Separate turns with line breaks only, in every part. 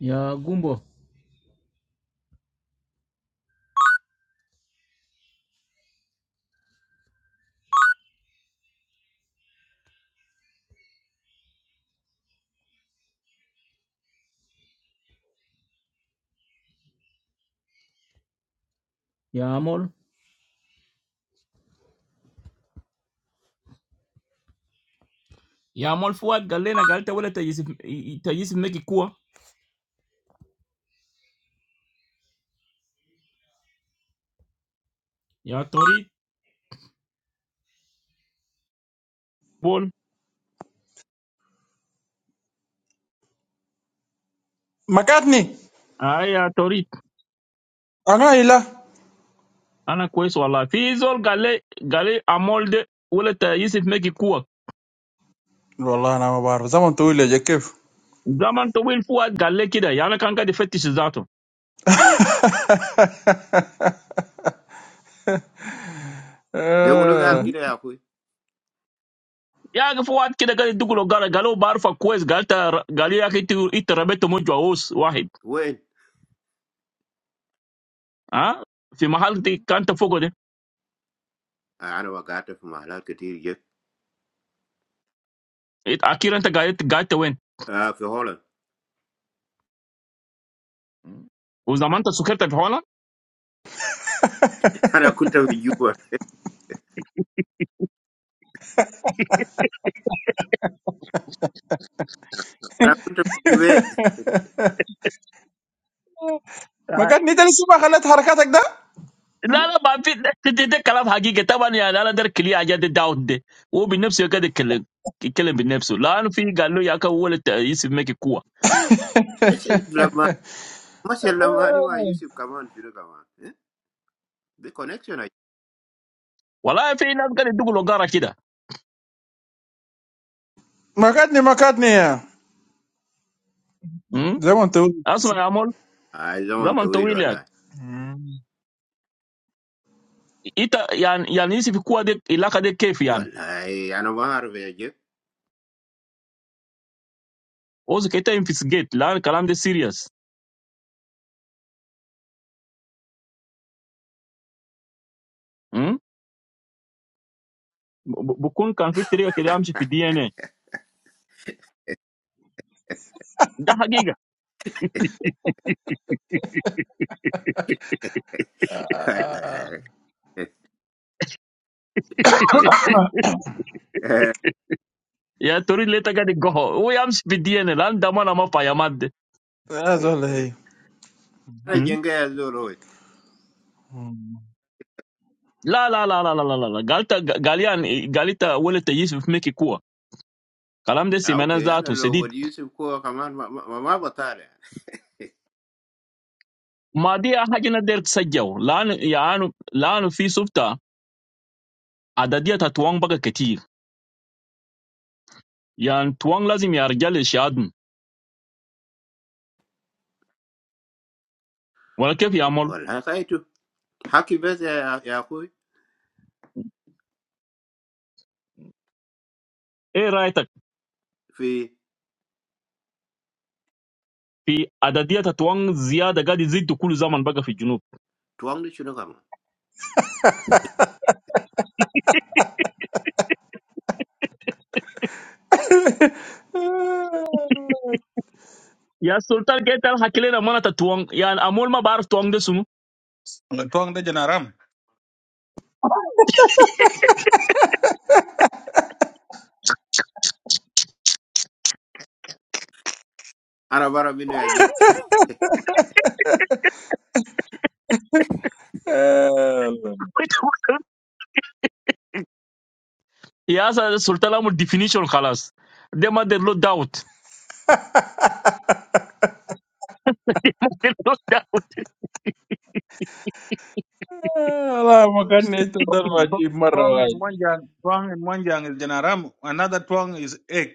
يا قنبو يا مول يا مول فؤاد قال لنا قال ولا تجسف تجسف مكي كوا يا توريد بول
Makatni,
اي يا توريد
anai la.
انا كويس والله في زول قال لي قال لي امول ده ولا تجسف مكي كوا
Wallah, nama barf. Zaman tuile, jekif.
زمن طويل فؤاد قال لي كده يعني كان قاعد يفتش ذاته
Dehunu gal kire ya kui,
يا اخي فؤاد كده قاعد يدق له قال قال له بعرفك كويس قال تا- قال لي يا اخي انت إنت ربيت موج وعوس واحد
wain.
ها في محل دي كانت فوق ده
I anu wakata fumahala kiti yep.
إنت- اخيرا انت قاعد قاعد وين
Ah, fihala.
وزمان انت سكرت في حولك
I anu kunta video. I anu kunta video.
Makatni tadi semua kahat harakat akda.
لا لا ما في ده, ده, ده كلام حقيقي طبعا يعني انا ده كلي حاجات ده داود ده هو بنفسه قاعد يتكلم يتكلم بنفسه لانه في قال له يا اخي هو يسب ميك قوه
Mashe lamaniwa Yusuf Kamande shunuka man. The connection aye.
والله في ناس قاعد يدقوا لقاره كده
Makatni, makatni ya.
أمم؟
Zaman tuile.
اسمع يا مول
I don't want
زمن
to will
طويل يعني
Allah.
انت يعني يعني يسب قوه دي العلاقه دي كيف يعني
Allah, I anu wakharve yep.
اوزك انت انفستيجيت لان الكلام ده سيريس بكون كان في طريقه كده امشي في الدي ان اي ده حقيقه
Allah. Hehehehehehehe.
يا تريد ليه تقعد القهوه هو يمشي في الدي ان اي لان ده ما فيا ماده
Azolai.
I jenga shunu loy.
لا لا لا لا لا لا لا قالت قاليان قالت ولد تجيس في ميكي كوا كلام ده
Ah
سيمانا
okay. I anu
ذاته
loy.
سديد
Yusuf ko kamande mama batara.
ما دي حاجة نقدر تسجل لأن يعني لأن في سفتة عددية توان بقى كتير يعني توان لازم يا رجال الشهادم ولا كيف يعمل
Allah. Kaitu. Hakibesi ya ya kui
ايه رايتك
fih
في عددية توان زيادة قاعد يزيد كل زمن بقى في الجنوب
twang ni shunuka man.
يا سلطان قلت الحكي لنا منة توان يعني امول ما بعرف توان ده سنو
Tuang de Janaram.
Arab army knew a joke.
يا سلطان امول ديفينيشن خلاص ده ما دير له داوت
Allah makatni tadi rumajib
Tuang
marwai.
in one yang, Tuang in one yang is Janaram. Another Tuang is egg.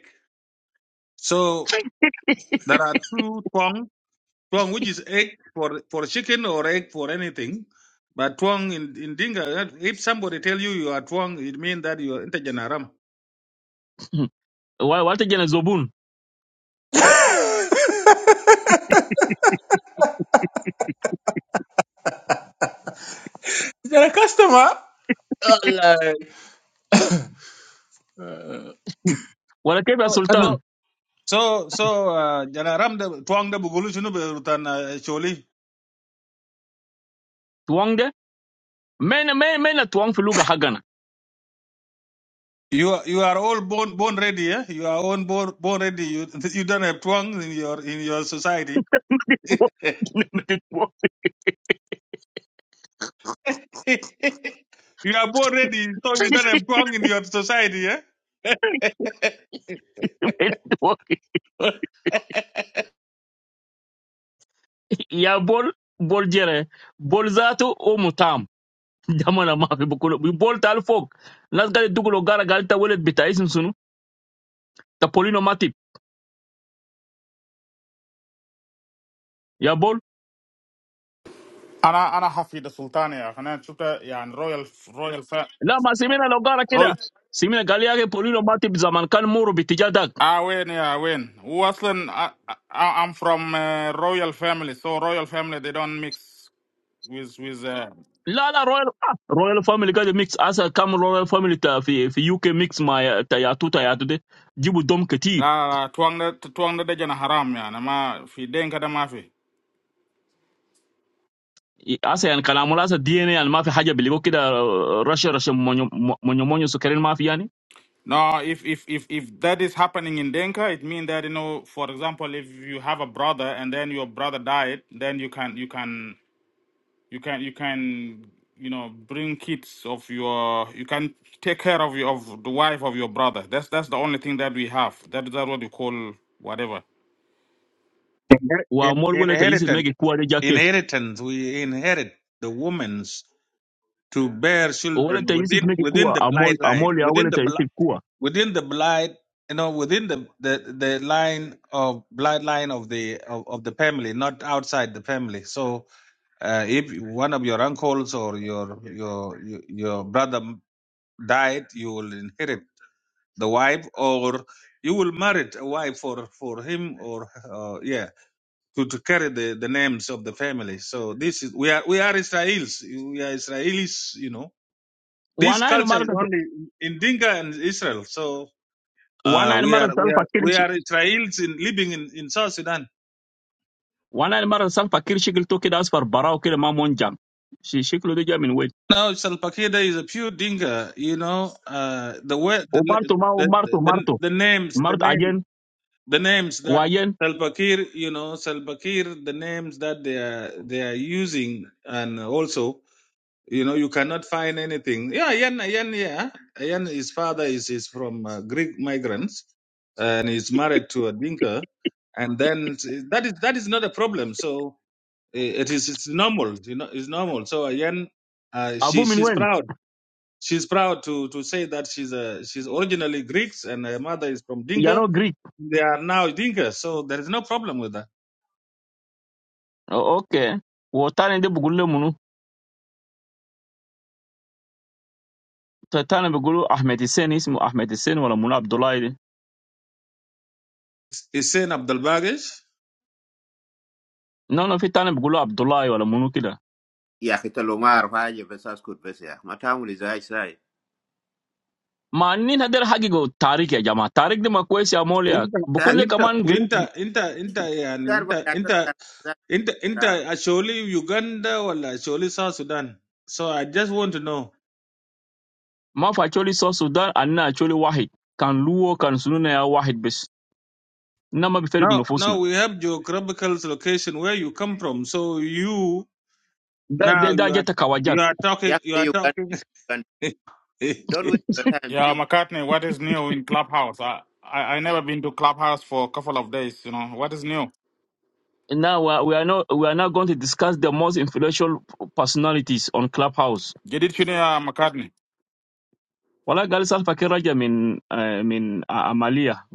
So there are two Tuang. Tuang which is egg for for chicken or egg for anything. But Tuang in, in Dinga, if somebody tell you you are Tuang, it means that you are into Janaram.
wa- wata jana zobun
Jadi customer? Allah.
wala kebe ya
So
Ani
sultan
so so so uh, Janaram the Tuang the Bugulu shunu be rutan uh, choli.
tuwang de mena mena mena tuwang fi luga hagana
You are you are all born born ready, eh? You are all born born ready. You you don't have twang in your in your society. you are born ready, so you don't have wrong in your society, eh?
ya bol bol jere bol zatu o mutam jamana ma fi bukulo bi bol tal fok nas gade dugulo gara galta welet bita isim sunu ta polino matip ya bol
انا انا حفيد السلطان يا اخي انا شفت يعني رويال رويال فا
la ma simina lo gara
روي
kida simina galia ke polino matip zaman kan muru bitijadak
اه وين يا وين هو اصلا آه، آه، I'm from uh, royal family so royal family they don't mix with with uh,
لا لا رويال رويال فاميلي قاعد ميكس اسا كم رويال فاميلي تا في في يو كي ميكس مع تا ياتو تا ياتو دي جيبوا دم كتير
لا لا توان ده توان ده دجنا حرام يعني ما في دينكا ده ما في
اسا يعني كلام اسا دي ان يعني ما في حاجه بيلقوا كده رشه رشه مونيو مونيو مونيو سكرين ما في يعني
No, if if if if that is happening in Denka, it means that you know, for example, if you have a brother and then your brother died, then you can you can you can you can you know bring kids of your you can take care of your of the wife of your brother that's that's the only thing that we have that that's what you call whatever
Inher- in-
وامول ولا تيسف
inheritance.
ميجي كوا دي جا كيف
Inheritance. We inherit the women's to bear
ولا
children
تيسف
within
ميجي
within the
كوا امول
blight line,
امول يا
within
ولا
the
تيسف
bli-
كوا
within the blight, you know, within the the, the line of blight line of the of, of the family, not outside the family. So, uh, if one of your uncles or your your your, your brother died, you will inherit. the wife or you will marry a wife for for him or uh, yeah to, to carry the, the names of the family so this is we are we are israelis we are israelis you know this
وانا انا
culture is
مره
only in dinka and israel so uh,
وانا انا
we
مره
are we are
سالفه كل
we
شيء
are israelis in living in, in south sudan
وانا انا مره سالفه كل شكل تو كده اصفر براو كده ما مونجان شي- شكله ده جا من وين
now Salpakeda is a pure dinka you know uh, the way the,
ومارتو ما
the
مارتو
the the
مارتو
the names the
مارتو
names
اجين
the names that
واجين
Salva Kiir, you know, Salva Kiir, the names that they are they are using, and also, you know, you cannot find anything. Yeah, Ayan, Ayan, yeah, Ayan. His father is is from uh, Greek migrants, and he's married to a Dinka, and then that is that is not a problem. So eh, it is it's normal, you know, it's normal. So Ayan, uh,
ابوه
she
من
she's
وين؟
proud. She's proud to to say that she's a she's originally Greeks and her mother is from Dinka
يانو جريك
they are now thinkers, so there is no problem with that.
أو- اوكي والثاني ده بيقول له منو؟ الثاني بيقول له احمد حسين اسمه احمد حسين ولا منو عبد الله ده؟
Hussein Abdul Bagesh.
نو نو في ثاني بيقول له عبد الله ولا منو كده
He asked the Lumbar why he was asking questions. What are you doing, sir?
ما انين هدر حقيقه تاريخ يا جماعه تاريخ ده ما كويس يا موليا
Inta,
بكون لي
Sir,
inta,
كمان جريك
inta, inta, inta, yani, inta, inta, inta, inta, actually Uganda or actually South Sudan. So I just want to know.
ما فاتشولي سو السودان انا اتشولي واحد كان لو كان سنونا يا واحد بس انما بفرق
Now, now
نفوسنا
we have geographical location where you come from. So you
ده ده
now
ده
you are
جت كواجات
you are talking you are talking. yeah,
don't waste your time. He
yeah mccartney what is new in clubhouse i i, I never been to clubhouse for a couple of days you know what is new
Now we are we are not we are not going to discuss the most influential personalities on Clubhouse.
jadid Shunia mccartney
والله قال سالفه كده رجع من آه، من عمليه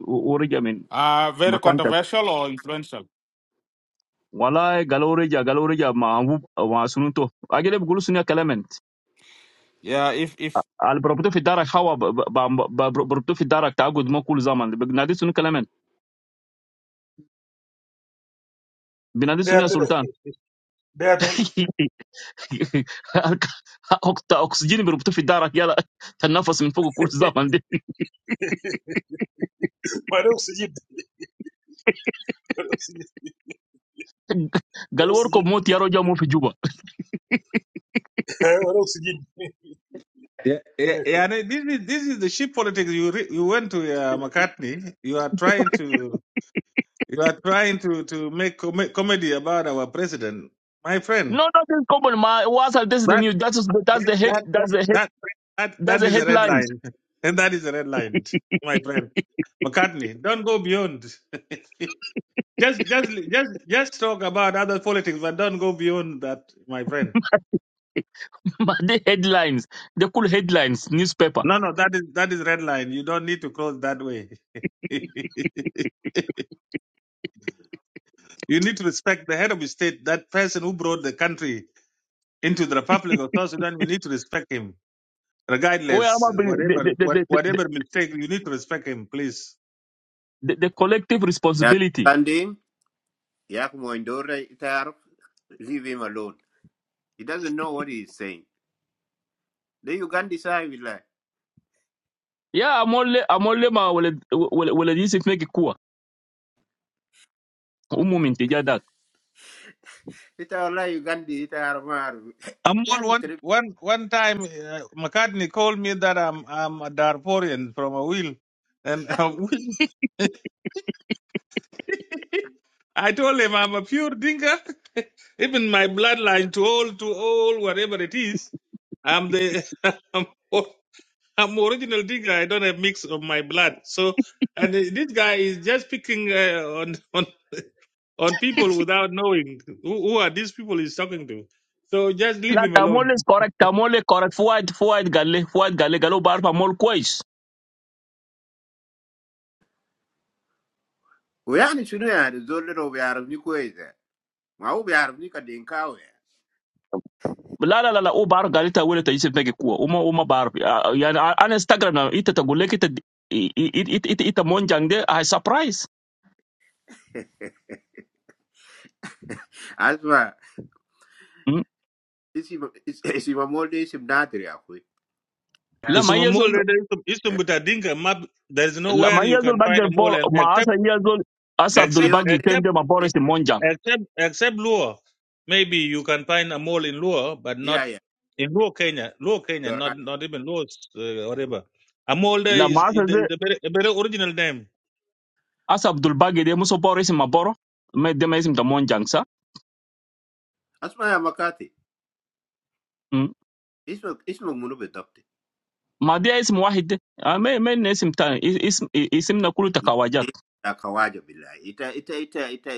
و- ورجع من
uh very
مكان تاني.
controversial or influential
والله قالوا رجع قالوا رجع مع أبوه- مع سنته اجل بيقولوا سنيا كلامنت
yeah if if
اللي بربطوه في دارك هوا ب- ب- ب- ب- بربطوه في دارك تعقد ما كل زمن بنادي سنيا كلامنت بنادي سنيا
Beato, da
سلطان
Beato,
أكت- اكسجين بربطوه في دارك يلا تنفس من فوق كل زمن دي
vareu seguido, vareu seguido, vareu
قالوا اركب
seguido,
موت يا رجل مو في جوبا
vareu seguido.
yeah, yeah, and this is this is the ship politics. You re, you went to uh, McCartney. You are trying to. You are trying to, to make com- comedy about our president. My friend,
No, nothing common. My WhatsApp, this is the
that
news. That's that's
that,
the head.
that,
That's the head.
that, that,
That's
that
the
is a red
headlines.
line. And that is a red line, my friend. McCartney, don't go beyond. just, just, just, just talk about other politics, but don't go beyond that, my friend.
But the headlines, they cool headlines, newspaper.
No, no, that is that is red line. You don't need to cross that way. you need to respect the head of the state, that person who brought the country into the Republic of South Sudan. We need to respect him.
Where am
regardless
I bringing the,
whatever
the, the,
what,
the, the,
whatever mistake you need to respect him please
the the collective
is
responsibility?
standing. He asked me to do it. Sir, leave him alone. He doesn't know what he is saying. Then you can decide.
Yeah, I'm only I'm only ma wale wale wale this if make kuwa. Umu mintija dak.
Ita Allah, you can. Ita Arab army.
I'm
He
one
asked
one
the Lumbar.
one one time uh, McCartney called me that I'm I'm a Darfurian from a wheel and a wheel. I told him I'm a pure dinka even my bloodline to all to all whatever it is I'm the I'm, o- I'm original dinka I don't have mix of my blood so and this guy is just picking uh, on on on people without knowing who, who are these people he's talking to. So just
La
leave him alone.
tamole is correct tamole correct fuad fuad galle fuad galle galo barfa mol kwais.
We are not sure. We are The Lumbar knew where he is. Ma, we are not going to deny him.
La la la la u bar galle ta wale ta yisif make kuwa. Uma uma bar. Ah, Yani ah, an Instagram na ita ta gulle kita it it it it monjang de I surprise.
Asma,
Hmm?
this is he is he more than he is not?
La
It's a
mayezo
mole it's a
Eh,
mutadinka map. There's
لما
nowhere you
ينزل
can
بقى
find a mole
البور
and-
ما أسا
except
ينزل أسا
The
عبد
except
الباقي
POA.
except
تنجي ما بور اسم مونجان
except except Luo. Maybe you can find a mole in Luo, but
Yeah,
not
yeah,
in Luo Kenya. Luo Kenya,
you're
not
right.
not even Luo uh, whatever. A mole there is
لما أسا
is the, is
دي
the better, a better original name.
أسا عبد الباقي دي مسو بور اسم ما بورو ما دي ما اسم ده مونجان سا
Asma ya Makati.
م.
Isma isma munu bedokte.
ما دي اسم واحد دي آه، ما ما إن اسم تاني اس- اسم اسمنا كله تكواجات
Ita kawaja bila. Ita ita ita ita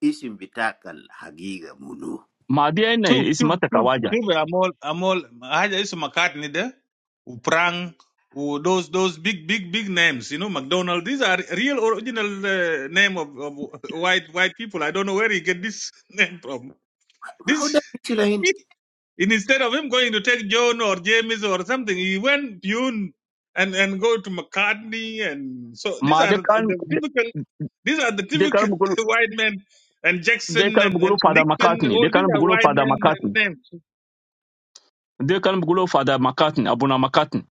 isim bitaka hagiga munu.
ما دي إن
شوف شوف
اسمها
شوف
تكواجة
شوف يا مول يا مول حاجه اسمها مكارتني ده وبرانك و those those big big big names you know McDonald these are real original uh, name of, of white white people I don't know where he get this name from this
How da bichila hini.
and instead of him going to take John or James or something he went Pune and and go to McCartney and so these
ما
are
دي كان
the typical these are the
دي كان
typical
بقول
white men and Jackson
دي كان
and, and
بقولوا فادا
Nixon
مكاتني
all
دي كان
these are
بقولوا
white
فادا
men
مكاتني
names
دي كان بقولوا فادا مكاتني أبونا مكاتني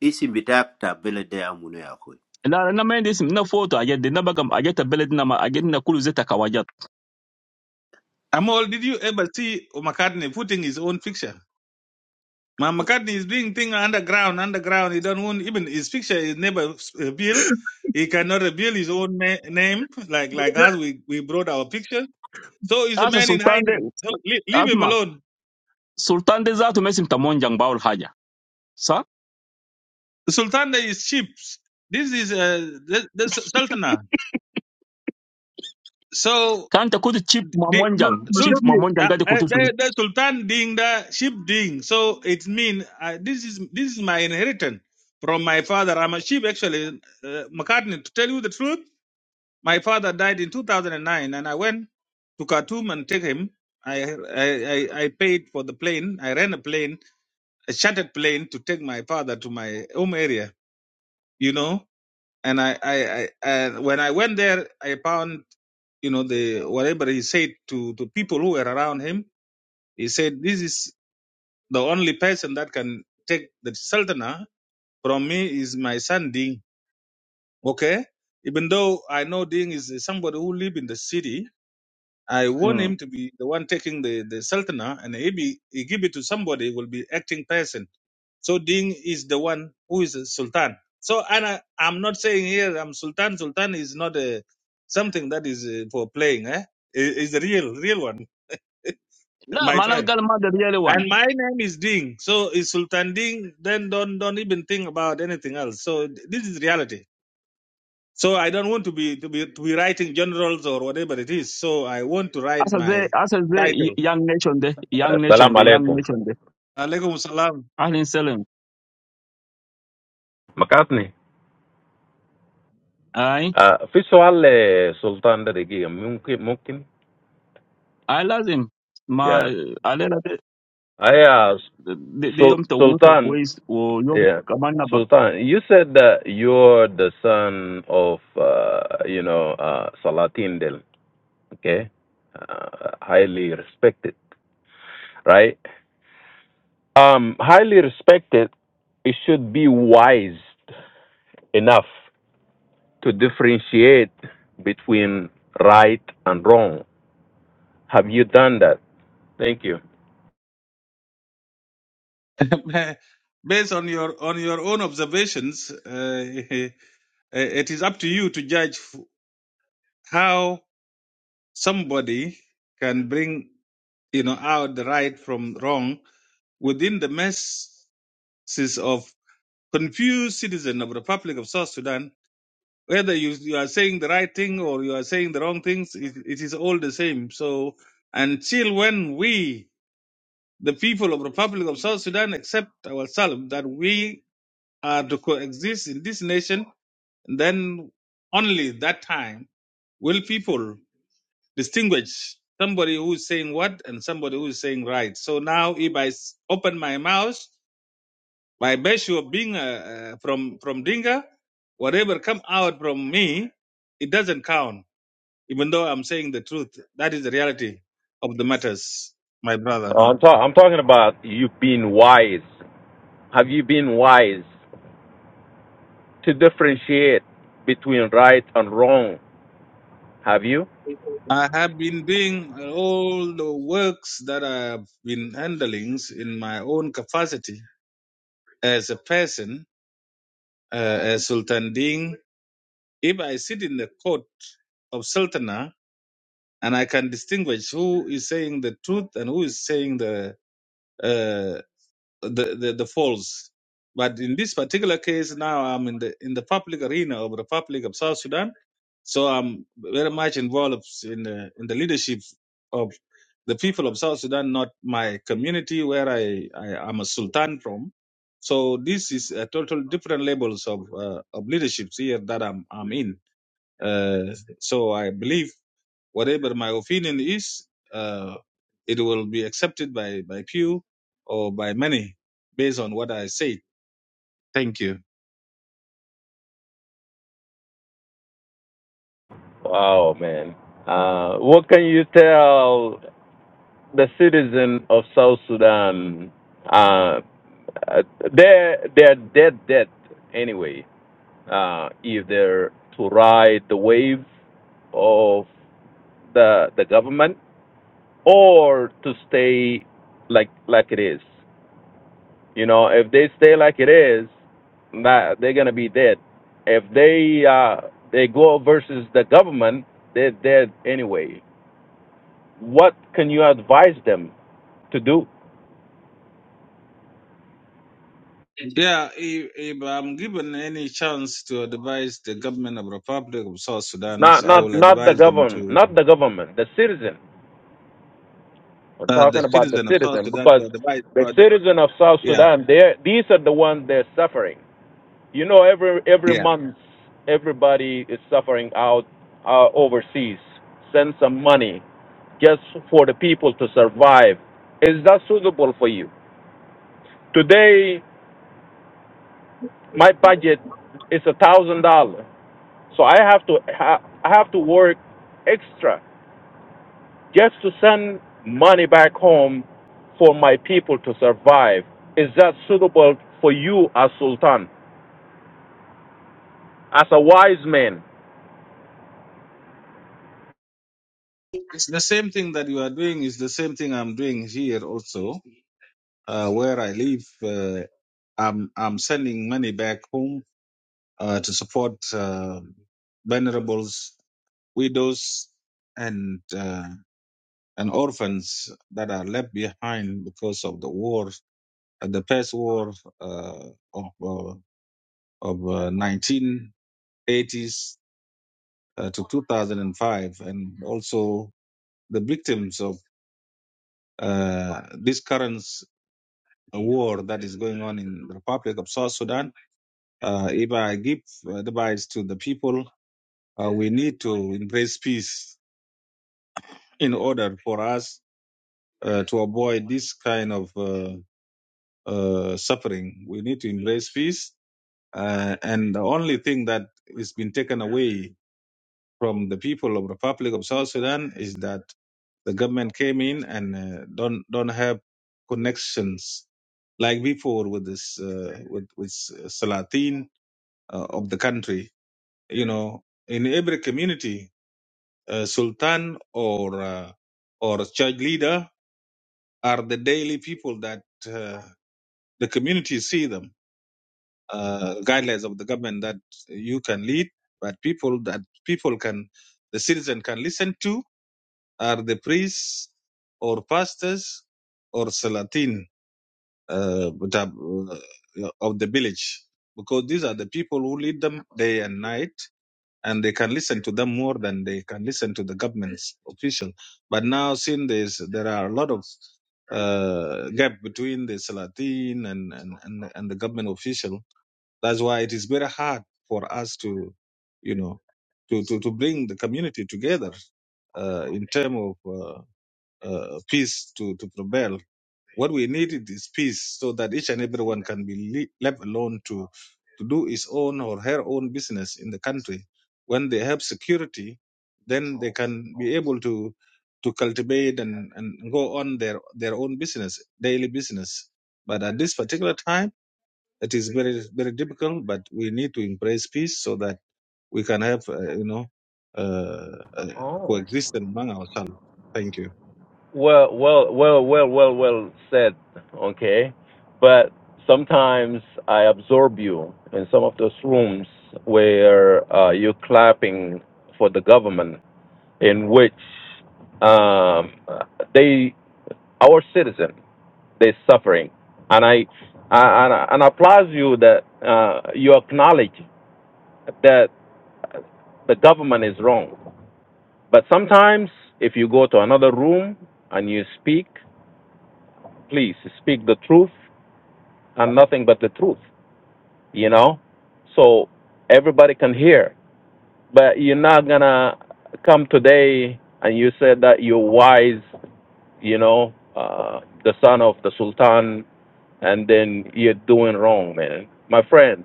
Isim bitaka tabela dea munu ya
لا أنا ما عندي اسم نا فوتو أجد نا بقى أجد بلدنا ما أجدنا كله زي تكواجات
Amol, did you ever see McCartney putting his own picture? Ma McCartney is doing thing underground, underground. He don't want even his picture is never revealed. He cannot reveal his own ma- name, like like us. We we brought our picture. So he's a
أسا
man in
سلطان
hiding. So leave, leave him
اسمع
alone.
سلطان ده ذاته ما اسم تمونجان باول حاجه صح
Sultana is sheep. This is uh, the, the Sultana. So
كان تكون تشيف
The,
مامونجان
makatni.
sul,
تشيف مامونجان
uh,
قاعد يكون
uh, the, the Sultan ding the sheep ding. So it means uh, this is this is my inheritance from my father. I'm a sheep actually. Uh, McCartney, to tell you the truth, my father died in 2009, and nine, and I went to Khartoum and take him. I, I I I paid for the plane. I ran a plane, a chartered plane, to take my father to my home area. You know, and I I, I and when I went there, I found you know the whatever he said to to people who were around him he said, This is the only person that can take the Sultanah from me is my son Ding. Okay? Even though I know Ding is somebody who live in the city, I want him to be the one taking the, the Sultanah and if he, be, he give it to somebody, will be acting person. So Ding is the one who is a Sultan. So and I, I'm not saying here I'm Sultan. Sultan is not a something that is uh, for playing. Eh? It- It's the real, real one,
لا
my
ما انا
friend.
قال ما ده ريالي وان
And my name is Ding. So is Sultan Ding, then don't don't even think about anything else. So th- this is reality. So I don't want to be to be to be writing generals or whatever it is. So I want to write
اصل زي
my
اصل زي
title.
يانج نيشن ده يانج نيشن
السلام
ده يانج
عليكم
نيشن ده
Alaikum salam.
اهل سلم
مكاتني
اي
آه، في سؤال لسلطان ده دقيقة ممكن ممكن
اي لازم
يا
ما علينا ده,
yeah.
ده, ده يوم
Sul-
توصل
Sultan
كويس ويوم
yeah
كمان نبقى
Sultan you said that you're the son of uh, you know uh, Salatin Del okay uh, highly respected right um highly respected it should be wise enough to differentiate between right and wrong have you done that Thank you.
Based on your on your own observations, uh, it is up to you to judge f- how somebody can bring you know out the right from wrong within the messes of. confused citizen of the Republic of South Sudan, whether you, you are saying the right thing or you are saying the wrong things, it, it is all the same. So until when we, the people of the Republic of South Sudan, accept ourselves that we are to coexist in this nation, then only that time will people distinguish somebody who is saying what and somebody who is saying right. So now if I s- open my mouth, My virtue of being uh, uh, from from Dinga, whatever come out from me, it doesn't count. Even though I'm saying the truth, that is the reality of the matters, my brother.
Uh, I'm, ta- I'm talking about you being wise. Have you been wise to differentiate between right and wrong? Have you?
I have been doing all the works that I've been handling in my own capacity as a person, uh, as Sultan Ding. If I sit in the court of Sultana, and I can distinguish who is saying the truth and who is saying the uh, the, the, the falls. But in this particular case, now I'm in the in the public arena of the Republic of South Sudan, so I'm very much involved in the in the leadership of the people of South Sudan, not my community where I, I am a sultan from. So this is a total different levels of uh, of leaderships here that I'm I'm in. Uh, so I believe. Whatever my opinion is, uh, it will be accepted by, by few or by many based on what I said. Thank you.
Wow, man. Uh, what can you tell the citizen of South Sudan? Uh, uh, they're, they're dead, dead anyway, uh, either to ride the wave of the, the government or to stay like, like it is. You know, if they stay like it is, nah, they're gonna be dead. If they uh, they go versus the government, they're dead anyway. What can you advise them to do?
Yeah, if, if I'm given any chance to advise the government of Republic of South Sudan,
Not
so I
not
will
not the
advise them
government,
to
not the government, the citizen. We're
uh, the
talking about the
citizen of South
citizen
Sudan
because
to advise.
the
To ad-
citizen of South
yeah,
Sudan, they are these are the ones they're suffering. You know, every every
yeah.
month, everybody is suffering out uh, overseas. Send some money just for the people to survive. Is that suitable for you? Today, my budget is a thousand dollars, so I have to ha- I have to work extra just to send money back home for my people to survive. Is that suitable for you as Sultan, as a wise man?
It's the same thing that you are doing is the same thing I'm doing here also, uh, where I live. Uh, I'm I'm sending money back home uh, to support uh, vulnerables, widows, and uh, and orphans that are left behind because of the war, uh, the past war uh, of uh, of uh, 1980s uh, to 2005, and also the victims of uh, this current war that is going on in the Republic of South Sudan. Uh, if I give advice to the people, uh, we need to embrace peace in order for us uh, to avoid this kind of uh, uh, suffering. We need to embrace peace. Uh, and the only thing that has been taken away from the people of Republic of South Sudan is that the government came in and uh, don't don't have connections like before with this uh, with with Salatin uh, of the country. You know, in every community, uh, Sultan or uh, or church leader are the daily people that uh, the community see them uh, guidelines of the government that you can lead but people that people can the citizen can listen to are the priests or pastors or salatin uh, but, uh, of the village because these are the people who lead them day and night and they can listen to them more than they can listen to the government's official. But now, since there's, there are a lot of uh, gap between the Salatin and, and, and, and the government official, that's why it is very hard for us to, you know, to, to, to bring the community together uh, in terms of uh, uh, peace to, to prevail what we need is peace so that each and everyone can be le- left alone to, to do his own or her own business in the country. When they have security, then they can be able to to cultivate and, and go on their, their own business, daily business. But at this particular time, it is very, very difficult, but we need to embrace peace so that we can have, uh, you know, uh, uh,
Oh.
coexistence among ourselves. Thank you.
Well, well, well, well, well, well said. Okay, but sometimes I absorb you in some of those rooms where uh, you're clapping for the government, in which um, they, our citizen, they're suffering, and I, I- and I, and I applaud you that uh, you acknowledge that the government is wrong. But sometimes, if you go to another room and you speak, please speak the truth and nothing but the truth, you know? So everybody can hear. But you're not gonna come today and you said that you're wise, you know, uh, the son of the Sultan, and then you're doing wrong, man. My friend,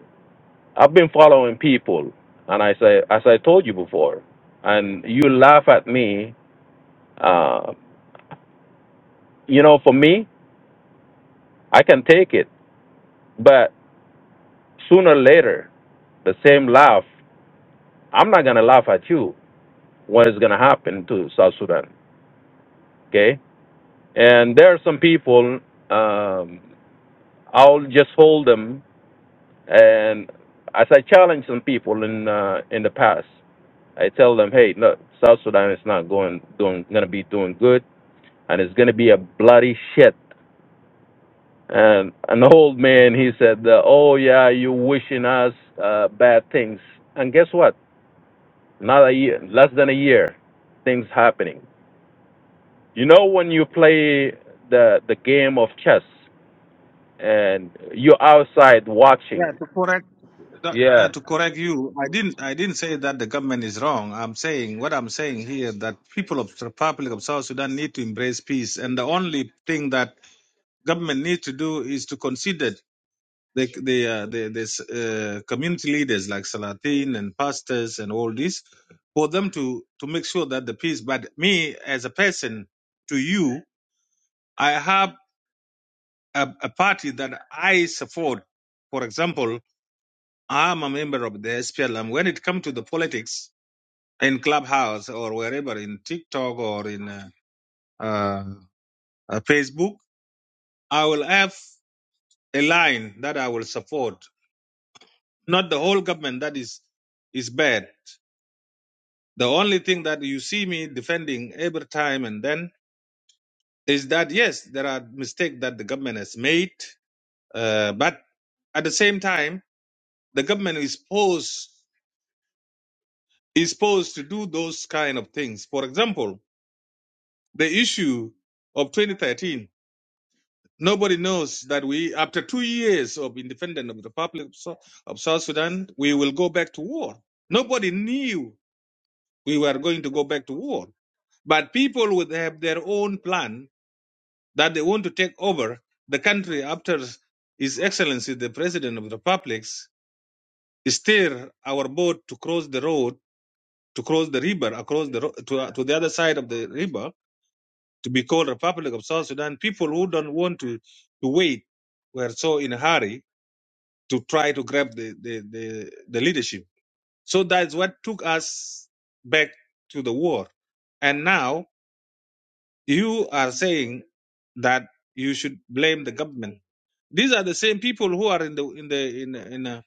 I've been following people, and I say, as I told you before, and you laugh at me. Uh, you know, for me, I can take it, but sooner or later, the same laugh I'm not gonna laugh at you what is gonna happen to South Sudan. Okay, and there are some people. Um, I'll just hold them, and as I challenge some people in uh, in the past, I tell them, hey, look, South Sudan is not going doing gonna be doing good, and it's gonna be a bloody shit. And an old man, he said, uh, oh yeah, you wishing us uh, bad things. And guess what? Not a year, less than a year, things happening. You know when you play the the game of chess and you're outside watching.
Yeah, to correct. No, no,
Yeah.
to correct you, I didn't. I didn't say that the government is wrong. I'm saying what I'm saying here that people of the Republic of South Sudan need to embrace peace, and the only thing that government needs to do is to consider the the uh, the this, uh, community leaders like Salatin and pastors and all this for them to to make sure that the peace. But me as a person, to you, I have a, a party that I support. For example, I'm a member of the SPLM. When it comes to the politics. in Clubhouse or wherever in TikTok or in uh, uh, uh, Facebook, I will have a line that I will support. Not the whole government that is is bad. The only thing that you see me defending every time and then is that yes, there are mistakes that the government has made, uh, but at the same time, the government is supposed is supposed to do those kind of things. For example, the issue of 2013 Nobody knows that we, after two years of independence of the Republic of Sou- of South Sudan, we will go back to war. Nobody knew we were going to go back to war. But people would have their own plan that they want to take over the country after His Excellency, the President of the Republic, steer our boat to cross the road, to cross the river, across the ro- to, uh, to the other side of the river, to be called Republic of South Sudan. People who don't want to, to wait were so in a hurry to try to grab the, the, the, the leadership. So that's what took us back to the war. And now you are saying that you should blame the government. These are the same people who are in the in the in the, in, the,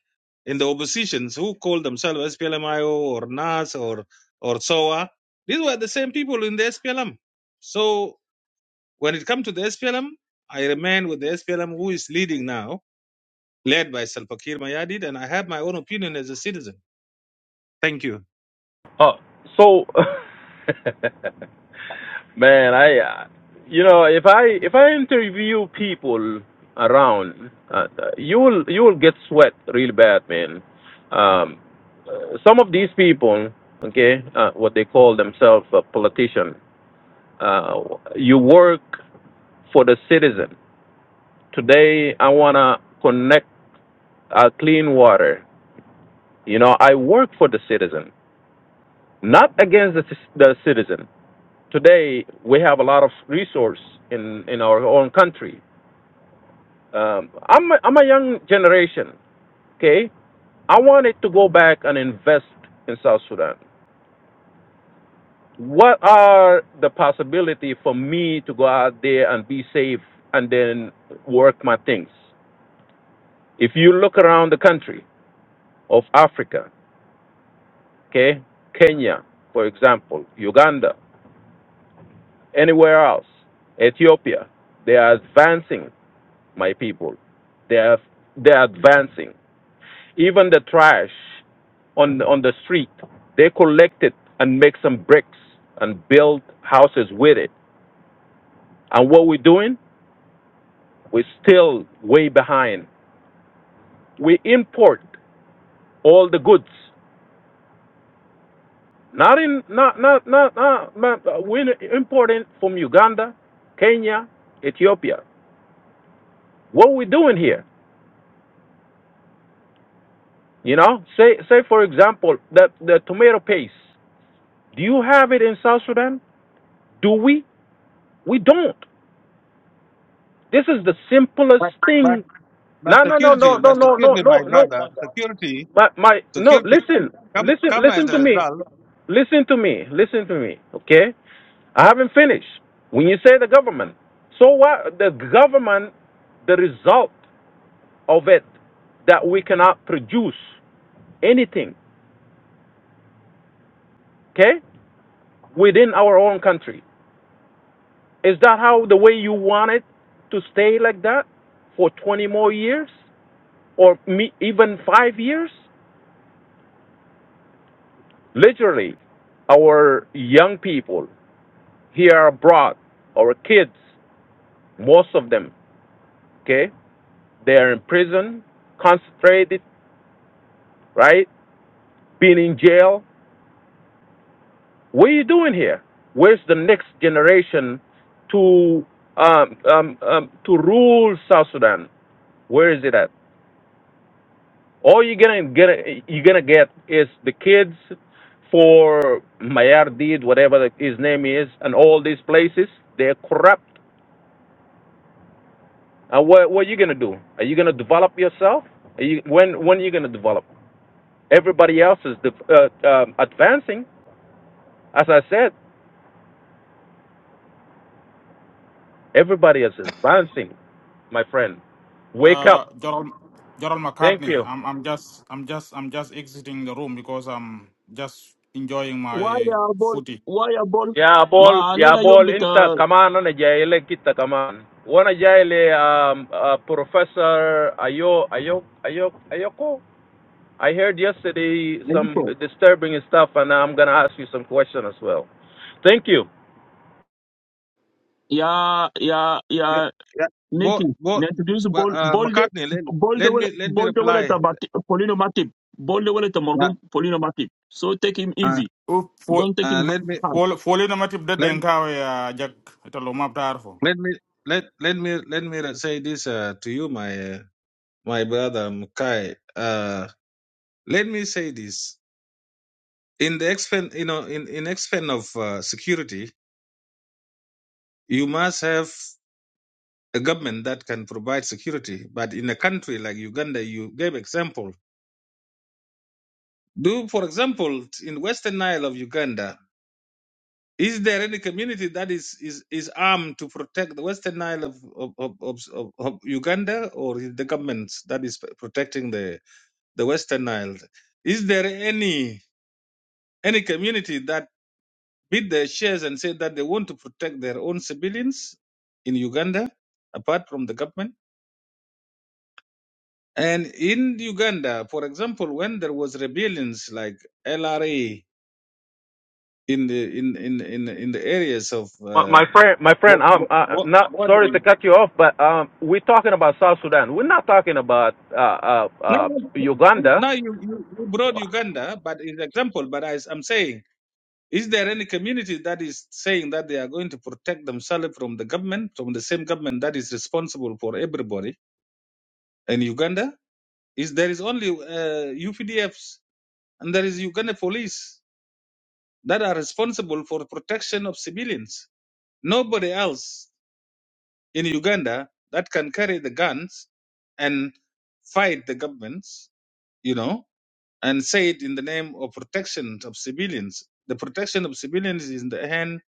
in the oppositions who call themselves SPLMIO or NAS or or SOA. These were the same people in the SPLM. So when it comes to the SPLM, I remain with the SPLM who is leading now, led by Salva Kiir Mayardit, and I have my own opinion as a citizen. Thank you.
Oh, so man, I uh, you know if I if I interview people around, uh, you will you will get sweat really bad, man. Um, uh, some of these people, okay, uh, what they call themselves a politician. Uh, you work for the citizen. Today, I wanna connect uh, clean water. You know, I work for the citizen, not against the, ci- the citizen. Today, we have a lot of resource in, in our own country. Um, I'm, a, I'm a young generation, okay? I wanted to go back and invest in South Sudan. What are the possibility for me to go out there and be safe and then work my things? If you look around the country of Africa, okay, Kenya, for example, Uganda, anywhere else. Ethiopia, they are advancing, my people. They are, they are advancing. Even the trash on, on the street, they collect it and make some bricks and build houses with it. And what we're doing, we're still way behind. We import all the goods. Not in, not, not, not, not, not we're importing from Uganda, Kenya, Ethiopia. What we doing here? You know, say say for example the the tomato paste. Do you have it in South Sudan? Do we? We don't. This is the simplest
But but
thing.
but
No, no, no,
security,
no, no,
but
no, no,
security,
no,
my
no.
brother, security,
My my no.
security come
Listen,
come
listen,
come as
listen
a
to me.
result.
Listen to me. Listen to me. Okay, I haven't finished. When you say the government, so what? The government, the result of it, that we cannot produce anything. Okay, within our own country. Is that how the way you want it to stay like that for 20 more years or me, even five years? Literally, our young people here abroad, our kids, most of them, okay, they're in prison, concentrated, right? Being in jail. What are you doing here? Where's the next generation to um, um, um, to rule South Sudan? Where is it at? All you're gonna get, you're gonna get is the kids for Mayardid, whatever the, his name is, and all these places. They're corrupt. And what, what are you gonna do? Are you gonna develop yourself? Are you, when, when are you gonna develop? Everybody else is de- uh, um, advancing. As I said, everybody else is advancing, my friend. Wake
uh
up.
gerald gerald
Thank
mccartney
you.
i'm i'm just i'm just i'm just exiting the room because i'm just enjoying my
ويا بول
footy
ويا بول
يا
ما
بول يا
علينا يوم
بول انت
بتاع
كمان انا جاي لك انت كمان وانا جاي ل um, uh, professor ayo ayo ayo ayoko I heard yesterday some
نجيبه.
disturbing stuff and I'm going to ask you some questions as well. Thank you.
يا يا
Yeah,
يا
yeah.
Nikki,
Go go,
introduce
but,
Bol
uh,
Bolde
McCartney. Let,
Bolde
let
wala
me let me
Bolde wala
reply.
ta Bat- Polino Matip. Bolde wala ta
Uh,
marhum Polino Matip. So take him
uh,
easy.
u fo
Don't take
uh,
him
let me
hard.
fo foli na matib de
let
denkawe ya jak italo map tarfo
let me let let me let me say this uh, to you, my uh, my brother Mukai. Uh, let me say this in the expen you know in in expen of uh, security, you must have. a government that can provide security. But in a country like Uganda, you gave example. Do, for example, in Western Nile of Uganda, is there any community that is, is, is armed to protect the Western Nile of, of, of, of, of of Uganda or is the government that is protecting the, the Western Nile? Is there any any community that bid their shares and said that they want to protect their own civilians in Uganda apart from the government? And in Uganda, for example, when there was rebellions like LRA in the in in in, in the areas of
My, my
uh,
friend my
bo-
friend I'm
bo-
uh,
bo-
not sorry to
bordering,
cut you off but um, we're talking about South Sudan. We're not talking about uh, uh,
no,
uh,
no, no,
Uganda.
now you, you you brought Uganda, but in example, but I, I'm saying, is there any community that is saying that they are going to protect themselves from the government, from the same government that is responsible for everybody in Uganda? Is there is only uh, UPDFs and there is Uganda police that are responsible for protection of civilians. Nobody else in Uganda that can carry the guns and fight the governments, you know, and say it in the name of protection of civilians. The protection of civilians is in the hand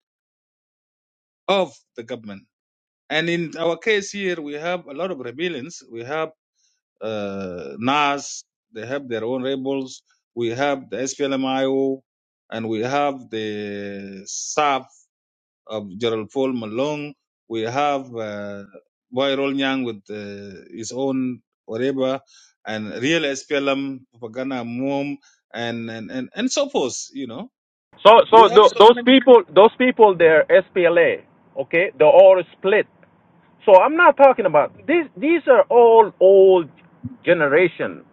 of the government. And in our case here, we have a lot of rebellions. We have uh, NAS, they have their own rebels. We have the SPLMIO, and we have the SAF of Gerald Paul Malong. We have uh, Boyrol Nyang with uh, his own Oreba and real SPLM, Propaganda Mom, and, and, and, and so forth. You know,
So so
we have
th-
so
those
many.
people those people they're SPLA, okay? They're all split So I'm not talking about these. These are all old generation.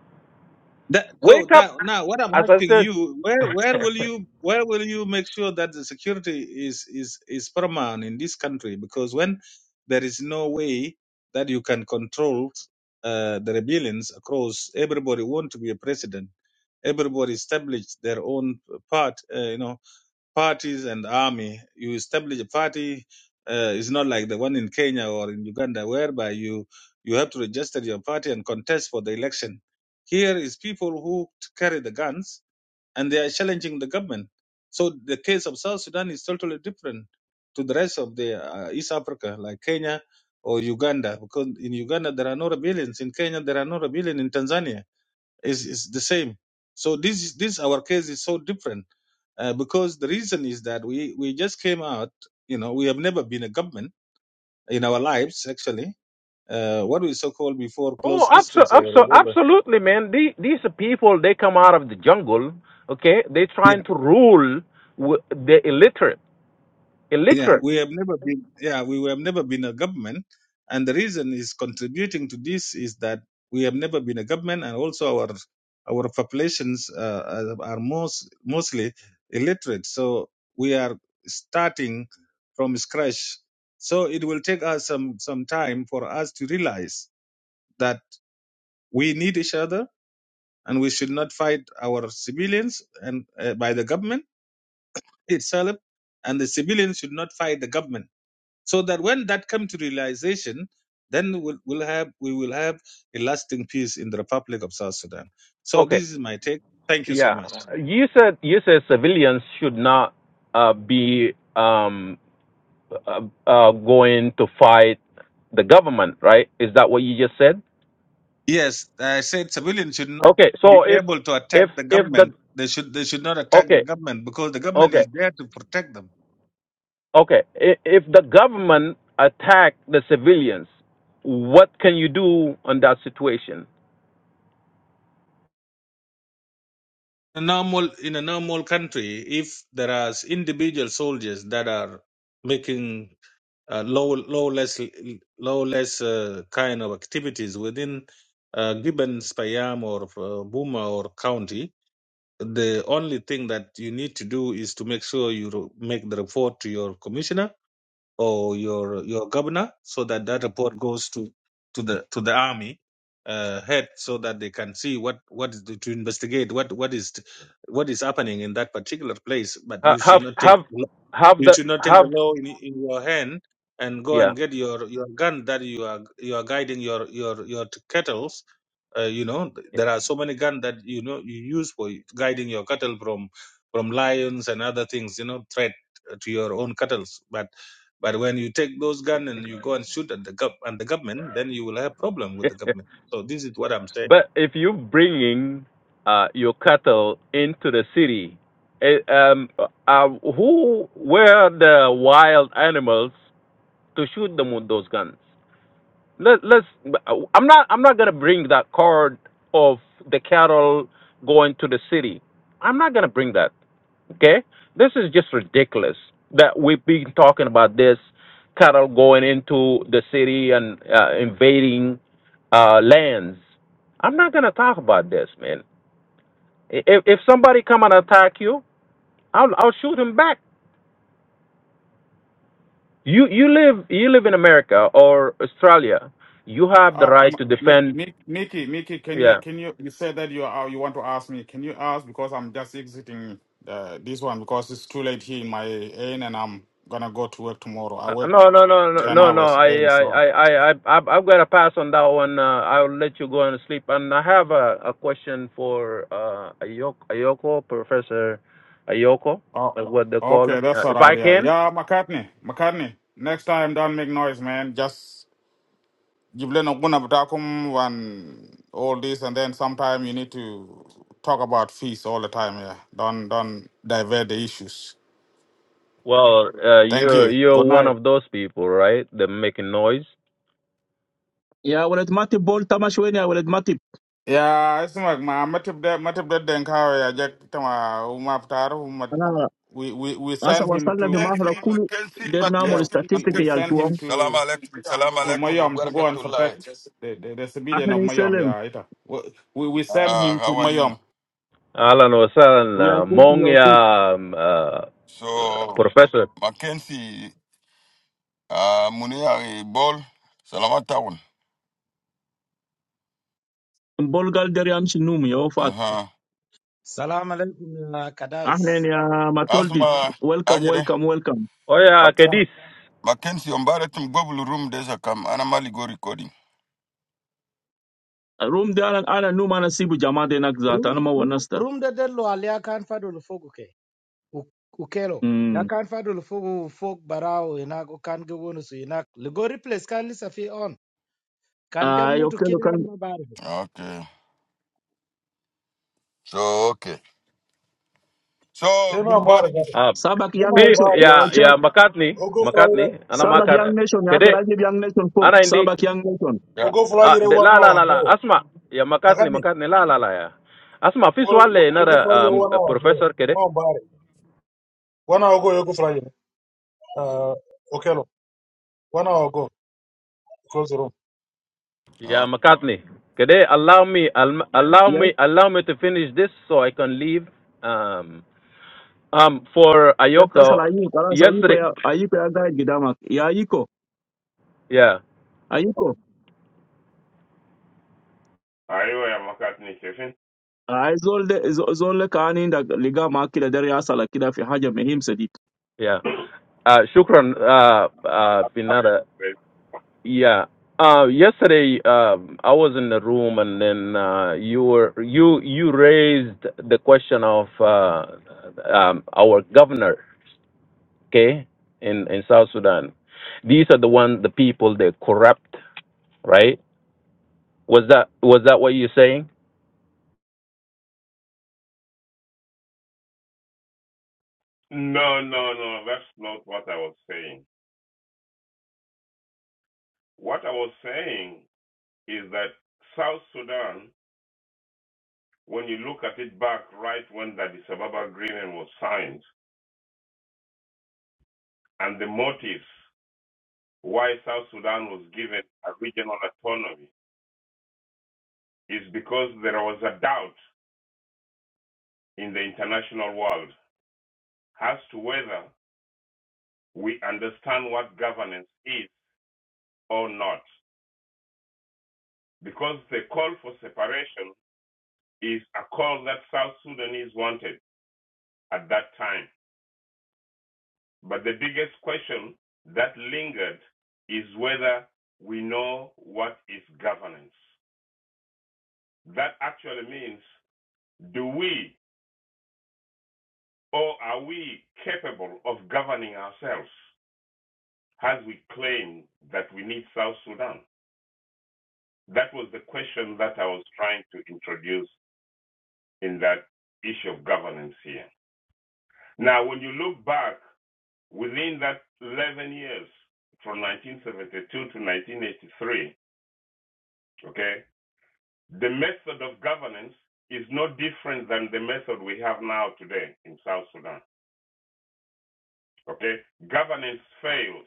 That, so
Wake up,
now, now, what I'm
as I
asking
said.
you, where where will you where will you make sure that the security is is is paramount in this country? Because when there is no way that you can control uh, the rebellions across, everybody want to be a president everybody established their own part, uh, you know, parties and army. You establish a party. Uh, it's not like the one in Kenya or in Uganda, whereby you you have to register your party and contest for the election. Here is people who carry the guns and they are challenging the government. So the case of South Sudan is totally different to the rest of the uh, East Africa, like Kenya or Uganda, because in Uganda there are no rebellions. In Kenya there are no rebellions. In Tanzania is is the same. So this this our case is so different uh, because the reason is that we we just came out. You know, we have never been a government in our lives actually. Uh, what we so called before
oh,
closed
abso-
districts or
abso-
whatever.
absolutely, man. These, these are people. They come out of the jungle. Okay, they trying to rule wi- the illiterate.
Yeah,
Illiterate.
we have never been. Yeah, we have never been a government, and the reason is contributing to this is that we have never been a government, and also our our populations uh, are are most mostly illiterate. So we are starting from scratch. So it will take us some some time for us to realize that we need each other, and we should not fight our civilians and uh, by the government itself, and the civilians should not fight the government so that when that comes to realization then we'll, we'll have we will have a lasting peace in the republic of south sudan so
Okay.
this is my take thank you so
Yeah.
much
You said you said civilians should not uh, be um, uh, uh, going to fight the government, right? Is that what you just said?
yes i said civilians should not
Okay,
be
so if
able to attack
if
the
if
government
the
they should they should not attack the
okay
government because the government
okay
is there to protect them
okay I- if the government attack the civilians, what can you do on that situation?
a normal in a normal country if there are individual soldiers that are making uh, low, lawless, lawless uh, kind of activities within uh, given Spayam or uh, Buma or county, the only thing that you need to do is to make sure you ro- make the report to your commissioner or your your governor, so that that report goes to to the to the army uh, head, so that they can see what what is the, to investigate what what is what is happening in that particular place. But
Ha-
you should
Have
not take
have have
you
the
should not take the
have
law in, in your hand and go
yeah.
and get your, your gun that you are you are guiding your your your t- kettles. Uh, you know there are so many guns that you know you use for guiding your cattle from from lions and other things. You know threat to your own cattle's. But but when you take those guns and you go and shoot at the gov and the government, then you will have problem with the government. So this is what I'm saying.
but if you bringing uh, your cattle into the city, eh, um, uh, who were the wild animals to shoot them with those guns? let, let's i'm not i'm not going to bring that card of the cattle going to the city i'm not going to bring that okay this is just ridiculous that we've been talking about this cattle going into the city and uh, invading uh, lands i'm not going to talk about this man I- if, if somebody come and attack you i'll i'll shoot him back you you live you live in america or australia you have the
uh
right
M-
to
Mi-
defend
Mi- Mickey, Mickey, can you
yeah,
can you you said that you are you want to ask me? Can you ask because I'm just exiting uh, this one because it's too late here in my inn and I'm gonna go to work tomorrow. I
Uh,
work
No, no, no, no,
ten
no, no.
hours a
I,
day,
I,
so
I, I, I, I've I've got to pass on that one. Uh, I'll let you go and sleep. And I have a, a question for uh, Ayoko, Ayoko, Professor Ayoko,
oh,
uh, what they call
okay,
him. Uh,
that's all
if
right.
I
Yeah,
can.
yeah, McCartney, McCartney. Next time, don't make noise, man. Just Give Lena Guna Batakum and all this and then sometime you need to talk about fees all the time, yeah. Don't don't divert the issues.
Well, uh,
Thank
you're
you.
you're
Good
one
night.
of those people, right? They're making noise.
Ya walad Matip Bol tamash wen ya walad Matip.
Yeah, it's like my matip de matip de denkawa ya jack tama umaptar umat
Ana
we we we
asa
send him
wasalna fi
to
mahla
Mackenzie,
kulu
Mackenzie,
der namul
yeah
Mackenzie,
we
statistic
we
yal
send
Mackenzie.
him
tuam.
Salam
to
alaikum, salam
to
alaikum, wa
Mayom to go and
barakatullahi.
protect the the, the civilian of
Ahlen
Mayom
selem.
yeah ita we we we send
Uh,
him to
how are
Mayom
you?
Alan Wasan,
We are
uh,
good, we
Mong
are good.
ya, um, uh, uh,
So,
Professor.
Mackenzie, uh, Muniari Ball, Salamat Town.
Bolgal der yam shinum ya wafat.
Uh-huh.
Salam alaikum ya
Ahlen
kadais.
ya matoldit.
Asma,
Welcome,
Ajede.
welcome, welcome.
Oh yeah,
Mackenzie,
Kedis.
Mackenzie, Umbaratum google Room, desa kam. come, Anamali go recording.
Room de ana ana num ana sibu jama de nak zat.
Rum
Ana ma
rum
wanasta.
rum de dello alia kan fadul fogu ke. U- Ukelo. Ya
Mm.
kan fadul fogu fog barao inak u kan gewonu su inak. Ligo replace kan lisa fi on. Kan jam mutu kida
Ah,
an mabarifu.
Okay. So, okay. So,
They
good
man bar,
morning.
brother.
Uh,
Sabak
They
Young
man
fi-
Nation,
bar.
yo,
yeah, yeah,
Chuck.
McCartney,
i go fly you.
McCartney. Ana
Sabak
i
Young Nation, yake
McCartney.
Rajib Young Nation folk.
Ana hindi
Sabak Young Nation.
Yeah.
go fly you one
la la
hour
la la
ago.
asthma ya McCartney
Pakat ni.
McCartney la la la ya asthma
i
fish wale ina
go fly you one hour ago.
professor kede
Man bar. One hour ago, i go fly you. Uh, okay, lo. One hour ago, close the room.
ya
Okay.
McCartney kede allow me alm- allow
Yes,
me allow me to finish this so I can leave um um for
that, that's
Ayoka
all I use. Kalas, ayiko
yesterday
ya, ayiko ya guide gidamak. Ya ayiko,
yeah
ayiko.
Anyway, I'm not cutting the session.
Ay zolde, zolde kaani nda ligama kila deri asala kida fi haja mehim sedit.
yeah ah shukran ah ah ina.
But-
Yeah. Uh, yesterday, um, I was in the room, and then uh, you were you you raised the question of uh, um, our governor, okay, in in South Sudan. These are the one the people they corrupt, right? Was that was that what you're saying?
No, no, no, that's not what I was saying. What I was saying is that South Sudan, when you look at it back right when the Addis Ababa Agreement was signed and the motives why South Sudan was given a regional autonomy is because there was a doubt in the international world as to whether we understand what governance is or not. Because the call for separation is a call that South Sudanese wanted at that time. But the biggest question that lingered is whether we know what is governance. That actually means do we or are we capable of governing ourselves as we claim that we need South Sudan? That was the question that I was trying to introduce in that issue of governance here. Now, when you look back Within that 11 years, from 1972 to 1983, okay, the method of governance is no different than the method we have now today in South Sudan. Okay, governance fails.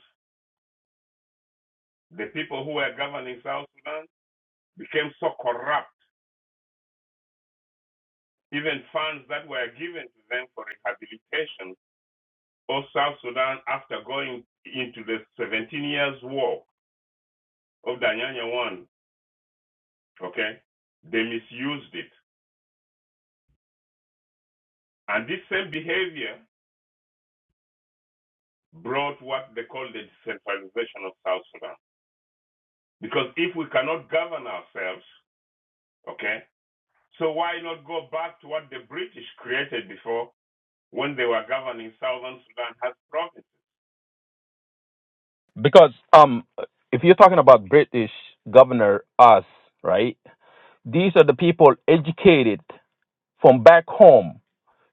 The people who were governing South Sudan became so corrupt. Even funds that were given to them for rehabilitation of South Sudan after going into the 17 years war of Danyanya One, okay, they misused it. And this same behavior brought what they call the decentralization of South Sudan. Because if we cannot govern ourselves, okay, so why not go back to what the British created before when they were governing Southern Sudan as provinces?
Because um, if you're talking about British governor, us, right? These are the people educated. from back home.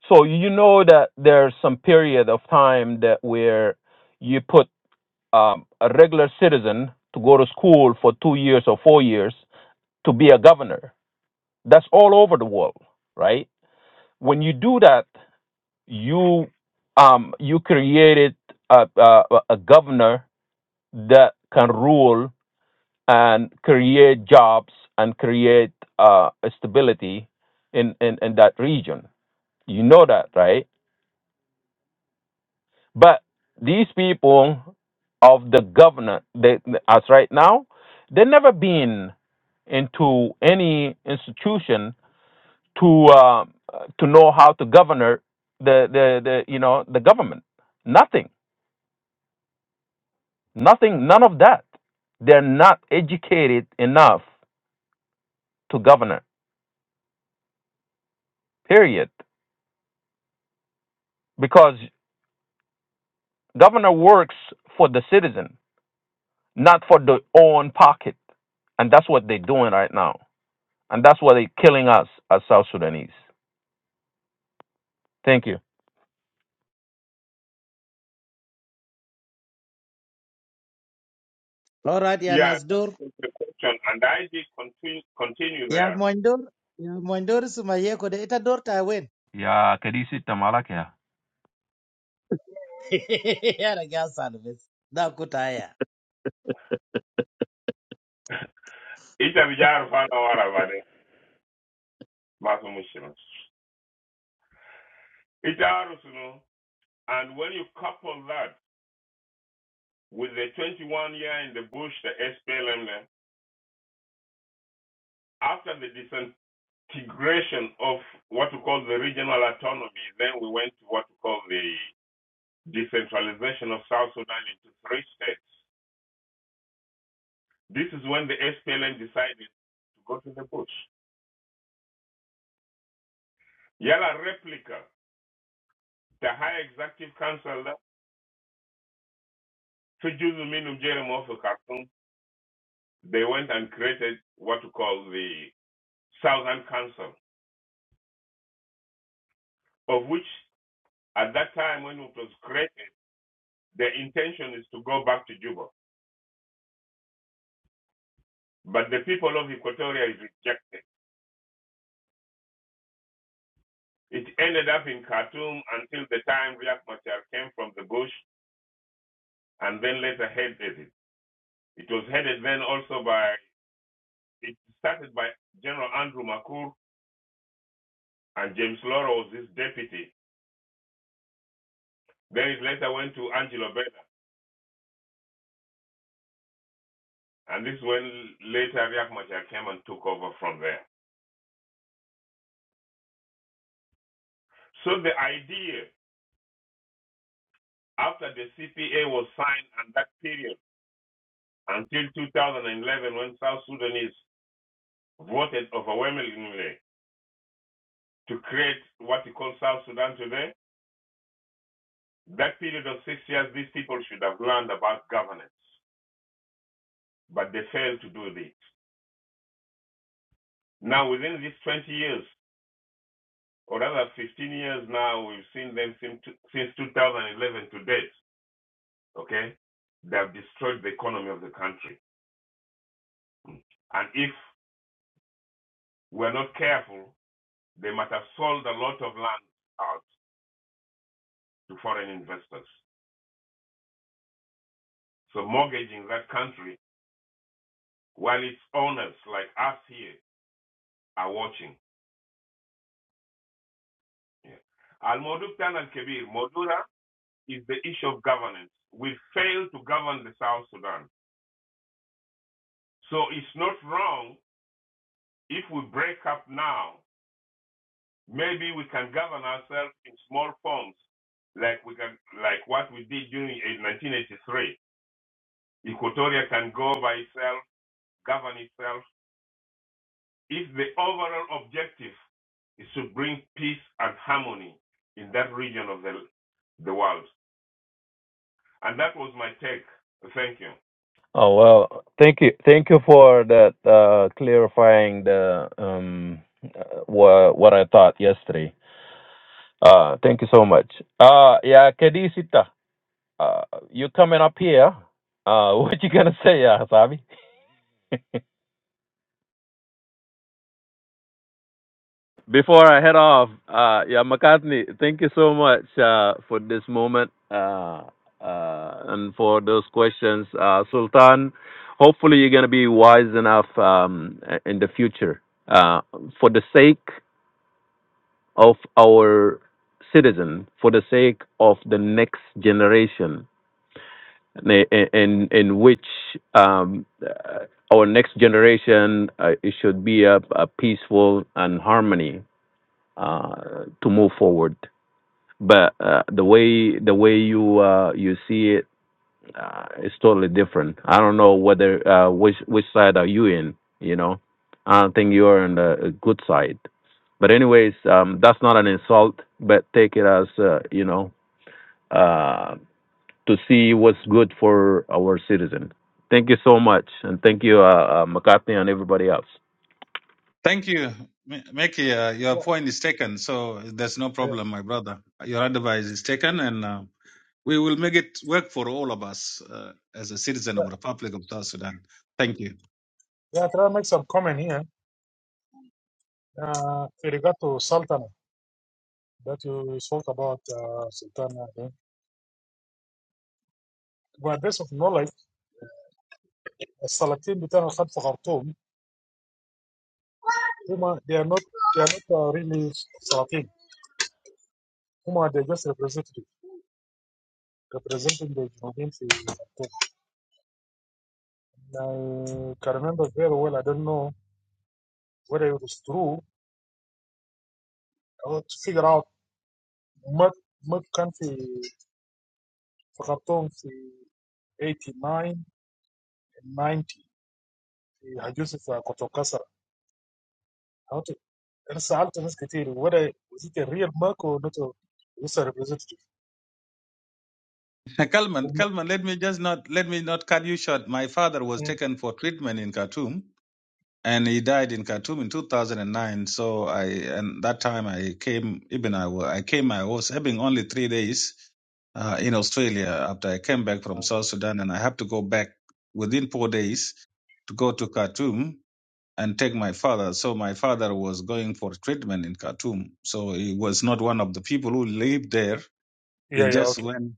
So you know that there's some period of time that where you put um, a regular citizen to go to school for two years or four years to be a governor. That's all over the world, right? When you do that, you um, you created a, a, a governor that can rule and create jobs and create uh, stability in, in, in that region. You know that, right? But these people of the governor, they, as right now, they never been into any institution to uh, to know how to govern the, the the you know the government. Nothing, nothing, none of that. They're not educated enough to govern. Period. Because governor works for the citizen, not for their own pocket, and that's what they're doing right now. And that's what they're killing us as South Sudanese. Thank you.
Alright ya
Yeah,
nasdor.
that's the question. And I did continue, continue
Ya
there.
moindor. Ya moindor suma yeko de ita dor ta wen.
Yeah, Kedisi Tamalakia.
ya na gya salves. Da kutaya.
Ita vijaro fana wala And when you couple that with the 21 year in the bush, the SPLM, after the decentralization, integration of what we call the regional autonomy. Then we went to what we call the decentralization of South Sudan into three states. This is when the SPLM decided to go to the bush. Yala replica, the high executive council, Fijuzu Minum Jerem of Khartoum, they went and created what we call the Southern Council, of which at that time when it was created, the intention is to go back to Juba. But the people of Equatoria is rejected It ended up in Khartoum until the time Riek Machar came from the bush and then later headed it. It was headed then also by, it started by General Andrew Makur and James Laura was his deputy. Then it later went to Angelo Bella. And this when later Riek Machar came and took over from there. So the idea after the CPA was signed and that period until 2011 when South Sudanese voted overwhelmingly to create what you call South Sudan today, That period of six years, these people should have learned about governance, but they failed to do this. Now, within these 20 years, or rather 15 years now, we've seen them since 2011 to date, okay? They have destroyed the economy of the country. And if we're not careful, they might have sold a lot of land out to foreign investors. So mortgaging that country while its owners like us here are watching. Yeah. Al Moduk Tan Al Kebir, is the issue of governance. We failed to govern the South Sudan. So it's not wrong if we break up now. Maybe we can govern ourselves in small forms, like we can, like what we did during 1983. Equatoria can go by itself, govern itself. If the overall objective is to bring peace and harmony in that region of the the world, and that was my take. Thank you.
Oh well, thank you, thank you for that uh, clarifying the um uh, wha- what I thought yesterday. Uh, thank you so much. Uh, yeah, Kedisita, uh, you coming up here? Uh, what you gonna say, uh, Sabi? Before I head off, uh, yeah, McCartney, thank you so much uh, for this moment uh, uh, and for those questions. Uh, Sultan, hopefully you're going to be wise enough um, in the future uh, for the sake of our citizen, for the sake of the next generation, in, in, in which um, uh, our next generation uh, it should be a, a peaceful and harmony uh, to move forward. But uh, the way the way you uh, you see it uh, is totally different. I don't know whether uh, which which side are you in. You know, I don't think you're on the uh, good side. But anyways, um, that's not an insult. But take it as uh, you know uh, to see what's good for our citizen. Thank you so much, and thank you, uh, uh, McCarthy, and everybody else.
Thank you, M- Mickey. Uh, your
Yeah,
point is taken, so there's no
yeah.
problem, my brother. Your advice is taken, and uh, we will make it work for all of us uh, as a citizen
yeah.
of the Republic of South Sudan. Thank you,
Yeah, I try to make some comment here. Uh, with regard to Sultana that you spoke about, uh, Sultana. To my best of knowledge, السلاطين بتاعنا خد في خرطوم Puma, they are not, they are not uh, really Salafi. Puma, they're just representative, representing the Junubians. I can remember very well, I don't know whether it was true, I want to figure out what, what country for خرطوم في 89 and 90 في هجوز في كوتوكاسر. I want to انا سالت ناس كتير ولا وزيت الريال ماكو نتو لسه
Kalman. Kalman, let me just not let me not cut you short. My father was taken for treatment in Khartoum, and he died in Khartoum in 2009. So I, and that time I came, even I, wa- I came, I was having only three days uh, in Australia after I came back from South Sudan, and I had to go back within four days to go to Khartoum and take my father. So my father was going for treatment in Khartoum. So he was not one of the people who lived there.
Yeah,
He
yeah,
just
okay,
went.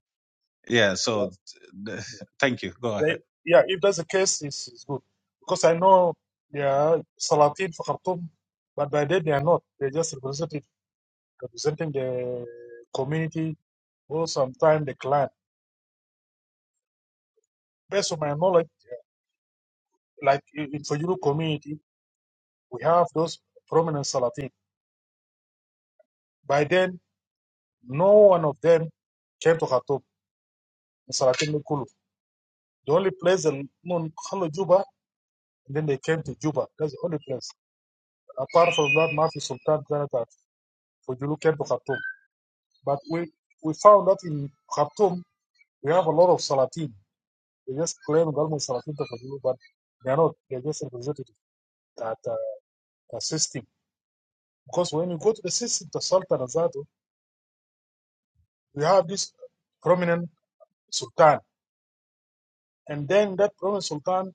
Yeah. So
yeah.
th- th- thank you. Go ahead.
They, yeah, if that's the case, it's, it's good. Because I know they are Salatin for Khartoum, but by then they are not. They're just represented, representing the community or sometimes the clan. Based on my knowledge, like in in Fayulu community, we have those prominent Salatin. By then, no one of them came to Khartoum in Salatin Mikulu. The only place that known Khalo Juba, and then they came to Juba. That's the only place. Apart from that, Mafi Sultan Jonathan Fayulu came to Khartoum. But we, we found that in Khartoum, we have a lot of Salatin. They just claim government Salatin to Fadulu, but they are not. They're just representative that uh, the system. Because when you go to the system, the Sultan Azadu, you have this prominent Sultan. And then that prominent Sultan,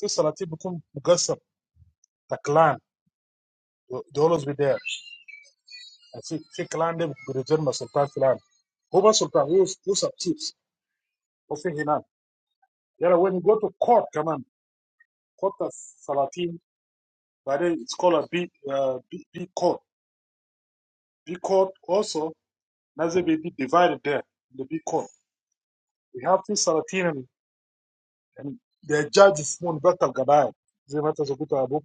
the Salatin become Mugassab, the clan. They they always be there. And see, see clan, they be returned by Sultan Filan. Huma Sultan, who's, who's a chiefs of Hinan. Yeah, when you go to court, come on, court of Salatin, but then it's called a big, uh, big, big court. Big court also, Nazir be divided there, in the big court. We have two Salatin and, and the judges, one Betal Gabai, Zemata Zoguta Abu,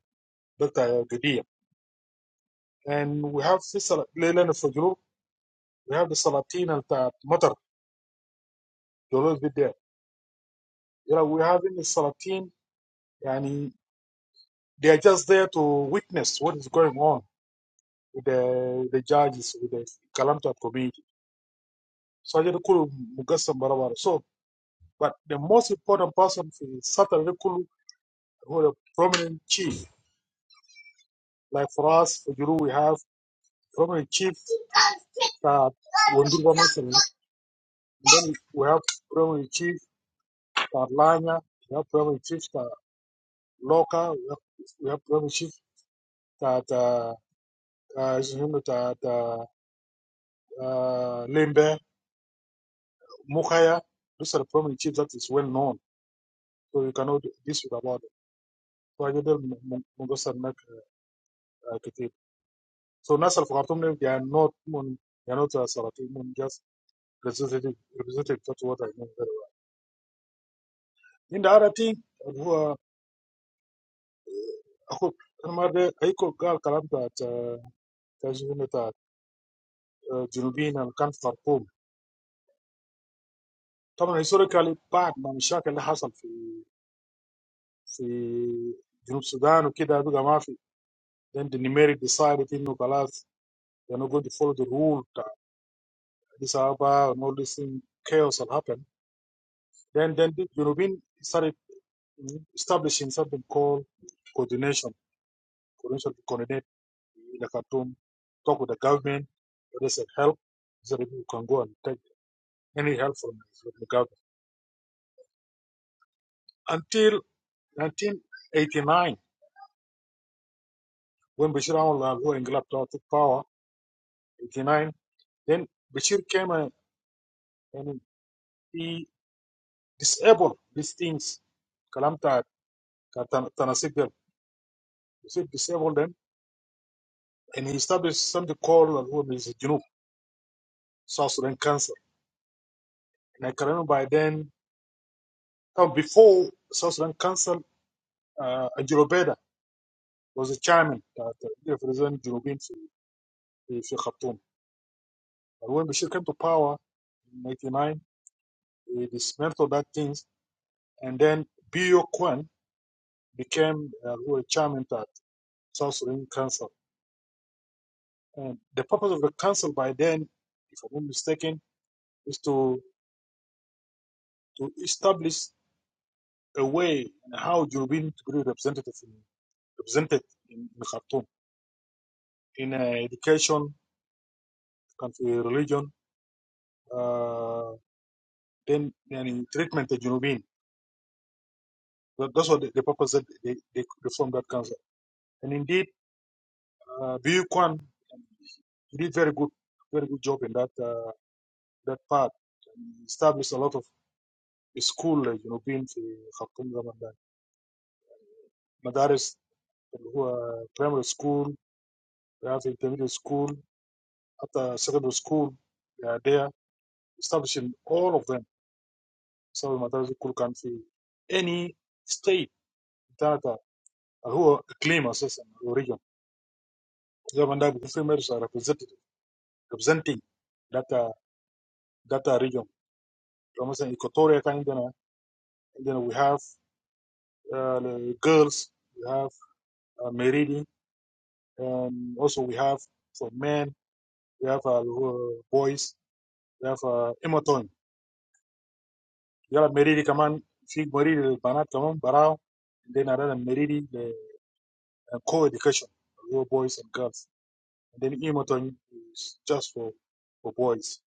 Beta Gadia. And we have two Sal- Leilani Fajru, we have the Salatin and the Matar, those be there. You know, we have in the Salatin, and they are just there to witness what is going on with the, the judges, with the Kalamta community. So I just call Mugassam Barawara. So But the most important person in Southern Rikulu who are a prominent chief. Like for us, for Juru, we have prominent chief that Wundurwa Mason. Then we have prominent chief that Lanya. We have prominent chief that Loka. We have, we have prominent chief that uh, uh, his name is that uh, uh, Limbe Mukaya. Those are the prominent chiefs that is well known. So you cannot dispute about it. So I did them Mungosan Mak So Nasser Khartoum, they are not, mun- they are not uh, Salafi, mun just representative, representative. That's what I mean very well. In the other thing, who are, who, المرة أيكو قال كلام بتاعت تجربة بتاعت جنوبيين اللي كان في خرطوم طبعا هيستوريكالي بعد ما المشاكل اللي حصل في في جنوب السودان وكده بقى ما في then the numeric decided انه خلاص they're not going to follow the rule بتاع Addis Ababa and all this thing chaos that happened then then the Junubin started. establishing something called coordination, coordination to coordinate in the Khartoum, talk with the government, whether it's help, so that you can go and take any help from, the government. Until 1989, when Bashir al Engelab took power, 89, then Bashir came and, and he disabled these things, Kalamta, Tanasigel, he disabled them, and he established something called uh, what is it, Junub, South Sudan Council. And I can remember by then Now, before South Sudan Council, uh, Ajurobeda was the chairman that represented Jurobin in Khartoum. But when Bashir came to power in 99, he dismantled that things. And then Bio Kwan became uh, who was chairman of South Sudan Council. And the purpose of the council by then, if I'm not mistaken, is to, to establish a way and how Jurobin to be represented in, represented in, in Khartoum in uh, education, country religion, uh, then yani, treatment the Junubin. That- That's what the, the purpose that they, they they formed that council. And indeed, uh, Bu Kwan he did very good, very good job in that uh, that part. He established a lot of school uh, Junubin في خرطوم زمان ده. مدارس اللي هو primary school, we have intermediate school, حتى secondary school. They are there, establishing all of them. So المدارس كل كان في any state بتاعتها اللي هو اقليم اساسا origin. Zamanda females are represented representing that uh, that uh, region. For example, Equatorial Guinea, and then we have uh, the girls, we have uh, Meridi, and also we have for men, we have uh, who- boys, we have uh, Emoton. We have Meridi, come on, Fig Meridi, the Banat, come on, Barao, and then another Meridi, the uh, co-education, for boys and girls. And then Emoton is just for, for boys.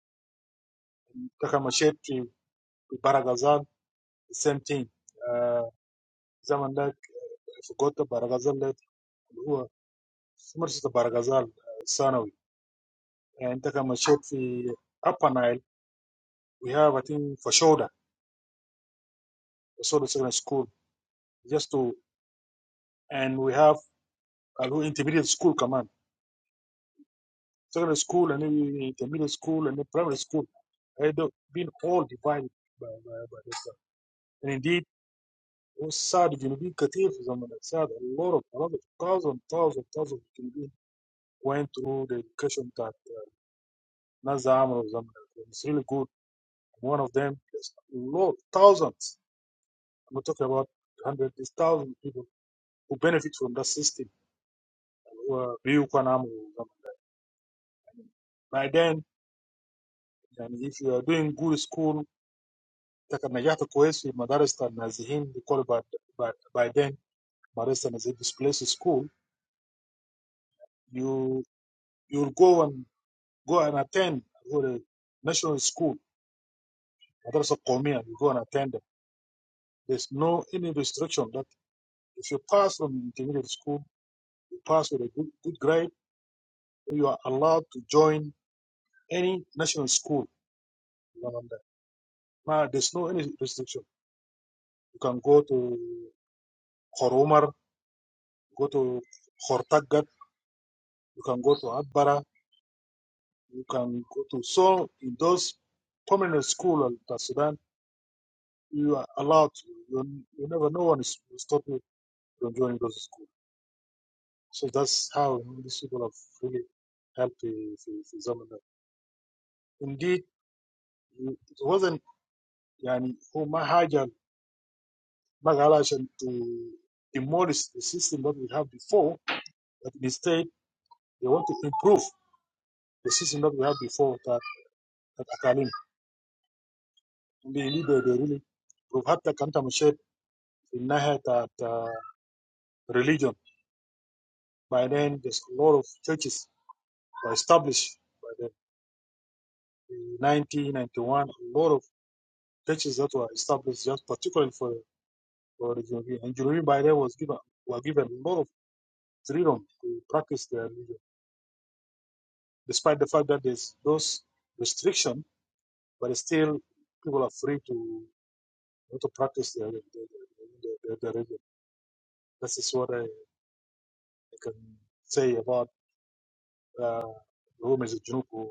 Takamashet, Baragazal, the same thing Uh, زمن ده في قوه برغزال ده اللي هو في مرسى برغزال ثانوي يعني انت كما مشيت في upper nile we have i think fashoda fashoda secondary school just to and we have a little intermediate school كمان secondary school and then intermediate school and then primary school they have been all divided by, by, by this stuff. and indeed والسعد الجنوبيين كثير في زمن السعد a lot of a lot of thousands, thousands, thousands of Junubin went through the education that uh, Nazaam was um, it's really good One of them, there's lot, thousands. I'm not talking about hundreds, there's thousands of people who benefit from that system. who are real Kwanam. By then, and if you are doing good school, like a Najata Koesi, Madarista Nazihin, they call it by, by, by then, Madarista Nazihin displaced school, you you'll go and go and attend go national school, Madarasa Komia, you go and attend them. There's no any restriction that if you pass from intermediate school, you pass with a good, good grade you are allowed to join any national school in Rwanda. Now, there's no any restriction. You can go to Horomar, go to Hortagat, you can go to Adbara, you can go to. So, in those permanent schools in Sudan, you are allowed to. You, you never, no one is will stop you from joining those schools. So that's how these people have really helped the Zamindar. Indeed, it wasn't, yani, who Mahajan Bangladesh to demolish the system that we have before, but instead they want to improve the system that we have before that that Akalim. And they need they they really improve Hatta Kanta Mashed in Nahat that uh, religion. By then there's a lot of churches were established by the the 1991, a lot of churches that were established just particularly for for the Junubi. And Junubi by then was given were given a lot of freedom to practice their religion, despite the fact that there's those restrictions But still, people are free to to practice their their, their, their, their religion. This is what I, I can say about uh, Rome as a Junuku.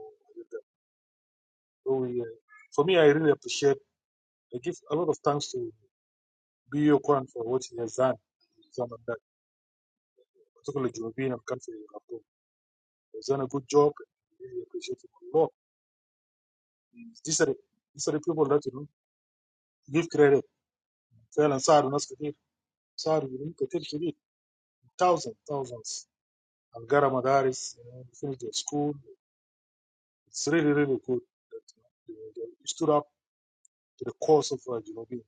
So we, uh, for me, I really appreciate. I give a lot of thanks to Bo Kwan for what he has done in Zaman that, particularly Junubian and country. in Khartoum. He has done a good job. and I really appreciate him a lot. These are the- these are the people that you know give credit. فعلا صار ناس كثير صار يوم كثير كبير thousands thousands Algara Madaris, you know, finished their school. It's really, really good that you know, they, they stood up to the cause of uh, Junobin.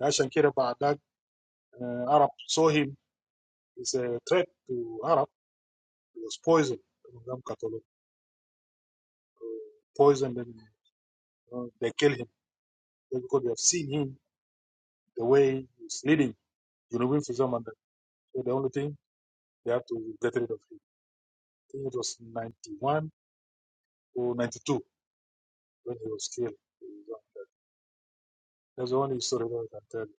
Dashan Kira Ba'adak, uh, Arab saw him as a threat to Arab. He was poisoned, poisoned and you know, they killed him because they have seen him the way he's leading Junubin for some So the only thing, they have to get rid of him. I think it was 91 or 92 when he was killed. That's the only story that I can tell. you.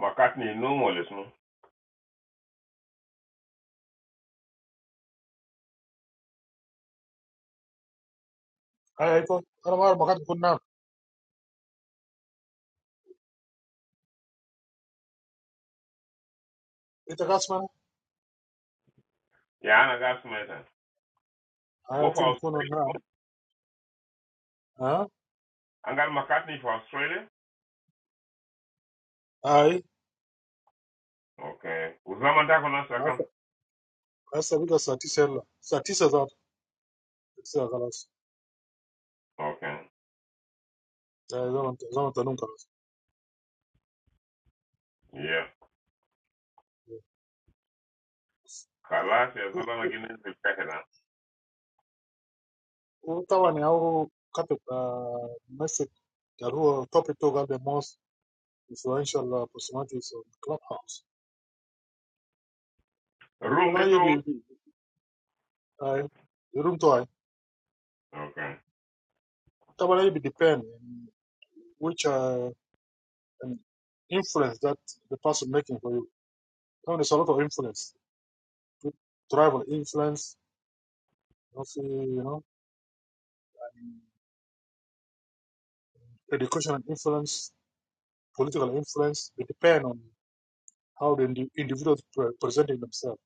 Makatni no more, listen.
I, I thought, I'm Ita kasma?
Yeah, I got
Aya,
Wo for
timu mkono
Australia?
nani?
wo?
Ah,
Angal McCartney for Australia?
ai.
Okay. Uzama ndako na
Sasa
sakam?
sasa bika saa tisa yalla. Saa tisa za tisa خلاص.
Okay.
Zama zama tanun خلاص.
Yeah. Kalas ya zala na gine zipeke na.
Utawa ni au kape uh, message darua topic to got the most influential uh, personalities on Clubhouse.
Room
Tabana
de
hii bi
tong?
bi- ai. The room to ai.
Okay.
Tabana hii bi depend in which uh, an influence that the person making for you. Tabana there's a lot of influence. Tribal influence Also, you know, education and influence, political influence, they depend on how the indi- individuals pre- presenting themselves.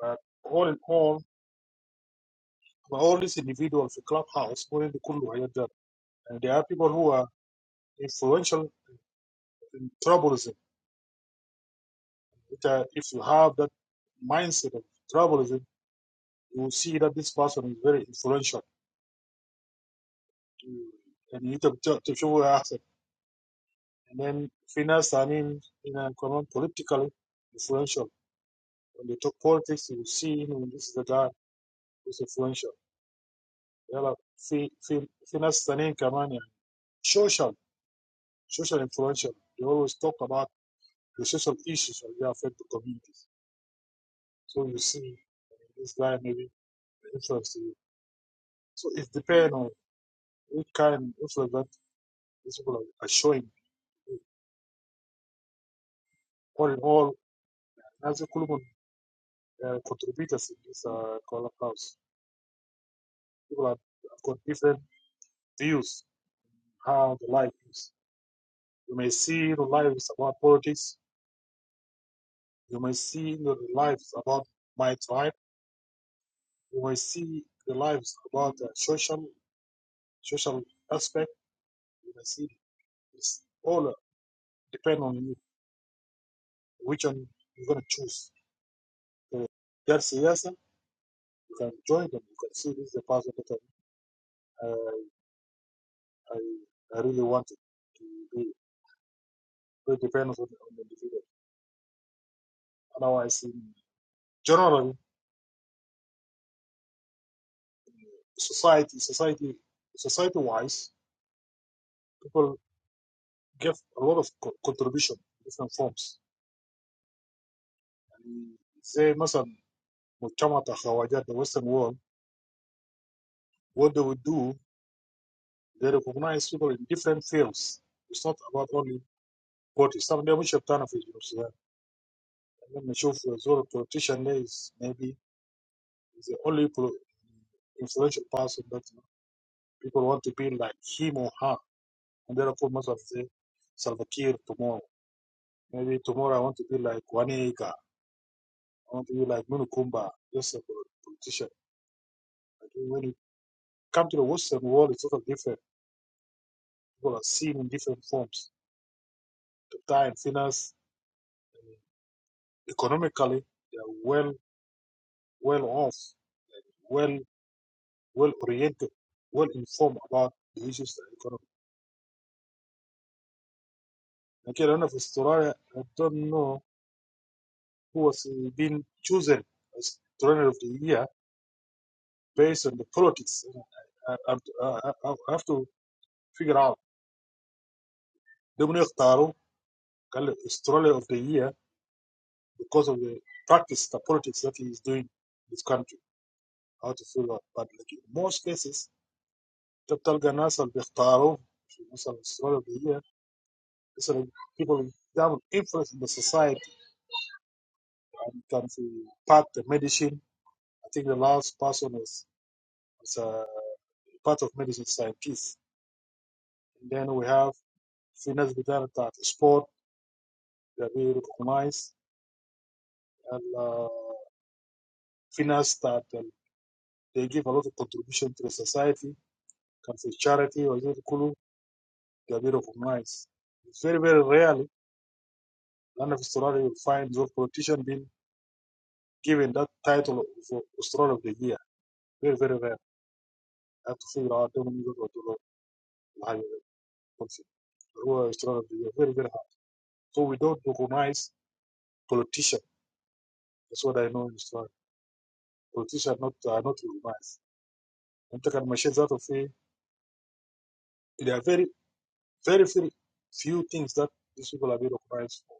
But all in all, for all these individuals, the clubhouse, all in the Kulu are there. and there are people who are influential in tribalism. It, uh, If you have that mindset of tribalism, you will see that this person is very influential. You- And you need to, to to show your accent. And then finance, I mean, in a common politically influential. When they talk politics, you will see you know, this is the guy who's influential. يلا في في في ناس ثانيين كمان يعني social social influential they always talk about the social issues that affect the communities. So you see this guy maybe influence you. So it depends on what kind of influence that these people are showing. All in all, as a column, contributors in this uh, column house, people have got different views how the life is. You may see the lives about politics. You may see the lives about my tribe You will see the lives about the social social aspect. You will see it's all depend on you which one you're gonna choose. So that's yes, you can join them. You can see this is the person time I, I, I really wanted to be. So it depends on, on the individual. Otherwise, in general society, society, society-wise, people give a lot of co- contribution in different forms. And say, مثلا مجتمع الخواجات, the Western world, what they would do They recognize people in different fields. It's not about only politics. Some they should turn off Sudan. And then the news. Let me show for a politician there is maybe is the only pro- influential person that you know, people want to be like him or her. And therefore most of the Salva Kiir tomorrow. Maybe tomorrow I want to be like Wanega. I want to be like Munukumba, just a pol- politician. Like when you come to the Western world, it's sort of different. People are seen in different forms. The time, finance, economically, they are well well off, well well oriented, well informed about the issues that are going on. Like I do Australia, I don't know who was uh, being chosen as trainer of the year based on the politics. I, I, I, I I have to figure out. They will اختاروا قال Australia of the year because of the practice, the politics that he is doing in this country. How to figure out. But like in most cases, the الناس اللي بيختاروا في as Australia of the year sort of people that would influence in the society can be part of medicine. I think the last person is, is a part of medicine scientist. And then we have finance design that sport that we recognize and uh, finance that um, they give a lot of contribution to the society, can be charity or youth kulu that we recognize. It's very, very rarely none of Australia will find those politician being given that title of Australia of the Year. Very, very rare. I have to figure out how many people do that. higher function. Who are strong, they are very, very high. So we don't recognize politicians. That's what I know in Australia. Politicians are not, are not recognized. And take machines out of it. There are very, very, very few things that these people are being recognized for.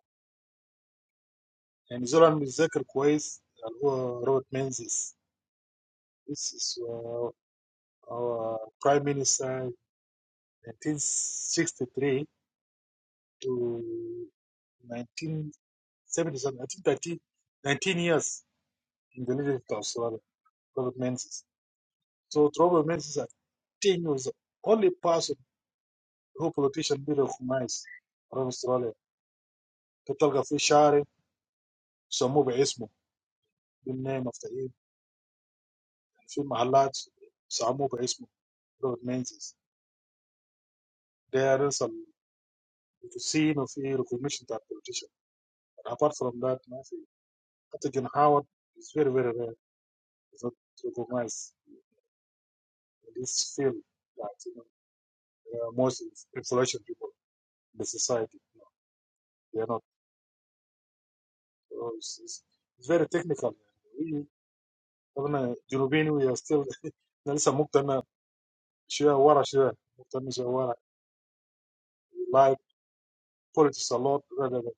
And Zoran Mizekir Kwais, who Robert Menzies, this is uh, our prime minister in 1963 to 1970, I think thirty, 19, years in the leadership of Australia, Robert Menzies. So Robert Menzies at 10 was the only person who politician did recognize from Australia. تلقى في شارع سموه باسمه بالنيم اوف ذا ايد، في محلات سموه باسمه روبرت مينزيز There is a scene of recognition that politician. But apart from that, nothing. After John Howard is very, very rare. It's not recognized in this field that you know, they are most influential people in the society. They are not. uh, It's, it's, it's very technical. We احنا جنوبيين وي ستيل انا لسه مقتنع شويه ورا شويه مقتنع شويه ورا like politics a lot rather than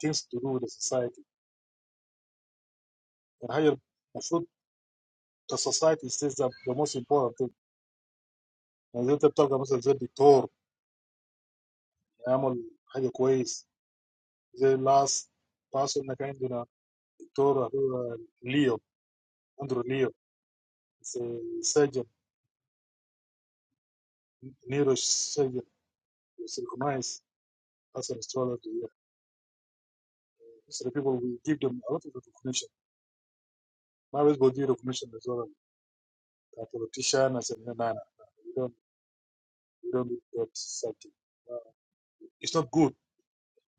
things to do with the society يعني هي المفروض the society says that the most important thing يعني زي انت بتلقى مثلا زي الدكتور يعمل حاجه كويس زي last باس انك عندنا دكتور هو ليو اندرو ليو سيرجن نيرو سيرجن recognized as an astrologer. Yeah. So the people we give them a lot of recognition. Now let's go do recognition as well. a politician and said, no, no, no, no, you don't, you don't need that something. Uh, it's not good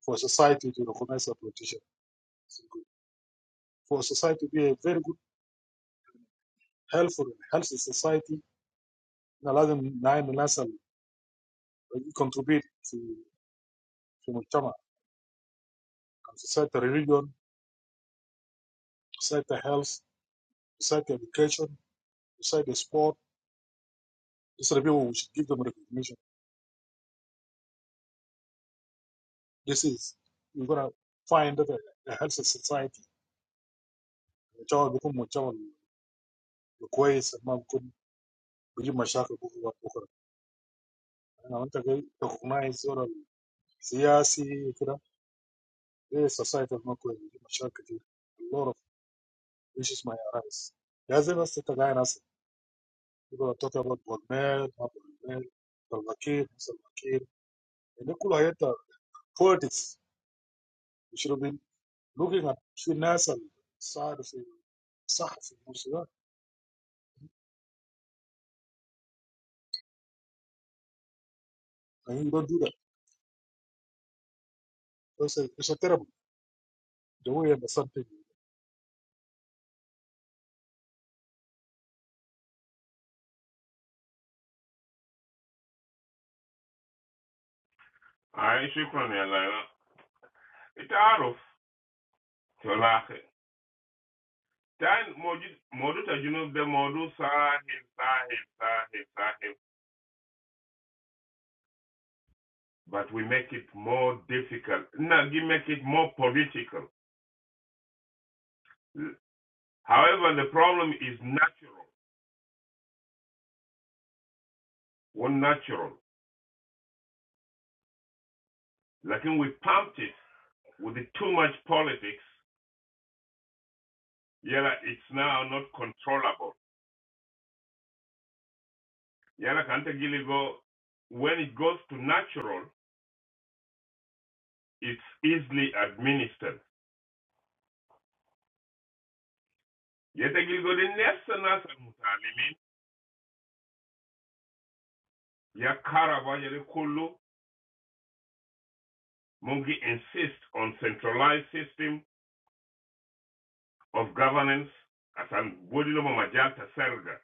for society to recognize a politician. It's not good. For society to be a very good, helpful, healthy society, and allow them nine nasal contribute to to Muchama, society religion, society health, society education, society sport. These are the people who should give them recognition. This is you're gonna find that a, a healthy society. Muchama become Muchama, the quays and Malcolm, Bijim Mashaka, لو انت جاي تقنعي الزور السياسي وكده، ايه السوسايتي المقوي دي مشاكل كتير. اللور اوف ايش اسمها يا ريس، لازم بس تتابعي ناس يقولوا تطلب بولميل، ما بولميل، سلفاكير، سلفاكير، يعني كل هيئة بوليتكس يشربين looking at في الناس الصار في صح في الموسيقى، يعني don't do that. That's it's a terrible the way and something.
Ay, shukran ya lana. Ita aruf. Tolake. Tan modu modu ta junub de modu sahib, sahib, sahib, sahib. But we make it more difficult. No, we make it more political. However, the problem is natural. One natural. Like when we pumped it with too much politics, yala it's now not controllable. Yala kanta giligo when it goes to natural, it's easily administered. Yete giligo the nasa nasa mutalimin ya karaba yale kulu mungi insist on centralized system of governance as an bodilo mamajalta selga.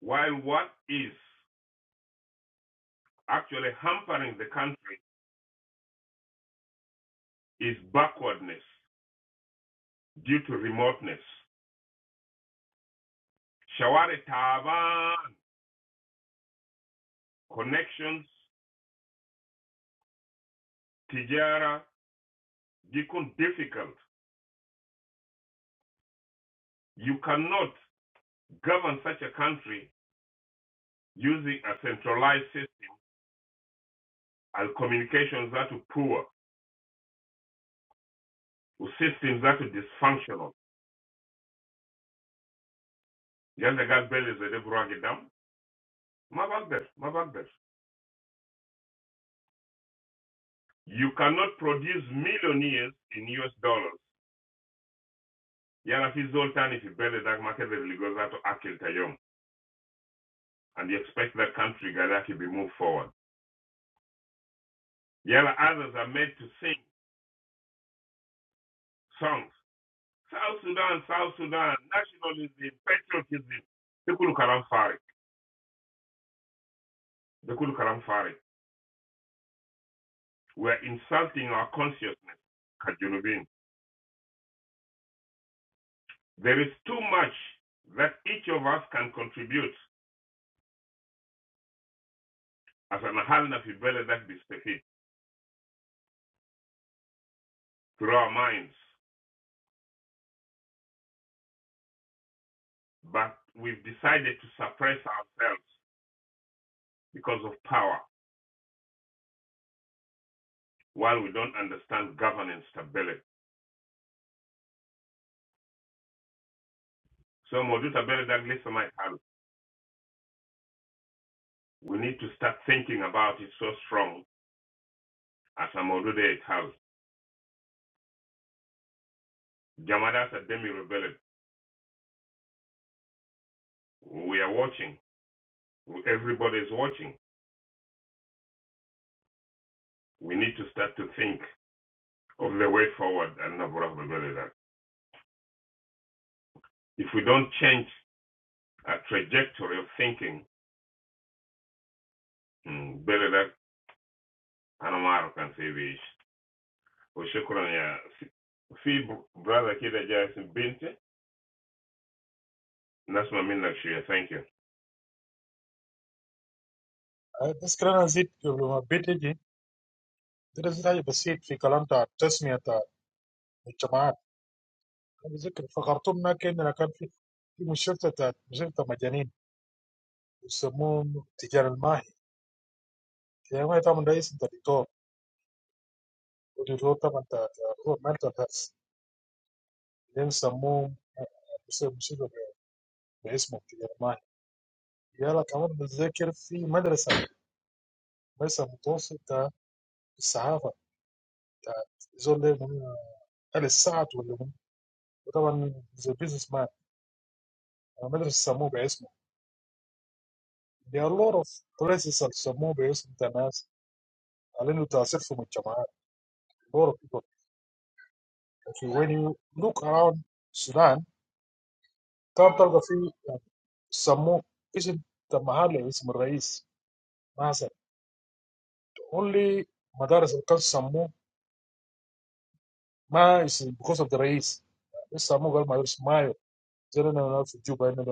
While what is actually hampering the country is backwardness due to remoteness. Shaware taban connections, tijara become difficult. You cannot govern such a country using a centralized system and communications that are poor, or systems that are dysfunctional. Yanda Gabel is a Deborah Gedam. Mabagber, Mabagber. You cannot produce millionaires in US dollars. Yana fi zoltani fi bele dak makede ligoza to akil tayom. And you expect that country Gadaki be moved forward. Yala others are made to sing songs South Sudan, South Sudan, nationalism, patriotism. They could look around Farik. They could look Farik. We're insulting our consciousness, Kajunubin. There is too much that each of us can contribute as an Ahalna Fibele that Bistefit through our minds, but we've decided to suppress ourselves because of power while we don't understand governance stability. So Modu Tabele that listen my help. We need to start thinking about it so strong as a Modu de Jamanas are demi rebellion. We are watching. Everybody is watching. We need to start to think of the way forward and Nabora Bebeledak. If we don't change our trajectory of thinking, Bebeledak and can save it. Oshokran ya fi brother kida jaya sin binti nasma minna shia. Thank you.
آه، بس كلنا نزيد لما بيتجي ترى زي حاجة بسيط في كلام تاع التسمية تاع الجماعات. انا بتذكر في خرطوم ما كان كان في في مشرفه بتاعت مشرفه مجانين يسموهم تجار الماهي. تجار الماهي طبعا رئيس انت دكتور، والدكتور طبعا بتاعت هو مالته بتاعت اللي يسموهم بيصير مصيبة باسمه كده معي. يلا كمان بتذاكر في مدرسة مدرسة متوسطة الصحافة بتاعت زول ده من آل السعد ولا من، وطبعا زي بيزنس مان مدرسة سموه باسمه. There are a lot of places that سموه باسم بتاع ناس على انه تأثير في مجتمعات. Okay, When you look around Sudan, come to the few Samo, is the Mahale is the reis. Only Madrasal Kal Samo ma is because of the reis. Samo gal Madras ma yo. Jere na Madrasu Jubay na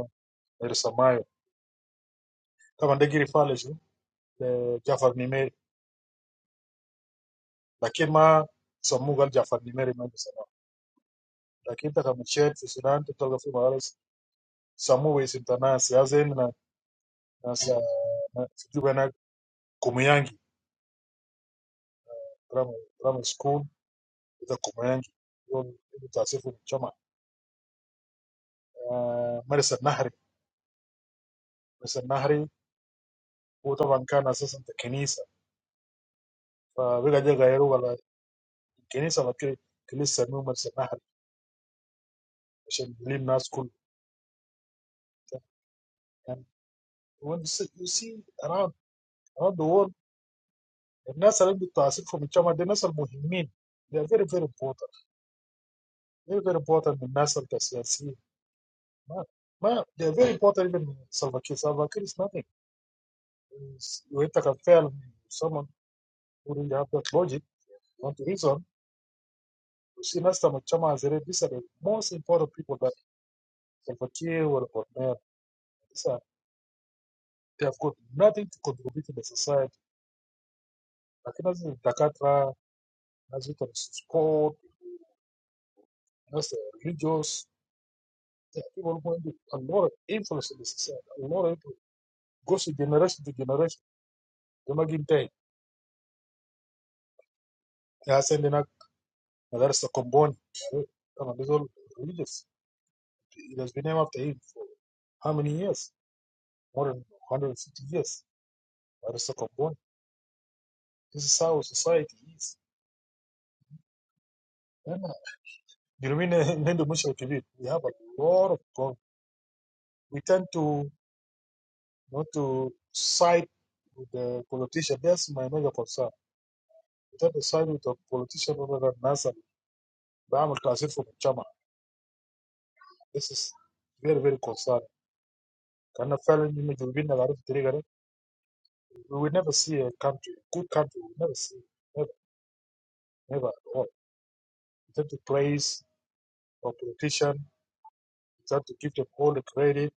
Madrasa ma yo. Kama degi rifale ju, Jafar Nimere. But ma Samo gal Jafar Nimere ma yo. But that the Machet Sudan, come to the few Madras Samo is the na seazen na na sa Jubay na Kumuyangi. From from school, this command, you know, the types of people. Chama, ah, for instance, Nahi, for instance, Nahi. Who the one can access the Kenisa? Ah, because the guy who got the Kenisa, what kind of killers? Sir, no matter Nahi, which is really nice school. And when you see around, ah, the world, in a certain type of people, which are the most important, they are very, very important. They are very important in the national policy. Ma, ma, they are very important in the national policy. So, what kind of nothing? You have to tell someone. wouldn't have that logic. Not to reason, you see, last time Chama has already, these are the most important people that Salvatore or Bonner, these are, they have got nothing to contribute to the society. Like, as in Dakatra, as it is sport, as the religious, there are people who have a lot of influence in the society, a lot of influence. Goes to generation to generation. They're not getting tired. They're sending out, that's the Komboni. Come on, these are all religious. It has been named after him. How many years? More than 150 years. That's the Komboni. This is how society is. And, uh, You know, we need to much activate. We have a lot of problems. We tend to not to side with the politician. That's my major concern. We tend to side with the politician rather than NASA. But I'm a from Chama. This is very, very concerning. Can a fellow you We will never see a country, a good country, we will never see. Never, never at all. We tend to praise a politician, we tend to give them all the credit.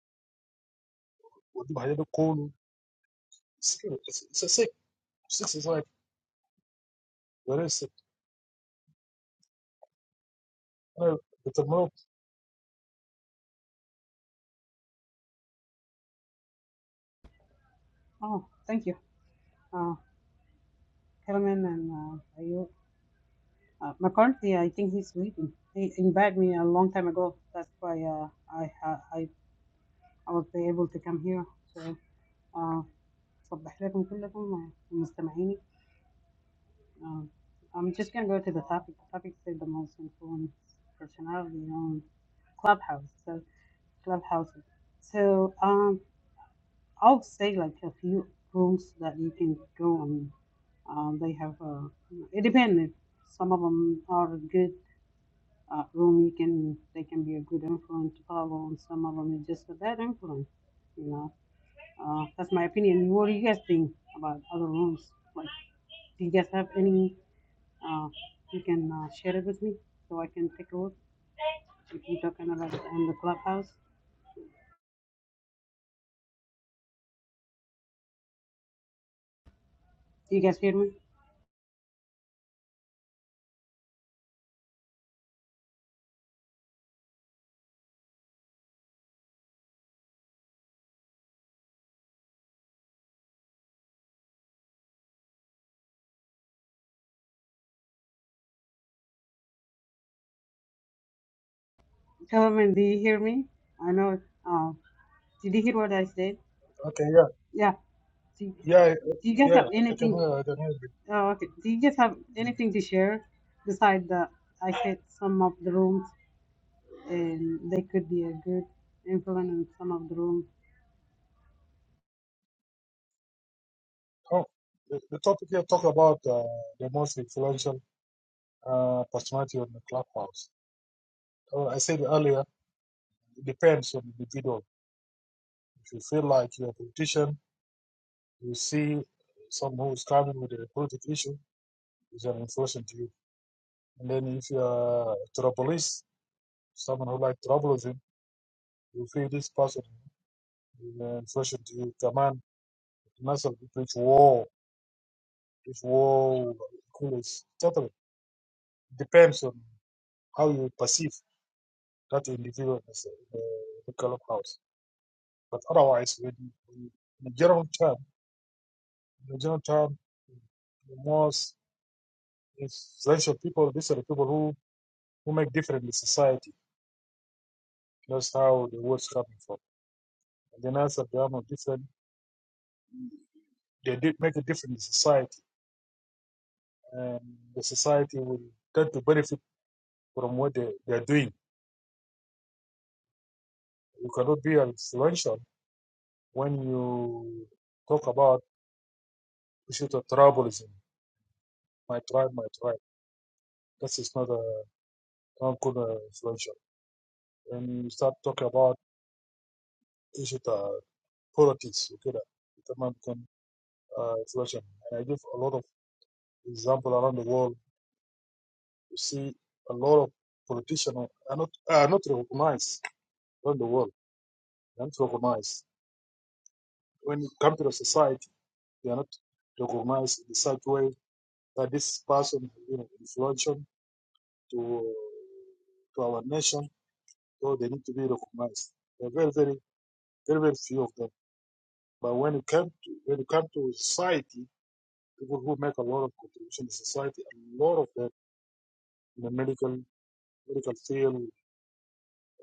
We do- I don't cool. it's a sick. Six is like where is it? No, it's a move.
Oh, thank you. Uh, Kelman and uh, Ayub. Uh, McCarthy, I think he's sleeping. He invited me a long time ago. That's why uh, I, uh, I I was able to come here. So, uh, صبح لكم كلكم ومستمعيني. Uh, I'm just gonna go to the topic. The topic is the most influenced personality on Clubhouse. So, Clubhouse. So, um. I will say like a few rooms that you can go on. um, they have uh, it depends. If some of them are a good uh, room, you can they can be a good influence to follow, and some of them is just a bad influence. You know, uh, that's my opinion. What do you guys think about other rooms? Like, do you guys have any? Uh, you can uh, share it with me so I can take a look. If you're talking about on the clubhouse, do you guys hear me? Tell me, do you hear me? I know. Uh, did you hear what I said?
Okay, yeah,
Yeah. Do,
yeah, uh,
do you guys
yeah.
have
okay,
anything?
no, I can hear, I can hear.
Oh, okay. Do you guys have
you.
anything to share besides that? I said some of the rooms, and they could be a good influence in some of the rooms.
Oh, the, the topic here talk about uh, the most influential uh, personality on the clubhouse. Oh, I said earlier, it depends on the individual. If you feel like you're a politician, you see someone who's coming with a political issue, is an influence to you. And then if you're a troublist, someone who like troubles you, you feel this person is an influence to you. Command, muscle, preach war Whoa, cool. It's totally depends on how you perceive that individual as a, the clubhouse. But otherwise, when, when, in the general term, in the general term, the most influential people, these are the people who, who make difference in society. That's how the word's coming from. And then as a drama different, they did make a difference in society, and the society will tend to benefit from what they, they are doing. You cannot be influential when you talk about issue of tribalism. My tribe, my tribe. This is not a not good uh, influential. When you start talking about issue of politics, you get that. It might become uh, influential. And I give a lot of example around the world. You see a lot of politicians are not are not recognized around the world. They're not recognized. When you come to the society, they are not recognized in the such way that this person you know influential to to our nation, so they need to be recognized. They're very, very Very, very few of them. But when it comes to when it comes to society, people who make a lot of contribution to society, a lot of them in the medical medical field,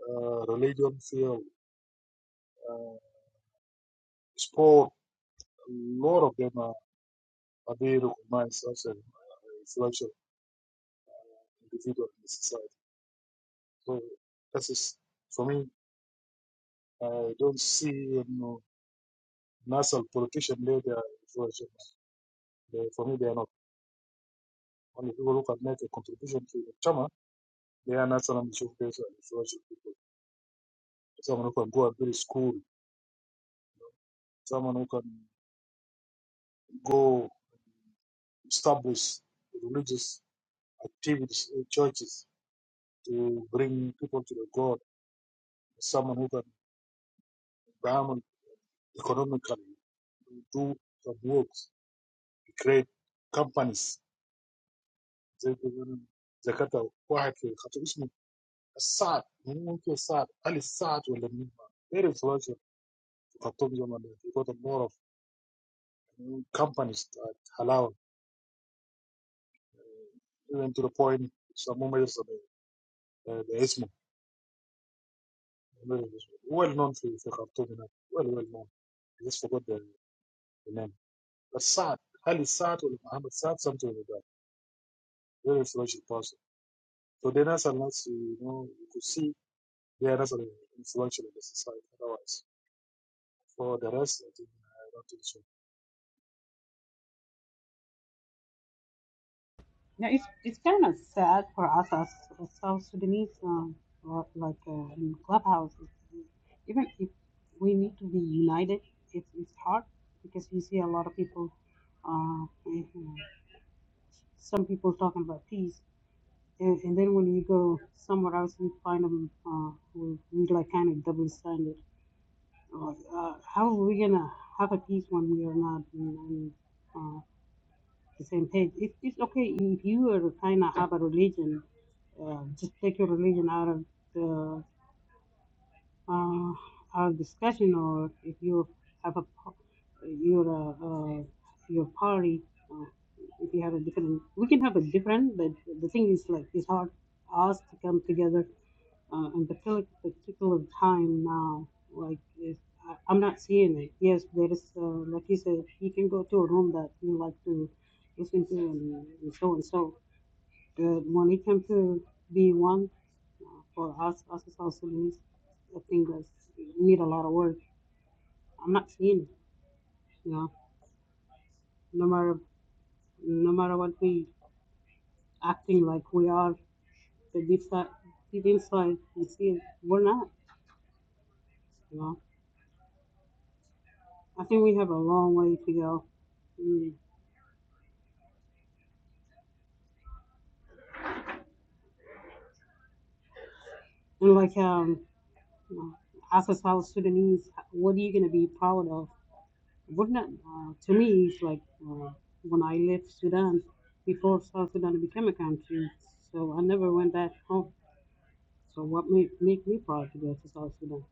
uh, religion field, uh, sport, a lot of them are, are being recognized as an influential individual in society. So that is for me. I don't see you know, national politician there they are influential. They, for me, they are not. Only people who can make a contribution to the chama, they are national and influential people. someone who can go and build a school, someone who can go establish religious activities in churches to bring people to the God, someone who can down economically, do some works, create companies. زي كده زكاة واحد في خطيب اسمه السعد من ممكن السعد هل السعد ولا مين very influential في خطيب زمان ده. he got a lot of companies that allow even to the point some members of the, the, well known في في خرطوم هناك well well known he just forgot the, the name السعد هل السعد ولا محمد سعد something like that very influential person so they're not unless you know you could see they are not really influential in the society otherwise for the rest I think I don't think so
Yeah, it's it's kind of sad for us as, as South Sudanese, um, or like uh, in clubhouse. It's- Even if we need to be united, it's it's hard because you see a lot of people. Uh, eh, some people talking about peace, And, and then when you go somewhere else, you find them uh, who read like kind of double standard. Like, uh, how are we gonna have a peace when we are not on uh, the same page? It, it's okay if you are kind of have a religion, uh, just take your religion out of the uh, our discussion, or if you have a po- your uh, uh, your party, uh, if you have a different, we can have a different, but the thing is like it's hard us to come together uh, and particular particular time now. Like if, I, I'm not seeing it. Yes, there is uh, like you said, you can go to a room that you like to listen to and, and so and so. But when it comes to be one uh, for us, us as South Sudanese, I think that's need a lot of work. I'm not seeing it. You know, no matter no matter what we acting like we are, the deep side, deep inside, you see it. We're not. You know. I think we have a long way to go. Mm. And like um, uh, as South Sudanese, what are you gonna be proud of? What not? Uh, to me, it's like uh, when I left Sudan before South Sudan became a country, so I never went back home. So what made make me proud to go to South Sudan?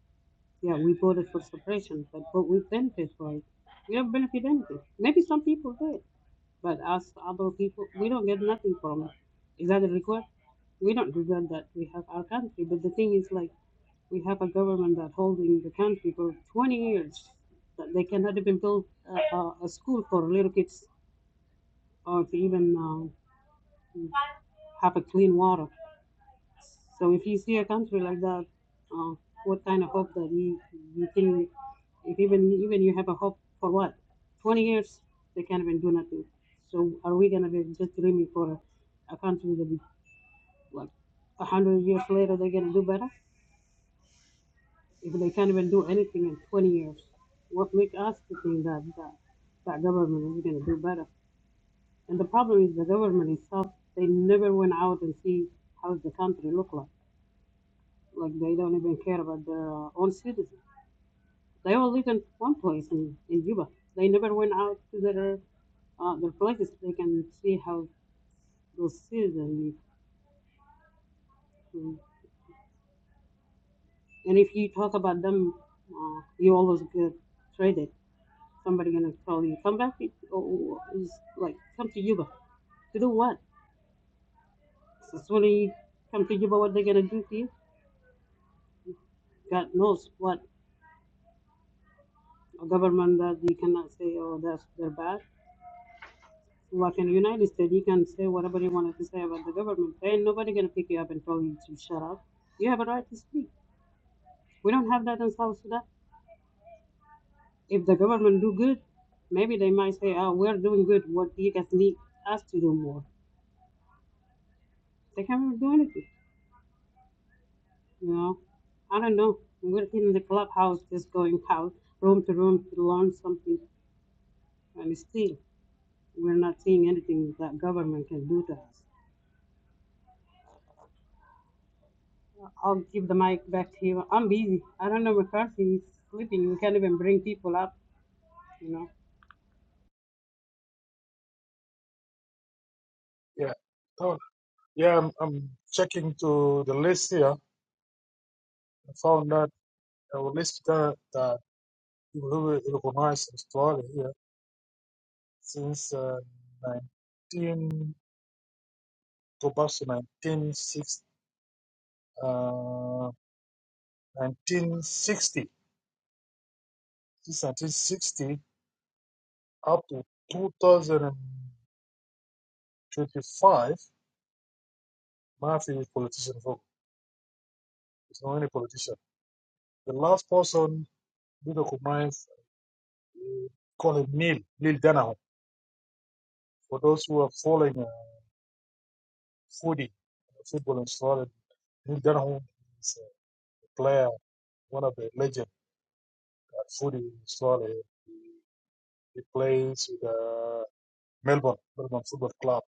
Yeah, we voted for separation, but but we benefited for it. We have benefited anything. Maybe some people did. But us other people, we don't get nothing from it. Is that a request? We don't regret that we have our country. But the thing is, like, we have a government that holding the country for 20 years. That they cannot even build a, a, a school for little kids or to even uh, have a clean water. So if you see a country like that, uh, what kind of hope that you, you think, if even even you have a hope for what, 20 years, they can't even do nothing. So are we gonna be just dreaming for a, a country that be like 100 years later they're gonna do better? If they can't even do anything in 20 years, what make us to think that that, that government is gonna do better? And the problem is the government itself, they never went out and see how the country look like Like they don't even care about their uh, own citizens. They all live in one place in, in Cuba. They never went out to their uh, their places. They can see how those citizens live. Mm. And if you talk about them, uh, you always get traded. Somebody gonna tell you, come back. It, or, is like come to Cuba to do what? So when you come to Cuba, what they gonna do to you? God knows what a government that you cannot say, oh, that's they're bad. Like in the United States, you can say whatever you wanted to say about the government. There ain't nobody gonna pick you up and tell you to shut up. You have a right to speak. We don't have that in South Sudan. If the government do good, maybe they might say, "Oh, we're doing good. What do you guys need us to do more?" They can't even do anything. You know, I don't know. We're in the clubhouse, just going out room to room to learn something, and still we're not seeing anything that government can do to us. I'll give the mic back to you. I'm busy. I don't know McCarthy. is sleeping. We can't even bring people up, you know.
yeah طبعا yeah I'm, I'm checking to the list here I found that our list that, that you will recognize in Australia here since uh, 19 to 1960 uh, 1960, since 1960 up to 2025, Murphy is politician vote. There's not any politician. The last person we recognize, uh, call him Neil, Neil Danahou. For those who are following uh, foodie, uh, football in Australia, Neil Danahou is a player, one of the legend at foodie in Australia. He plays with uh, Melbourne, Melbourne Football Club.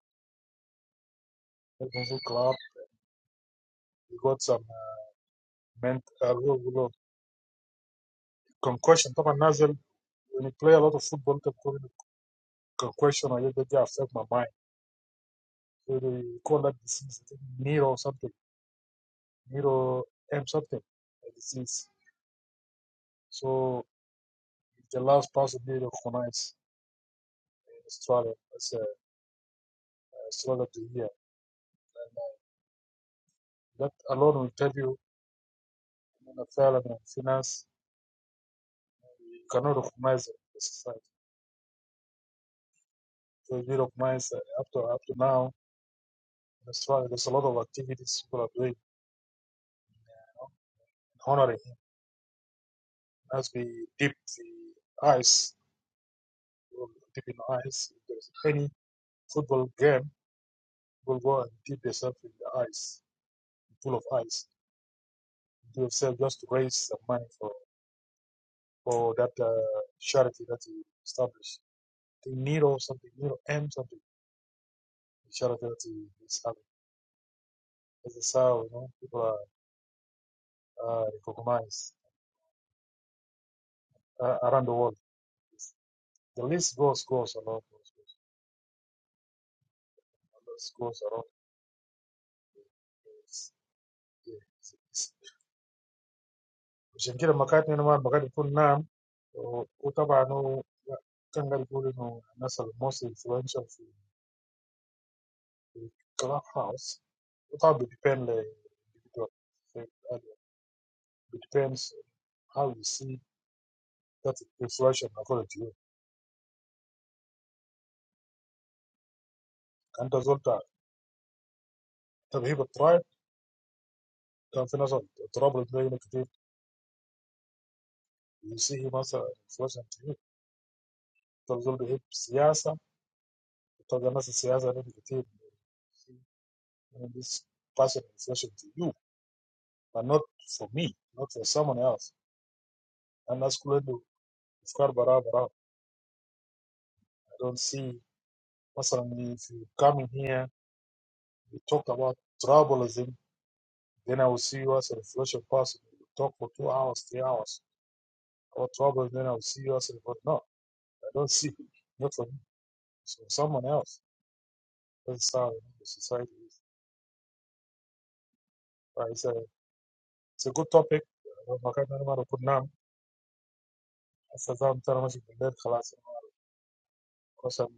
Melbourne Football Club. He got some uh, ment- uh, concussion طبعا نازل when you play a lot of football انت بتكون concussion ولا ده جا affect my mind so they call that disease I think neuro something neuro M something a disease so it's the last person being recognized in Australia as a Australia of the year that alone will tell you in a fair and finance. you cannot recognize it in the society so we recognize uh, up to up to now in Australia there's a lot of activities people are doing honoring him as we dip the ice. will deep in the ice. If there's any football game, will go and dip yourself in the ice, full of ice. Do yourself just to raise some money for for that uh, charity that he established. I think Nero something, Nero M something, the charity that he is having. As a how you know, people are uh, recognized uh, around the world. The list goes, goes a lot, goes, goes, goes a lot. It's, yeah, it's, it's So in general, we can't name or identify the name. So, it depends on the angle you're looking on. For example, most influential people in the house, it all depends on how you see that influence and authority. And the result, that we have tried, that financial trouble may indicate you see him as a influential. The result, he has politics. The result, politics may indicate this personalization to you. but not for me, not for someone else. And that's Kuledu, it's got bara bara. I don't see, personally, if you come in here, you talk about tribalism, then I will see you as a reflection person. You talk for two hours, three hours about tribalism, then I will see you as a, but no, I don't see, you. not for me, it's for someone else. That's how the society is. But it's a, it's a good topic. Uh, Makati na mara kuna, sasa zamu tena mashi kuendelea, خلاص. Because I'm-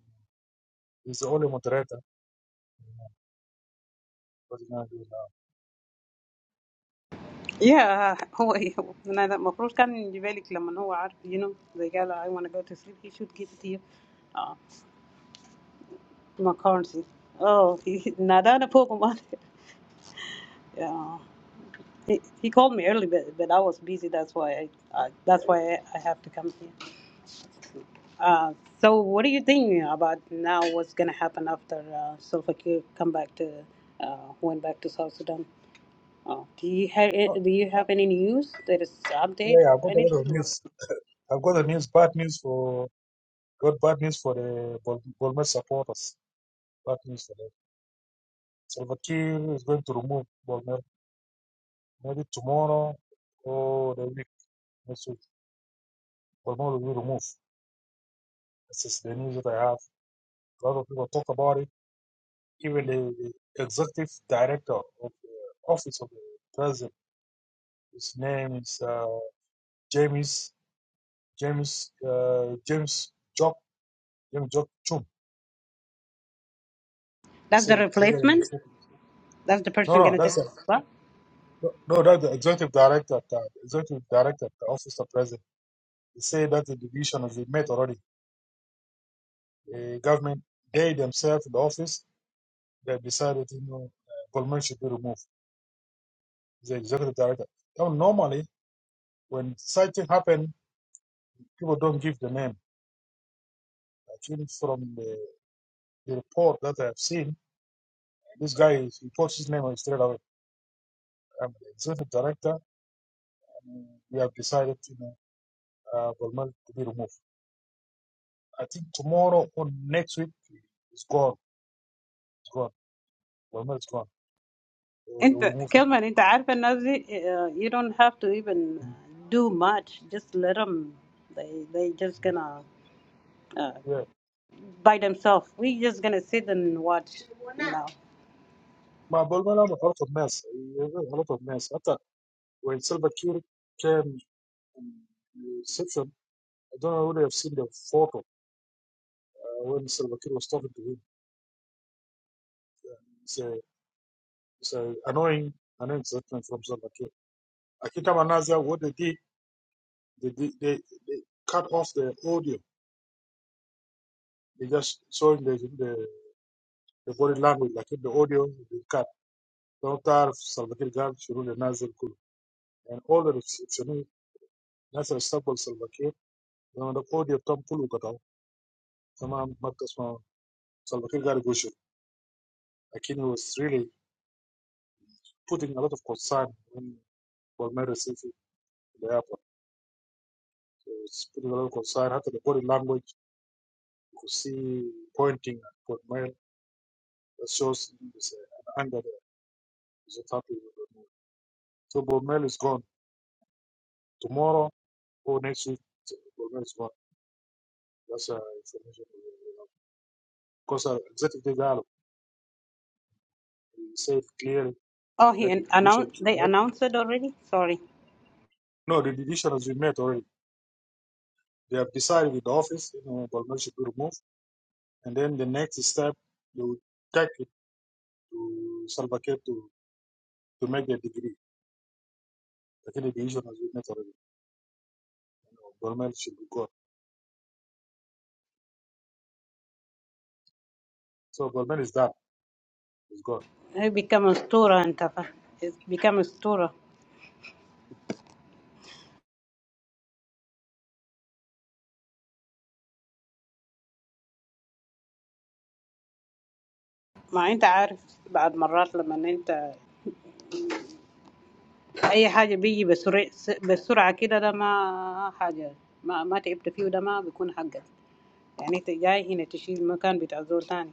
he's the only moderator. What are you gonna do now?
Yeah, هو أنا ده المفروض كان يجي بالك لما هو عارف you know they قال I want to go to sleep he should give it to you uh, McCarthy oh he نادانا فوق ما yeah he, he called me early but, but I was busy that's why I, I that's why I have to come here Uh, so what do you think about now what's going to happen after uh, Salva Kiir come back to, uh, went back to South Sudan? Uh, do you have
Oh,
do you have any news that is
yeah,
update
yeah, I
or
got a lot
anything?
of
Or
news. I've got the news, bad news for got bad news for the Bol- Bolmer supporters. Bad news for them. Salva Kiir is going to remove Bolmer maybe tomorrow or the week next week. Bolmer will be removed. This is the news that I have. A lot of people talk about it. Even the, the executive director of the office of the president, his name is uh, James James uh, James Jock James Jock Chum. He
that's the
said it clear in the
replacement.
footnote.
That's the
No,
person
no,
gonna take
that's
his spot.
No, no, that's the executive director, at the executive director, at the office of president. He said that the division has been made already. The government, they themselves, the office, they decided, you know, uh, Goldman should be removed. The executive director. Now, normally, when such thing happen, people don't give the name. I think from the, the report that I have seen, this guy is- he puts his name on it straight away. I'm the executive director, and we have decided, you know, uh, Goldman to be removed. I think tomorrow or next week, it's gone. It's gone. Goldman is gone.
انت
ومو في
كمان انت عارفه الناس دي uh, you don't have to even do much just let them they they just gonna uh, by themselves we just gonna sit and watch you know
مع بولمان غلطة بناس غلطة بناس حتى وين سيلفا كير كان exception I don't know whether I've seen the photo uh, when Salva Kiir was talking to him. It's a, it's a annoying, annoying statement from Salva Kiir. Akita Manaza, what they did, they, did- they, they cut off the audio. They just showing the, the, the body language, like the audio, they cut. Don't tell Salva Kiir, God, Shirul, Nazir, Kulu. And all the receptionists, Nazir, Stabble, Salva Kiir, لما ده فوضى تم كله قطعه تمام ما بتسمع صلى كيف قاعد يقول شو لكن he was really putting a lot of concern when Bolmer received the airport he was putting a lot of concern حتى the body language you could see pointing at Bolmer that shows he was uh, an anger there he's not happy with Bolmer so Bolmer is gone tomorrow or next week Bolmer is gone that's uh, information we we have because uh, executive dialogue he said clearly
Oh, he
that the
an-
decision
announced.
is
They
made
announced it already. Sorry,
no the decision has been made already They have decided with the office, you know, Bolmel should be removed. And then the next step, they will take it to Salva Kiir to, to make their degree. I think the decision has been made already. You know, Bolmel should be gone. So Bolmel is done. He's gone.
he becomes tourer and stuff. It becomes tourer. Ma, inta gars. بعد مرات لما نتا أي حاجة بيجي بسرعة بسرعة كده ده ما حاجة ما ما تقبل فيه ده ما بيكون حقة. يعني تجاي هنا تشيل مكان بتاع زول تاني.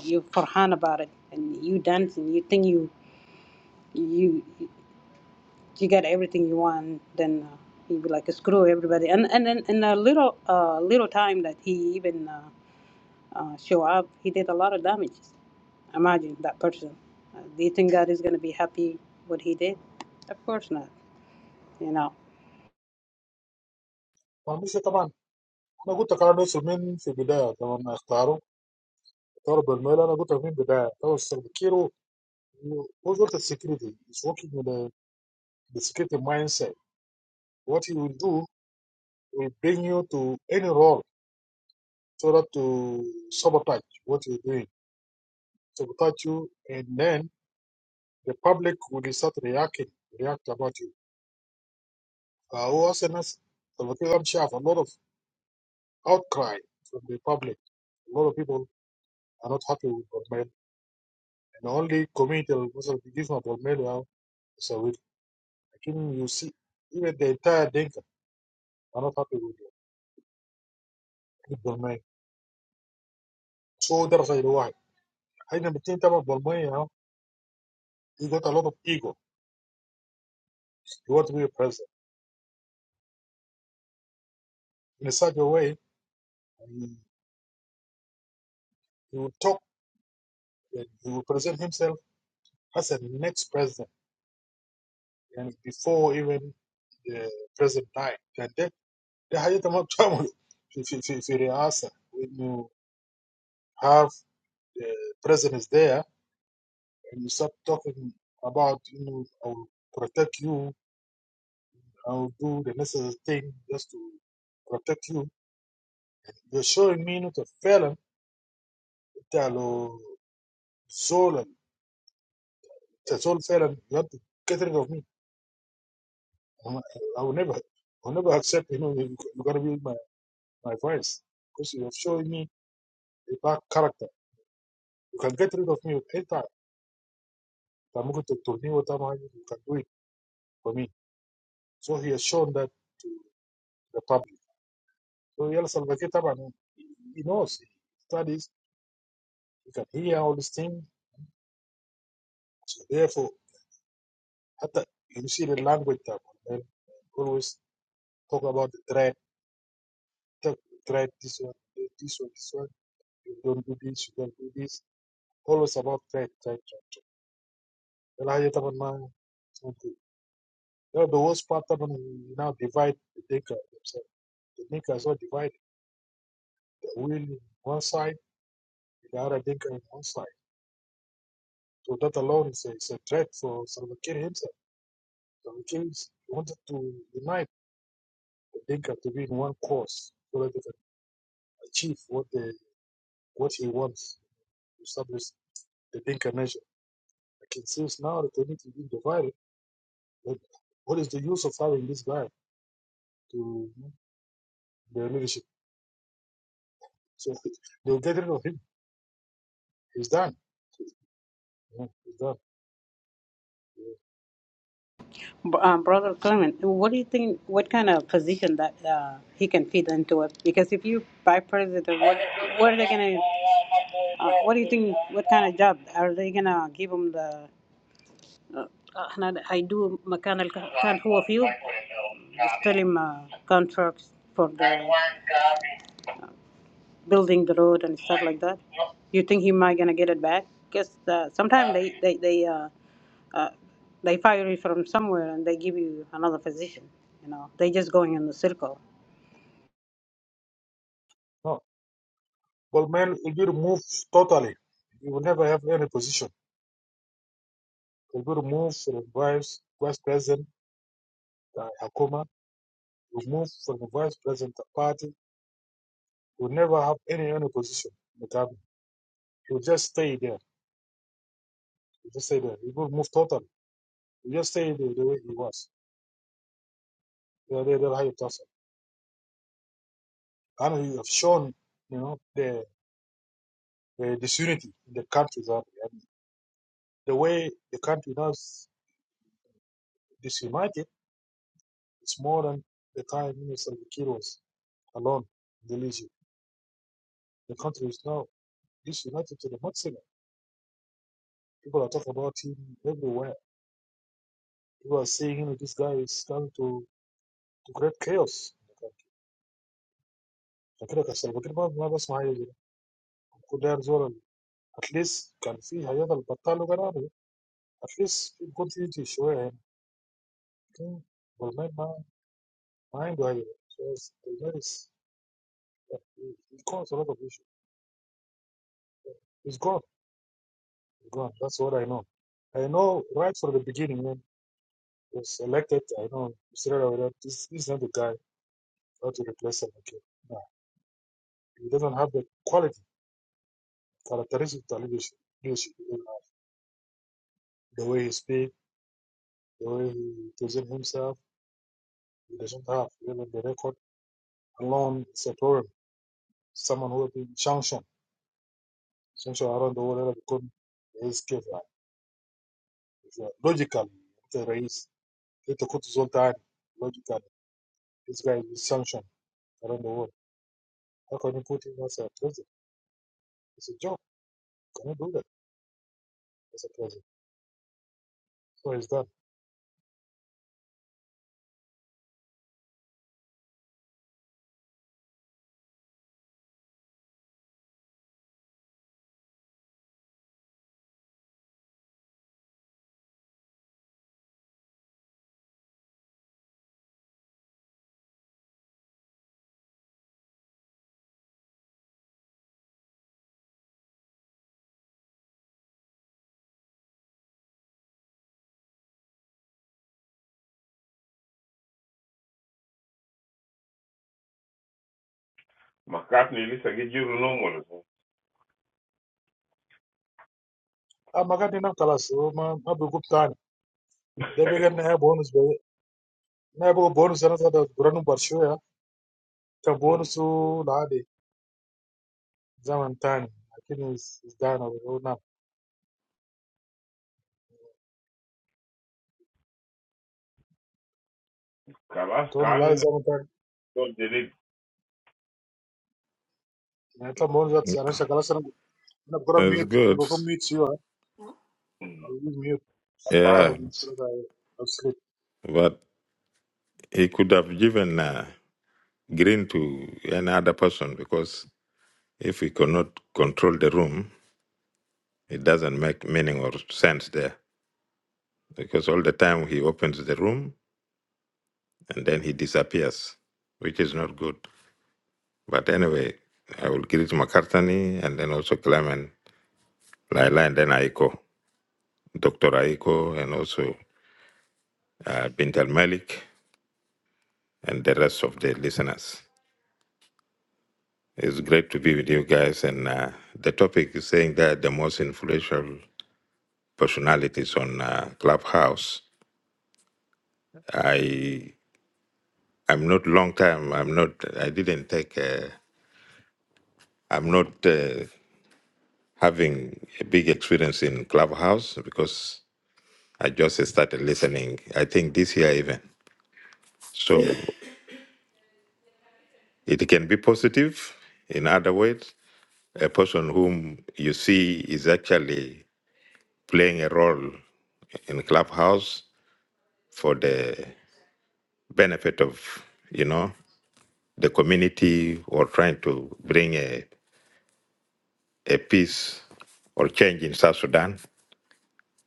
You for fun about it. and You dancing. You think you you. you get everything you want, then uh, he'd be like, screw everybody. And and then in a little uh, little time that he even uh, uh, show up, he did a lot of damages. Imagine that person. Uh, do you think God is going to be happy what he did? Of course not. You know,
فمش طبعا انا قلت قرار نفسه من في البدايه لما اختاروا اختاروا بالميل انا قلت من البدايه اختاروا سلفا كير هو زول السكيورتي is working with the, the security mindset what he will do will bring you to any role so that to sabotage what you're doing to touch you, and then the public will start reacting, react about you. Uh, who else in us? So we think I'm sure of a lot of outcry from the public. A lot of people are not happy with Bolmel, and the only community that was give of Bolmel now. So we, I think you see, even the entire Dinka are not happy with, with Bolmel. So that's why I never think about Bolmel you He got a lot of ego. He wants to be a president in such a way. He, he will talk and he will present himself as the next president يعني before even the present time يعني ده ده حاجة انت ما بتعمله في في في في رئاسة When you have the president is there and you start talking about you know I will protect you I will do the necessary thing just to protect you you're showing me انه انت فعلا انت لو زول انت زول felon. you have to get rid of me I'm- I will never I will never accept you know you're gonna be my my voice because you have shown me a bad character You can get rid of me with any time. ممكن تقتلني وطبعا you can do it for me. So he has shown that the public. So يلا سلفاكي طبعا he knows, he studies, he can hear all these things. So therefore, حتى you see the language that they always talk about the threat, talk, threat, this one, this one, this one, you don't do this, you don't do this. Always about threat, threat, threat. threat. الحاجة طبعا man, it's not good. the worst part طبعا we now divide the Dinka themselves. The Dinka as divided. Will one side, the other Dinka in one side. So that alone is a, is a threat for Salva Kiir himself. Salva Kiir is- wanted to unite the Dinka to be in one cause so that they can achieve what they, what he wants to establish the Dinka nation. Like it seems now that they need to be divided. But what is the use of having this guy to you know, their leadership? So they'll get rid of him. He's done. you know, He's done. Yeah.
B- um, brother Clement, what do you think? What kind of position that uh, he can fit into it? Because if you buy president, what what are they going to? Uh, what do you think? What kind of job are they going to give him the? احنا هيدوه مكان اللي كان هو فيه يستلم uh, contracts for the building the road and stuff like that. You think he might gonna get it back? Because uh, sometimes they they they uh, uh, they fire you from somewhere and they give you another position. You know, they just going in the circle.
No. Bolmel will be removed totally. He will never have any position. It will remove from vice, vice president uh, Hakuma, remove from the vice president the party. He will never have any any position in the government. He will just stay there. He will just stay there. He will move totally. He will just stay the, the way he was. They they they have And he have shown, you know, the the disunity in the country. And the way the country now is disunited, it's more than the time Minister Kid was alone in the leadership. The country is now disunited to the maximum. People are talking about him everywhere You are seeing him, this guy is come to, to create chaos. فكده كسر كده ما ما بسمع حاجه زي كل ده زول اتليست كان في حاجات البطال وقرار اتليست يكون في يجي شويه يعني لكن والله ما ما عنده حاجه so it's- that is it caused a lot of issues it's gone it's gone that's what I know I know right from the beginning when he was elected I know straight away that this this is not the guy how to replace him again no he doesn't have the quality characteristic of leadership the way he speaks, the way he presents himself, he doesn't have really the record alone. It's a problem. Someone who has been sanctioned, sanctioned around the world, become his case is logical. أنت رئيس أنت كنت زول logical. This guy is sanctioned around the world. How can you put him as a president? It's a joke. Can you do that as a president? So he's done.
Makat ni lisa gijiru normal.
I'm not Ah, magadi na kalas. Oh, ma, ma bigub tani. Debi gan na bonus be. Na bo bonus na sa da branu barsho ya. Ka bonus They زمن تاني اكيد ازدهرنا وقلنا
Kalas
تقول
kani
والله
na
زمن تاني
so did it.
يعني انت بقول دلوقتي يعني عشان خلاص انا انا بضرب
That's
ميوت انا
good.
بكون ميوت سيوه او
Mm.
ميوت sometime
Yeah,
so that I I'll sleep.
but he could have given uh, green to another person because if he cannot control the room, it doesn't make meaning or sense there. Because all the time he opens the room and then he disappears, which is not good. But anyway, I will greet McCartney and then also Clement, Laila, and then Aiko, Dr. Aiko, and also uh, Bintal Malik, and the rest of the listeners. It's great to be with you guys. And uh, the topic is saying that the most influential personalities on uh, Clubhouse. I I'm not long time. I'm not. I didn't take. Uh, I'm not uh, having a big experience in Clubhouse because I just started listening. I think this year even. So it can be positive. In other words, a person whom you see is actually playing a role in clubhouse for the benefit of you know the community or trying to bring a, a peace or change in South Sudan.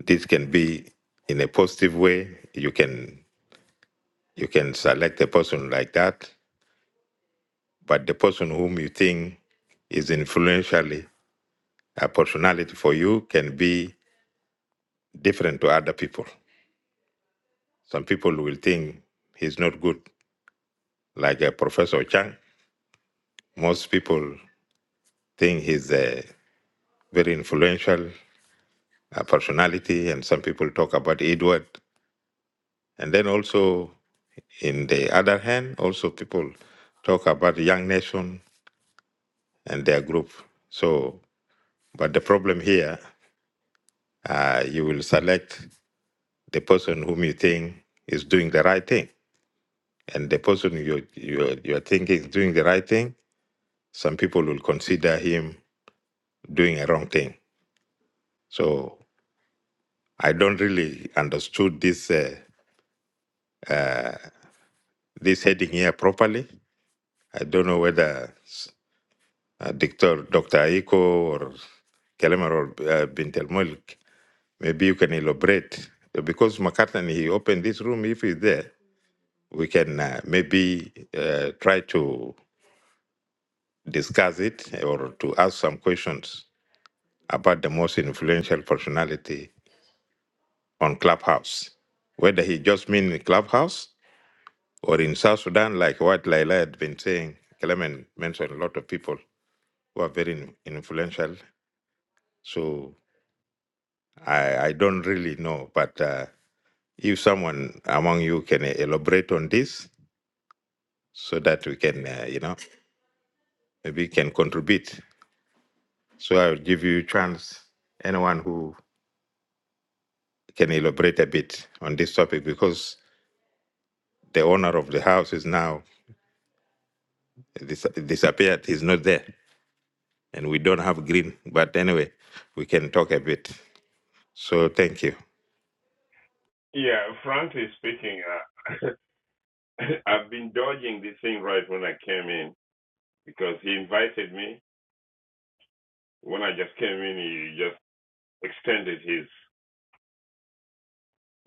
This can be in a positive way. You can you can select a person like that, but the person whom you think is influentially a personality for you can be different to other people. Some people will think he's not good, like a Professor Chang. Most people think he's uh, very influential uh, personality, and some people talk about Edward. And then also, in the other hand, also people talk about Young Nation and their group. So, but the problem here, uh, you will select the person whom you think is doing the right thing, and the person you you you are thinking is doing the right thing. Some people will consider him doing a wrong thing. So I don't really understood this uh, this heading here properly. I don't know whether s- uh, Dr. Dr. Aiko or Kelemer or uh, Bint El Mulk. Maybe you can elaborate Uh, because McCartan he opened this room. If he's there, we can uh, maybe uh, try to discuss it or to ask some questions about the most influential personality on Clubhouse. Whether he just mean in Clubhouse or in South Sudan, like what Laila had been saying, Clement mentioned a lot of people who are very influential. So I, I don't really know, but uh, if someone among you can elaborate on this so that we can, uh, you know, maybe can contribute. So I'll give you a chance, anyone who can elaborate a bit on this topic because the owner of the house is now dis- disappeared. He's not there and we don't have green. But anyway, we can talk a bit. So thank you.
Yeah, frankly speaking. uh, I've been dodging this thing right when I came in because he invited me. When I just came in, he just extended his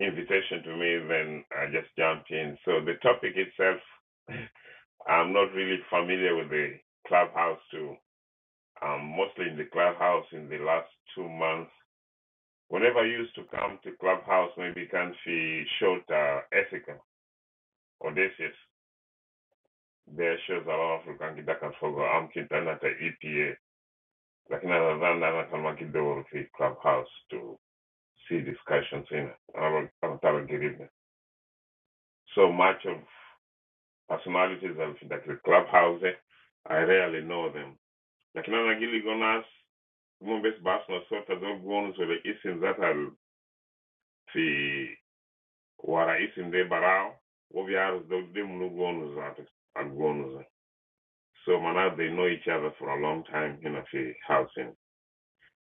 invitation to me. Then I just jumped in. So the topic itself, I'm not really familiar with the clubhouse too. I'm mostly in the clubhouse in the last two months. Whenever I used to come to clubhouse, maybe Kanfi Shota, Ethica, Odysseus, there shows a lot of Rukangi Dakanfogo, Amkintanata, EPA. Like Lakini nadhani make it kidogo ki clubhouse to see discussions in I ana anataka ngirime. So much of personalities of like the clubhouse eh? I rarely know them. Lakini ana gili gonas mumbes bas na sota do gonus ole isim zata fi wara isim de barao obiar do de munu zata al So mana they know each other for a long time in a fi housing.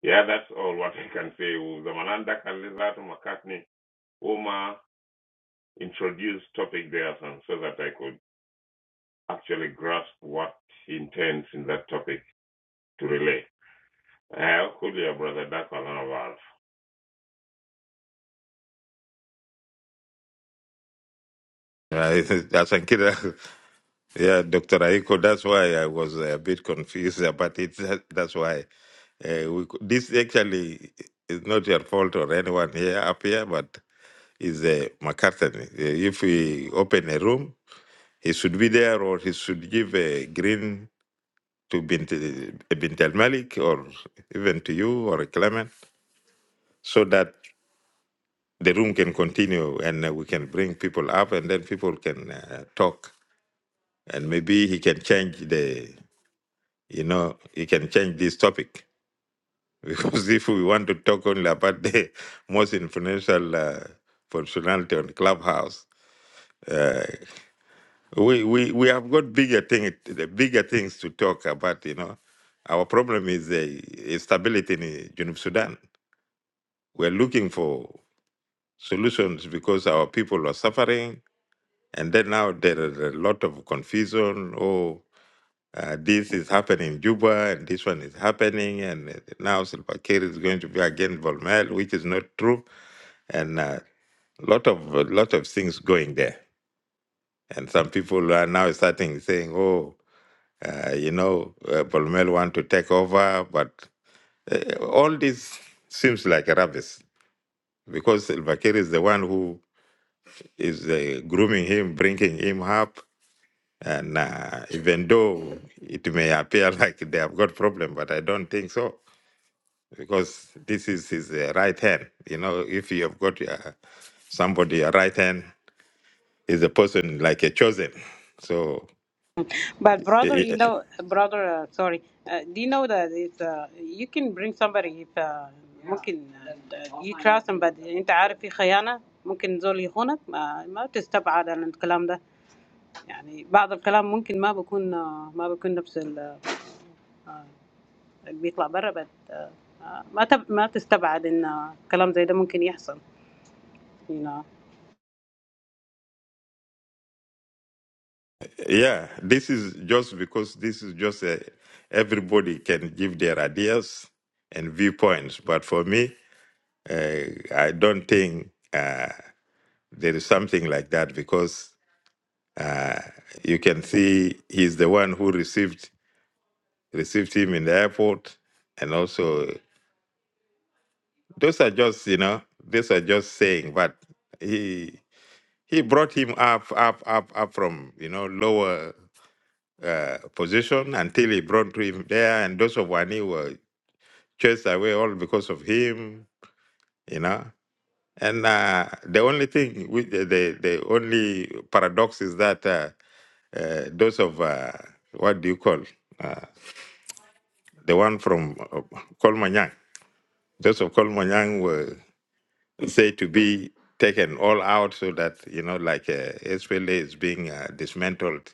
Yeah, that's all what I can say. Zamananda Kalizato McCartney Oma introduced topic there and so that I could actually grasp what he intends in that topic to relay. Uh, could your brother Dakwalanavar?
Uh, Asankira, yeah, Dr. Aiko, that's why I was a bit confused about it. That- That's why. Uh, we, cou- this actually is not your fault or anyone here up here, but is uh, McCartney. Uh, if we open a room, he should be there, or he should give a green to Bint, Bint Al Malik, or even to you or Clement, so that the room can continue and uh, we can bring people up, and then people can uh, talk, and maybe he can change the, you know, he can change this topic because if we want to talk only about the most influential uh, functionality on Clubhouse, uh, we, we we have got bigger thing, the bigger things to talk about. You know, our problem is the instability in uh, Junub Sudan. We're looking for solutions because our people are suffering, and then now there is a lot of confusion. Oh. Uh, this is happening in Juba, and this one is happening, and uh, now Silva Kiir is going to be against Volmel, which is not true and uh, lot of lot of things going there. And some people are now starting saying, "Oh, uh, you know, uh, Bolmel want to take over," but uh, all this seems like rubbish because Salva Kiir is the one who is uh, grooming him, bringing him up. And uh, even though it may appear like they have got problem, but I don't think so because this is his uh, right hand. You know, if you have got uh, somebody a right hand is a person like a chosen. So
But brother,
eh,
you
eh, eh,
know, brother, uh, sorry, uh, do you know that it's, uh, you can bring somebody if uh, ممكن uh, you trust him, but أنت عارف في خيانة ممكن زول يخونك ما, ما تستبعد عن الكلام ده يعني بعض الكلام ممكن ما بيكون uh, ما بيكون نفس ال uh, اللي بيطلع برا but uh, uh, ما تب, ما تستبعد إن uh, كلام زي ده ممكن يحصل you know
yeah, this is just because this is just a, everybody can give their ideas and viewpoints. But for me, uh, I don't think uh, there is something like that because you can see he's the one who received received him in the airport, and also those are just you know these are just saying, but he he brought him up up up up from you know lower uh, position until he brought him there, and those of Wani were chased away all because of him, you know. And uh, the only thing, with the, the the only paradox is that uh, uh, those of uh, what do you call uh, the one from uh, Kolmanyang, those of Kolmanyang were said to be taken all out so that you know, like uh, SPLA is being uh, dismantled,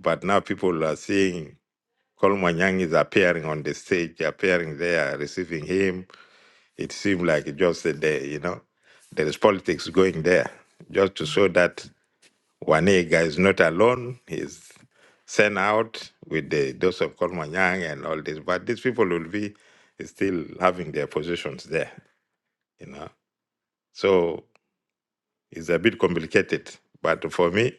but now people are seeing Kolmanyang is appearing on the stage, appearing there, receiving him. It seemed like just a day, you know. There is politics going there, just to show that Wanega is not alone. He's sent out with the dose of Kolmanyang and all this. But these people will be still having their positions there, you know. So it's a bit complicated. But for me,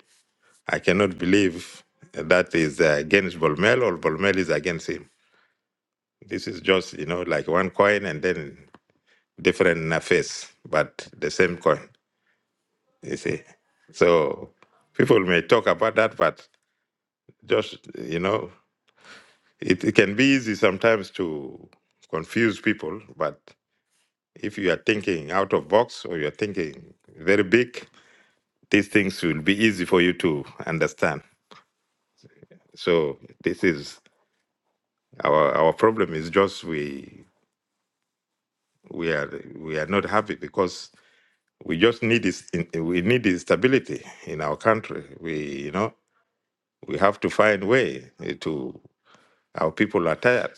I cannot believe that is against Bolmel or Bolmel is against him This is just, you know, like one coin and then different uh, face, but the same coin, you see. So people may talk about that, but just, you know, it, it can be easy sometimes to confuse people, but if you are thinking out of box or you're thinking very big, these things will be easy for you to understand. So this is our our problem is just we we are we are not happy because we just need this in, eh, we need the stability in our country we you know we have to find way eh, to our people are tired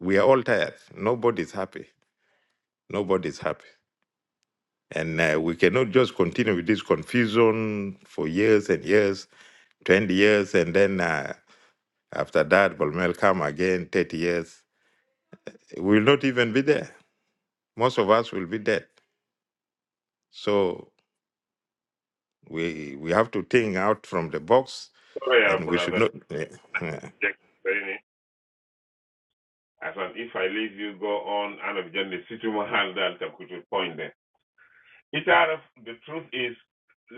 we are all tired nobody's happy nobody's happy and uh, we cannot just continue with this confusion for years and years 20 years and then uh, after that will come again 30 years we will not even be there most of us will be dead so we we have to think out from the box
Sorry, uh,
and we should
brother
not
Jack Saini. As an if I leave you go on and of Jenny Situmahal Delta could you point there. It out of the truth is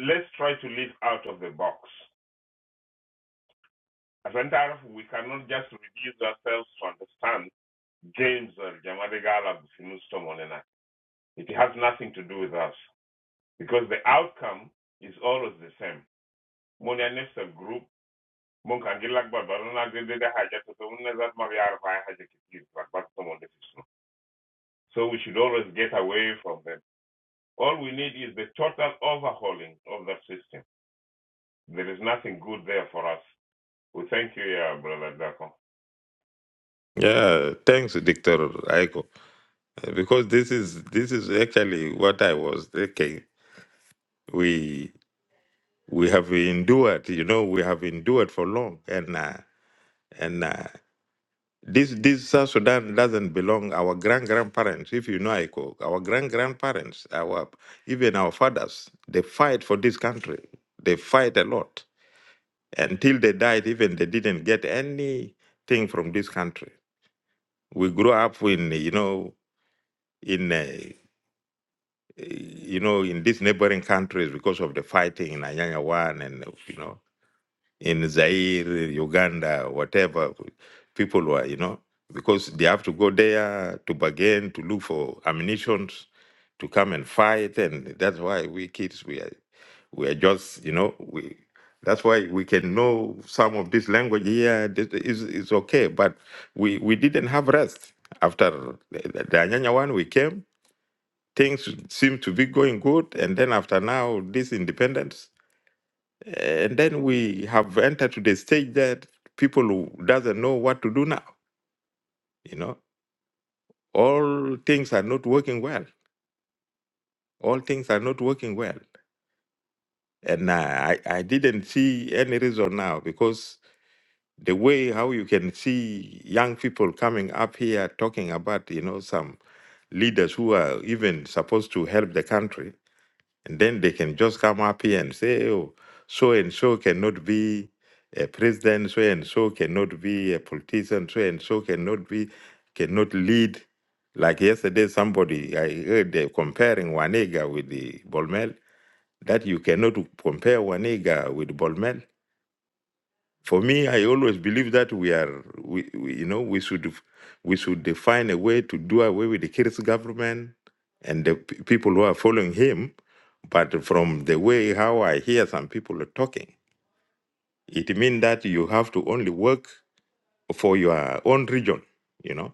let's try to live out of the box. As an we cannot just reduce ourselves to understand James or Jamadigala Muslim Onena. It has nothing to do with us because the outcome is always the same. Moni anefsa group, mon kangilak barbarona dedede haja toto unezat mariar vaya haja kitir barbat someone defisno. So we should always get away from them. All we need is the total overhauling of the system. There is nothing good there for us. We well, thank you, uh, Brother Dako.
Yeah, thanks, Doctor Aiko. Uh, Because this is this is actually what I was thinking. We we have endured, you know, we have endured for long, and uh, and uh, this this South Sudan doesn't belong our grand grandparents. If you know Aiko, our grand grandparents, our even our fathers, they fight for this country. They fight a lot until they died. Even they didn't get anything from this country. We grew up in you know in. Uh, you know, in these neighboring countries because of the fighting in Anyanya One and, you know, in Zaire, Uganda, whatever, people were, you know, because they have to go there to bargain, to look for ammunition, to come and fight. And that's why we kids, we are, we are just, you know, we. That's why we can know some of this language here. This is is okay, but we, we didn't have rest after the, the Anyanya one. We came things seem to be going good. And then after now, this independence, and then we have entered to the stage that people who doesn't know what to do now. You know, all things are not working well. All things are not working well. And uh, I, I didn't see any reason now because the way how you can see young people coming up here talking about, you know, some leaders who are even supposed to help the country And then they can just come up here and say, oh, so and so cannot be a president, so and so cannot be a politician, so and so cannot be, cannot lead. Like yesterday, somebody, I heard they comparing Wanega with the Bolmel, that you cannot compare Wanega with Bolmel. For me, I always believe that we are, we, we you know, we should we should define a way to do away with the Kiris government and the p- people who are following him. But from the way how I hear some people are talking, it means that you have to only work for your own region, you know.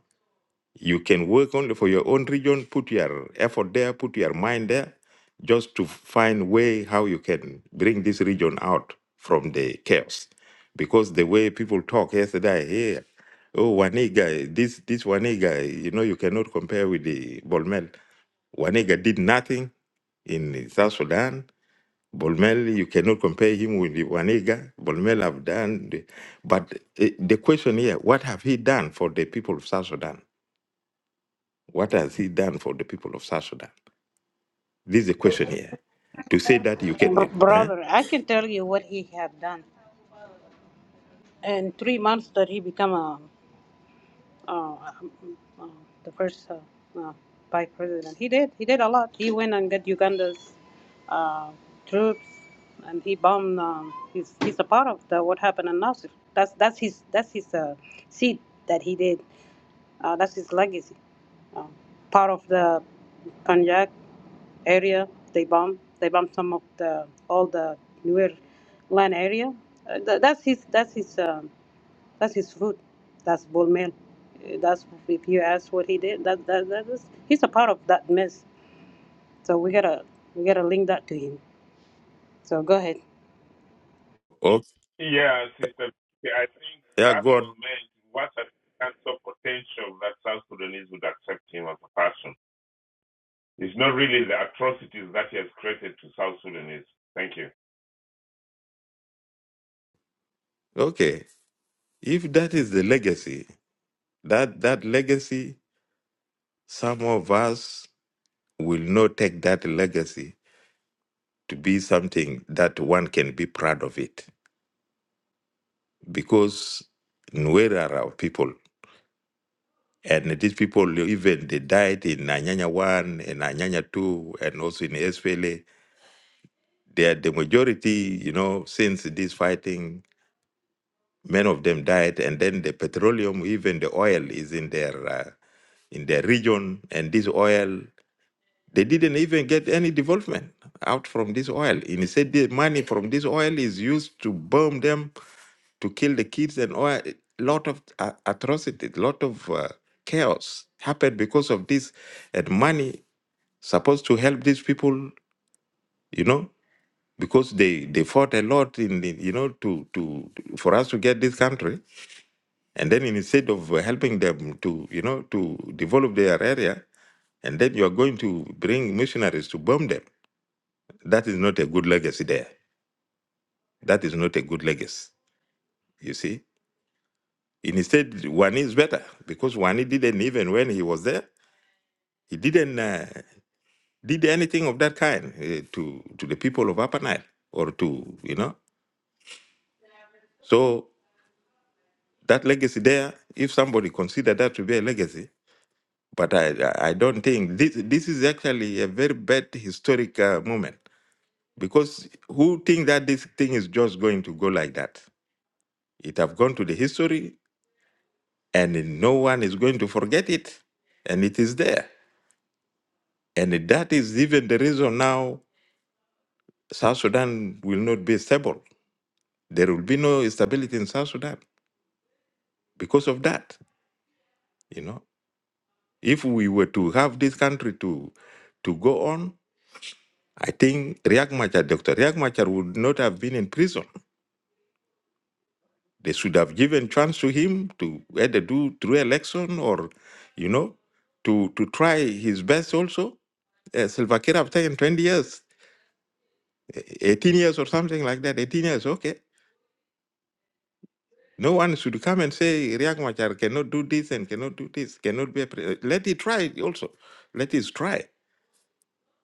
You can work only for your own region, put your effort there, put your mind there, just to find way how you can bring this region out from the chaos. Because the way people talk yesterday, here, oh Waniga, this this Waniga, you know, you cannot compare with the Bolmel. Waniga did nothing in South Sudan. Bolmel, you cannot compare him with the Waniga. Bolmel have done, the, but eh, the question here: What have he done for the people of South Sudan? What has he done for the people of South Sudan? This is the question here. To say that you can,
Br-
eh?
brother I can tell you what he have done in three months that he become a uh, um, uh, the first uh, uh, vice president. He did. He did a lot. He went and got Uganda's uh, troops, and he bombed. Um, he's he's a part of the what happened in Nasir. That's that's his that's his uh, seed that he did. Uh, that's his legacy. Um, part of the Konjac area, they bombed. They bombed some of the all the newer land area. Uh, tha- that's his. That's his. Um, that's his fruit. That's bull man. Uh, That's if you ask what he did. That that that is he's a part of that mess. So we gotta we gotta link that to him. So go ahead.
oh,
Yeah, Sister, I think
yeah,
that was
God.
meant what a cancer potential that South Sudanese would accept him as a person. It's not really the atrocities that he has created to South Sudanese. Thank you.
Okay, if that is the legacy, that that legacy, some of us will not take that legacy to be something that one can be proud of it, because Nuer are our people, and these people even they died in Anyanya one and Anyanya two, and also in Esfele. They are the majority, you know, since this fighting Many of them died, and then the petroleum, even the oil, is in their uh, in their region, and this oil they didn't even get any development out from this oil. And he said the money from this oil is used to bomb them, to kill the kids, and oil. Lot of uh, atrocities, lot of uh, chaos happened because of this, and money supposed to help these people, you know, because they they fought a lot in the, you know to to for us to get this country and then instead of uh, helping them to you know to develop their area and then you are going to bring missionaries to bomb them that is not a good legacy there that is not a good legacy you see instead wani is better because wani didn't even when he was there he didn't uh, did anything of that kind uh, to to the people of upper nile or to you know so that legacy there if somebody consider that to be a legacy But I, I I don't think this this is actually a very bad historic uh, moment because who think that this thing is just going to go like that? It have gone to the history, and no one is going to forget it, and it is there, and that is even the reason now South Sudan will not be stable. There will be no stability in South Sudan because of that. You know, if we were to have this country to to go on, I think Riek Machar, Dr. Riek Machar would not have been in prison They should have given chance to him to either do through election or, you know, to to try his best also. Uh, Silva Kiir after in 20 years, eh, 18 years or something like that, 18 years, okay. No one should come and say Riek Machar cannot do this and cannot do this, cannot be a president. Let it try it also. Let it try.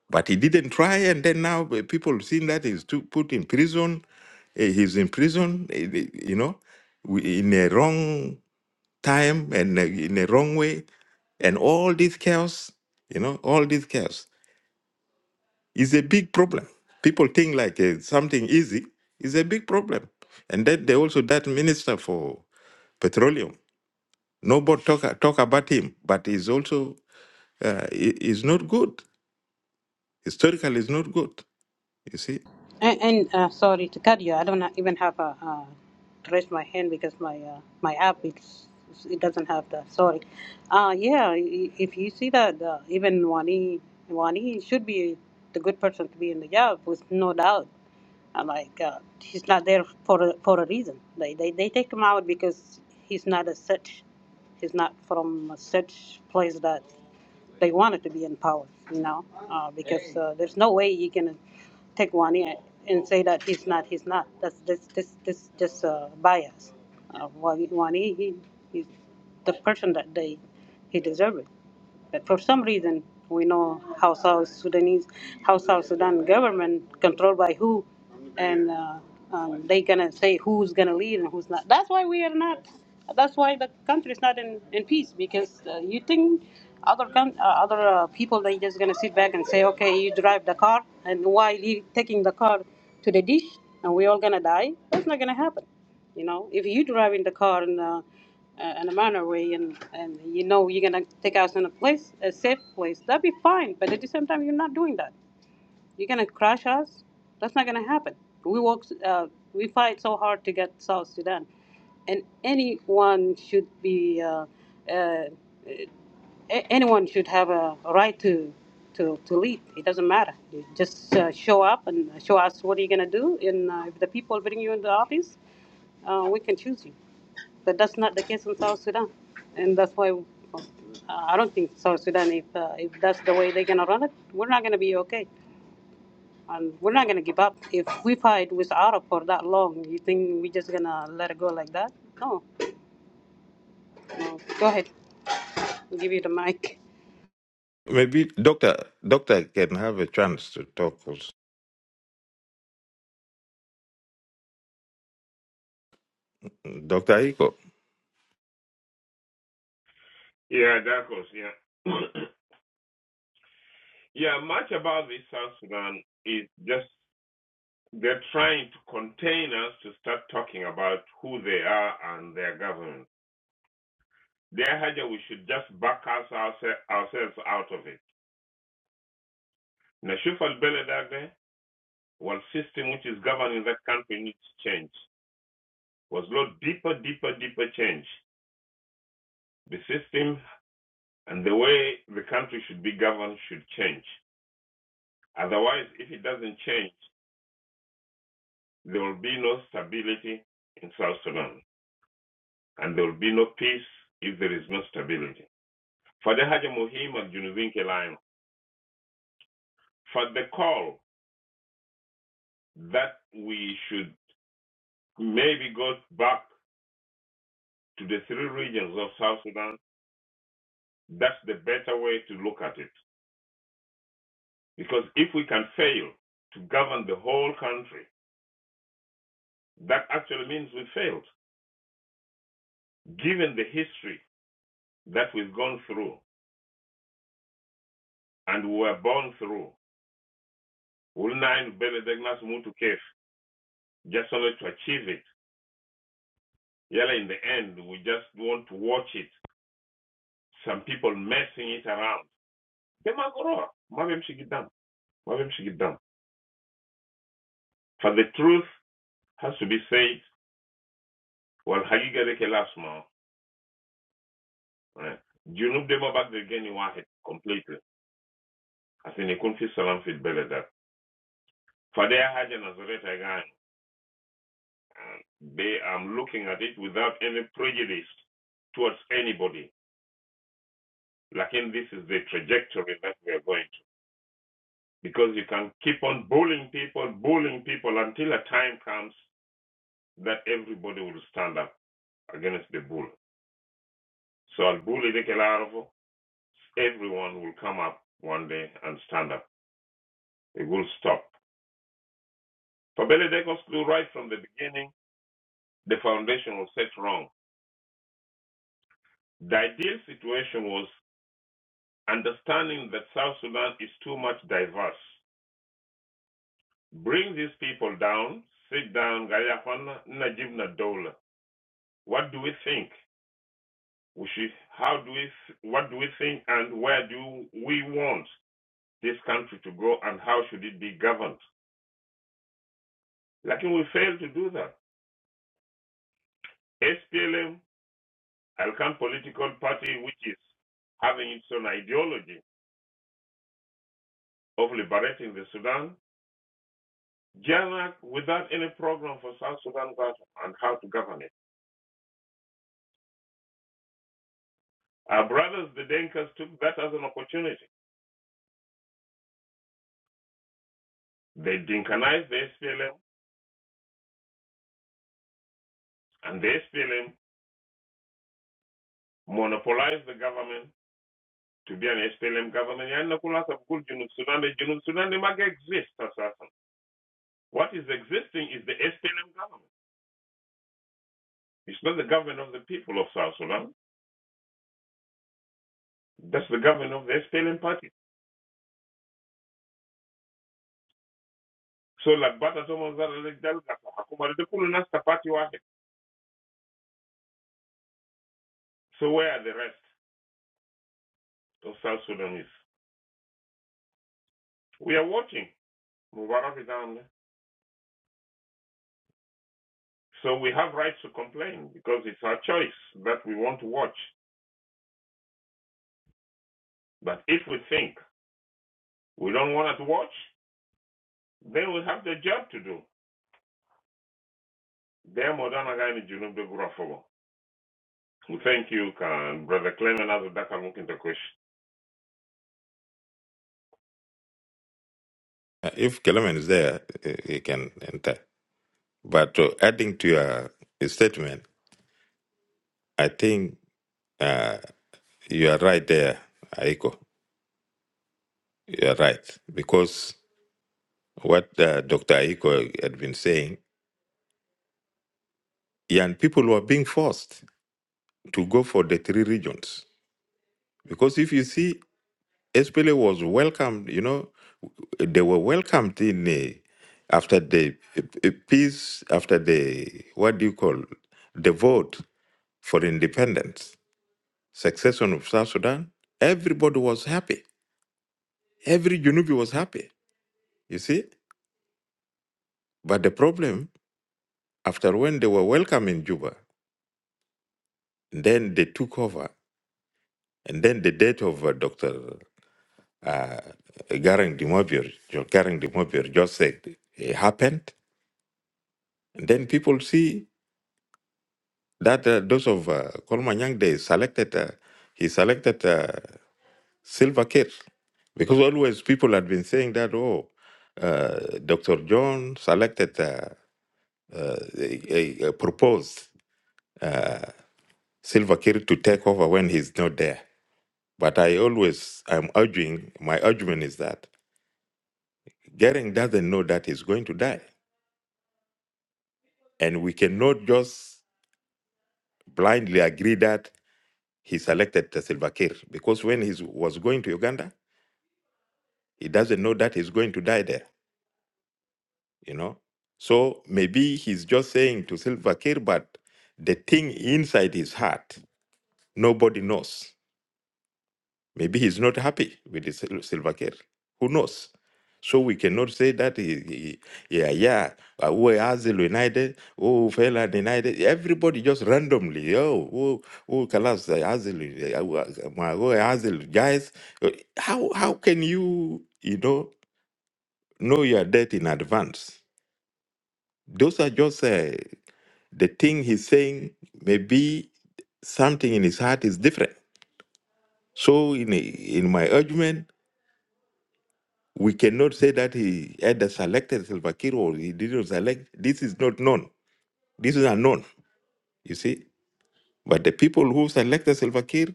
But he didn't try, and then now eh, people seeing that he's too, put in prison. eh, He's in prison, eh, eh, you know, wi- in a wrong time and uh, in a wrong way and all this chaos you know all this chaos is a big problem people think like uh, something easy is a big problem and then they also that minister for petroleum nobody talk, talk about him but he's also uh, he- he's not good historically is not good you see
And, and uh, sorry to cut you. I don't ha- even have a uh, to raise my hand because my uh, my app it's, it doesn't have that. Sorry. Uh, yeah. i- If you see that uh, even Wani Wani should be the good person to be in the job with no doubt. I'm like uh, he's not there for a, for a reason. They, they they take him out because he's not a such. He's not from a such place that they wanted to be in power. You know, uh, because uh, there's no way you can take one and say that he's not, he's not. That's this this this just uh, bias. Uh, one he, he he's the person that they he deserves. But for some reason, we know how South Sudanese, how South Sudan government controlled by who, and uh, um, they gonna say who's gonna lead and who's not. That's why we are not. That's why the country is not in, in peace because uh, you think other coun uh, other uh, people they just gonna sit back and say, okay, you drive the car, and why you taking the car to the dish, and we all gonna die? That's not gonna happen. You know, if you drive in the car and uh, uh, in a manner way, and and you know you're gonna take us in a place, a safe place. That'd be fine. But at the same time, you're not doing that. You're gonna crush us. That's not gonna happen. We work, uh, we fight so hard to get South Sudan, and anyone should be, uh, uh, a- anyone should have a right to. To, to lead, it doesn't matter. You just uh, show up and show us what you're gonna do. And uh, if the people bring you in the office, uh, we can choose you. But that's not the case in South Sudan, and that's why uh, I don't think South Sudan. If uh, if that's the way they're gonna run it, we're not gonna be okay, and we're not gonna give up. If we fight with Arab for that long, you think we're just gonna let it go like that? No. no. Go ahead. I'll give you the mic.
maybe doctor doctor can have a chance to talk also. dr Iko,
Yeah, that was, yeah. yeah, much about this South Sudan is just they're trying to contain us to start talking about who they are and their government. Their haja, we should just back us ourse- ourselves out of it. Nashuf al Well, system which is governing that country needs change. Was a lot deeper, deeper, deeper change. The system and the way the country should be governed should change. Otherwise, if it doesn't change, there will be no stability in South Sudan, and there will be no peace if there is no stability. For the Haja Muhim and Junubin Kelaim, for the call that we should maybe go back to the three regions of South Sudan, that's the better way to look at it Because if we can fail to govern the whole country, that actually means we failed. Given the history that we've gone through and we were born through, will nine Benedegnas move to cave just only to achieve it? Yella, in the end, we just want to watch it. Some people messing it around. Demagora, mabem shigidam, mabem shigidam. For the truth has to be said. Well, hagiga de kelasma. Junub demo back the geni wahet completely. asini kun fi salam fit belada fadea haja na zoleta gani they am looking at it without any prejudice towards anybody lakin this is the trajectory that we are going to because you can keep on bullying people bullying people until a time comes that everybody will stand up against the bull so al bully de kelarvo everyone will come up one day and stand up it will stop for Beledekos, right from the beginning, the foundation was set wrong The ideal situation was understanding that South Sudan is too much diverse. Bring these people down, sit down, Gayafana Najibna Dola. What do we think? We should, how do we, what do we think and where do we want this country to go and how should it be governed? Like we failed to do that. SPLM, Alkan political party, which is having its own ideology of liberating the Sudan, Janak without any program for South Sudan government and how to govern it. Our brothers, the Denkas, took that as an opportunity. They Dinkanized the SPLM, and the SPLM monopolized the government to be an SPLM government. Yeah, Nakula Sabkul, Junub Sudan, the Junub Sudan, they might exist as Assassin. What is existing is the SPLM government. It's not the government of the people of South Sudan. That's the government of the SPLM party. So, like Bata Thomas Zara, like Delgado, Hakumari, the Kulunasta party. واحد. So, where are the rest? of South Sudanese. We are watching Mubarak is down there. So we have rights to complain because it's our choice that we want to watch. But if we think we don't want to watch, then we have the job to do. Demo Thank you, can brother Clement as daka mukinta kush.
uh, if Kelemen is there uh, he can enter But uh, adding to your statement, I think uh, you are right there, Aiko. You are right. Because what uh, Dr. Aiko had been saying, young people were being forced to go for the three regions. Because if you see, SPLA was welcomed, you know, they were welcomed in uh, after the uh, uh, peace, after the, what do you call, the vote for independence, succession of South Sudan, everybody was happy Every Junubi was happy, you see. But the problem, after when they were welcome in Juba, then they took over. And then the death of uh, Dr. Uh, Garang Dimobir, Jo- Garang Dimobir, just said it happened. And then people see that uh, those of uh, Kolmanyang, they selected, uh, he selected uh, Silver Kate. Because always people had been saying that, oh, uh, Dr. John selected, uh, uh, a, a, a proposed. Silva Kiir to take over when he's not there. But I always I'm urging my argument is that Gering doesn't know that he's going to die. And we cannot just blindly agree that he selected the Silva Kiir because when he was going to Uganda, he doesn't know that he's going to die there, you know? So maybe he's just saying to Silva Kiir, but the thing inside his heart, nobody knows. Maybe he's not happy with his Sil- Silva Care. Who knows? So we cannot say that, he, he- yeah, yeah, uh, who has United, who fell and United, everybody just randomly, oh, who, who collapsed, who has guys. Uh, How, how can you, you know, know your death in advance? Those are just uh, the thing he's saying, maybe something in his heart is different. So in, in my argument, We cannot say that he either selected Salva Kiir or he didn't select. This is not known. This is unknown, you see. But the people who selected Salva Kiir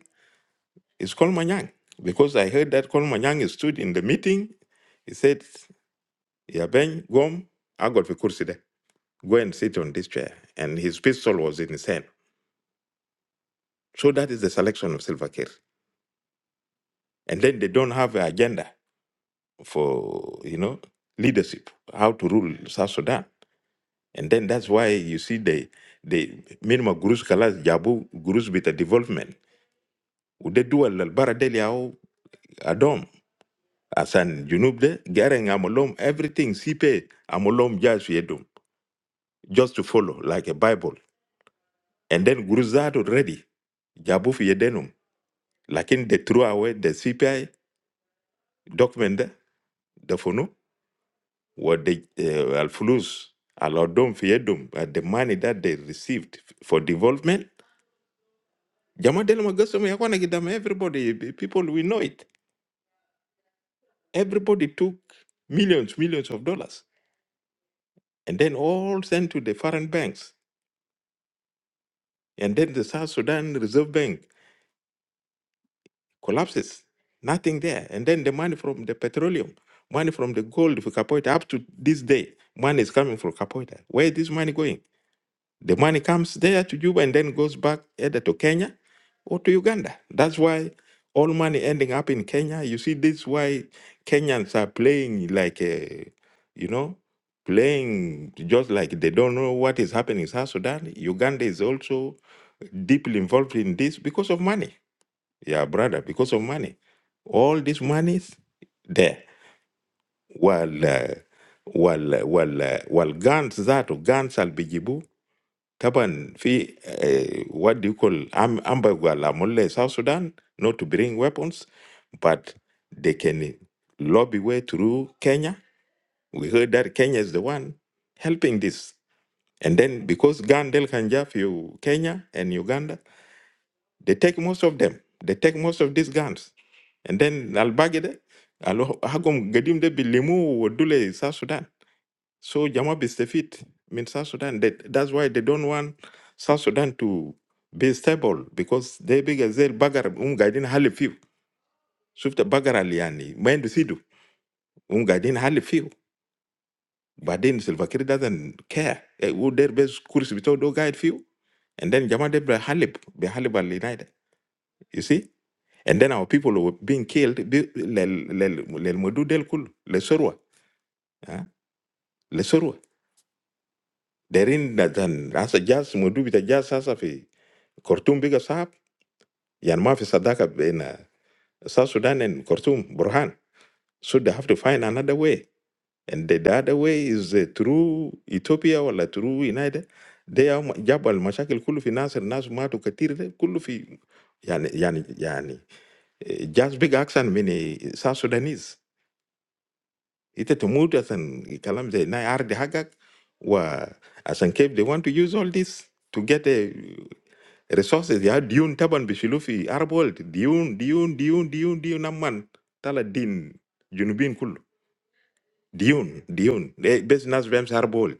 is Kolmanyang. Because I heard that Kolmanyang stood in the meeting. He said, Yabeng, Gom, I got the kursi there. Go and sit on this chair. And his pistol was in his hand. So that is the selection of Salva Kiir. And then they don't have an agenda for, you know, leadership, how to rule South Sudan. And then that's why you see the the minimum gurus kalas jabu gurus with a development. Ude dual al baradeli au adom. Asan junub de gereng amolom everything sipe amolom jas yedum just to follow like a Bible. And then gurus are ready jabu fi yedenum. Lakin they threw away the CPI document de the funu were the uh, al fulus al odom fi yedum uh, the money that they received for development Jama Delamagasome yakwana kidam everybody p- people we know it. Everybody took millions, millions of dollars and then all sent to the foreign banks. And then the South Sudan Reserve Bank collapses. Nothing there. And then the money from the petroleum, money from the gold for Kapoita up to this day, money is coming from Kapoita. Where is this money going? The money comes there to Juba and then goes back either to Kenya or to Uganda. That's why all money ending up in Kenya. You see, this why Kenyans are playing like a, you know, playing just like they don't know what is happening in South Sudan. Uganda is also deeply involved in this because of money. Yeah, brother, because of money. All these monies there. While uh, while uh, while uh, while guns that or guns albijibu Taban fi uh, what do you call am ambagwala mulle South Sudan not to bring weapons, but they can lobby way through Kenya. We heard that Kenya is the one helping this. And then because Gandel can you Kenya and Uganda, they take most of them. They take most of these guns. And then Albagede, Alo Hagum Gadim de Bilimu Dule South Sudan. So Jamab is the fit. I South Sudan. They, that's why they don't want South Sudan to be stable because they big as they bagar um guiding hali few. Shufta bagar aliani. Mind the sidu um guiding hali few. But then Silva Kiri doesn't care. Eh, Would their best course be do guide few? And then Jama de Halib, be Halib al United. You see? And then our people were being killed. be- Lel lel- lel Mudu del Kul, Le Sorwa. ah, Le Sorwa. They're in that, and as a jazz, Mudu with a jazz, as a fee. خرطوم بقى صعب يعني ما في صداقه بين South Sudan and Khartoum, Burhan. So they have to find another way. And the, the other way is uh, through Ethiopia ولا through United. They are جابوا المشاكل كله في ناس الناس ماتوا كتير ده كله في يعني يعني يعني eh, just big accent من eh, South Sudanese. It تموت عشان كلام زي ناي عرض حقك و كيف they want to use all this to get a, resources ya diun taban bishilu fi Arab world diun diun diun diun diyun amman tala din junubin kullu diyun diyun Eh, bes nas bems Arab world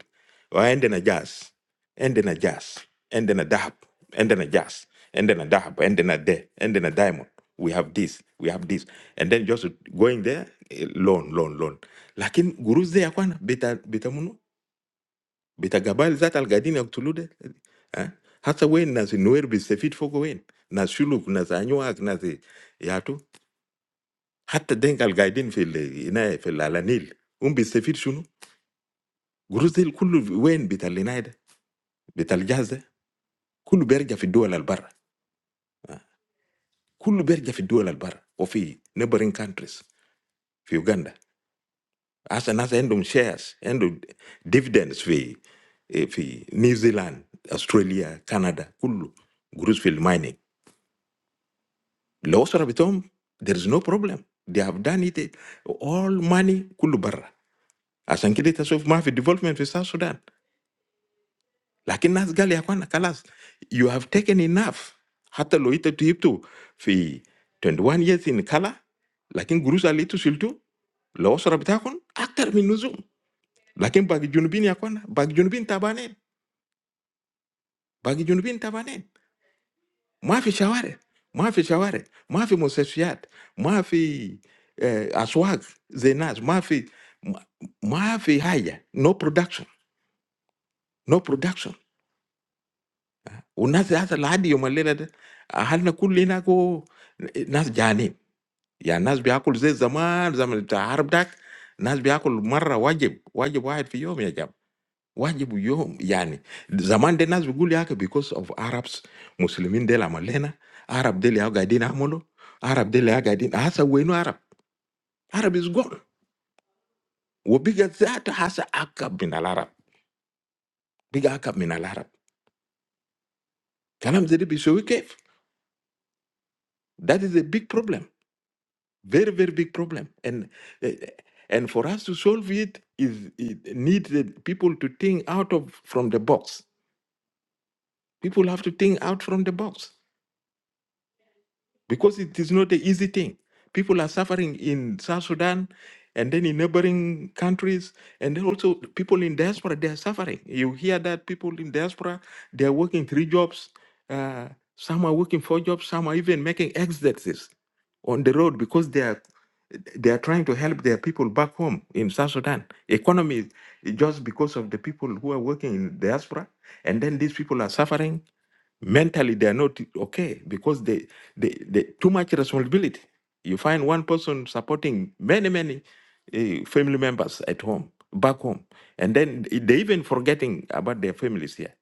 wa endena jas endena jas endena dahab endena jas endena dahab endena de endena diamond we have this we have this and then just going there eh, loan loan loan lakin guruz de yakwana beta beta Bita gabal zat al gaidi ni octulude, ha? Hatta wen nazi noerbi sefit foko wen nazi shulu kunazi anywa ag nazi yato. Hatta denga al gaidi nfi le nai nfi la lanil umbi sefit shunu. Grusfield kulu wen bitalinaida bitaljaza kulu berja fi dua la albara kulu berja fi dua la albara po fi neighboring countries fi Uganda. Hasta nazi endom shares endom dividends we fi New Zealand Australia Canada kulu Grusfield mining. Lawosora bitom there is no problem they have done it all money kulubarra asankide tasuo mf development fi South Sudan. Lakini nasgali akwana kallas you have taken enough. Hata lohiteto yiptu fi twenty one years in Kala. Lakini guruza li tu silto lawosora bitakwana actor minuzo. Lakini bagi john bini akwana bagi john bini tabanen bagi john bini tabanen. mwafi shaware mwafi shaware mwafi museshiat mwafi eh, aswag zenas mwafi mwa- mwafi haya no production no production unasi hasa lahadi yomalelade ahalna kullina ko nas jani ya nas biakul zai zaman zaman ta harb dak nas biakul marra wajib wajib wahid fi yom ya jama. wajibu yo yani zaman de nas bigulu yake because of arabs muslimin del malena. arab del ya gadin amolo arab del ya gadin hasa wenu arab arab is gone وبقى ذاته hasa akab min al arab biga akab min al arab kalam zedi bisowi kef that is a big problem very very big problem and eh, and for us to solve it is it needs the people to think out of from the box people have to think out from the box because it is not an easy thing. People are suffering in South Sudan and then in neighboring countries, and then also the people in diaspora they are suffering. You hear that people in diaspora they are working three jobs, uh, some are working four jobs, some are even making exits on the road because they are they are trying to help their people back home in South Sudan. Economy is- just because of the people who are working in diaspora, and then these people are suffering mentally they are not okay because they they, they too much responsibility you find one person supporting many many uh, family members at home back home and then they even forgetting about their families here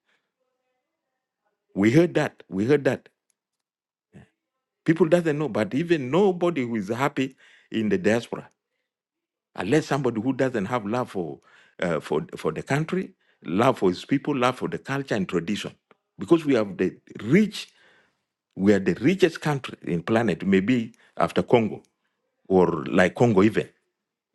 we heard that we heard that people doesn't know but even nobody who is happy in the diaspora unless somebody who doesn't have love for uh, for for the country love for his people love for the culture and tradition because we have the rich We are the richest country in planet, maybe after Congo or like Congo even.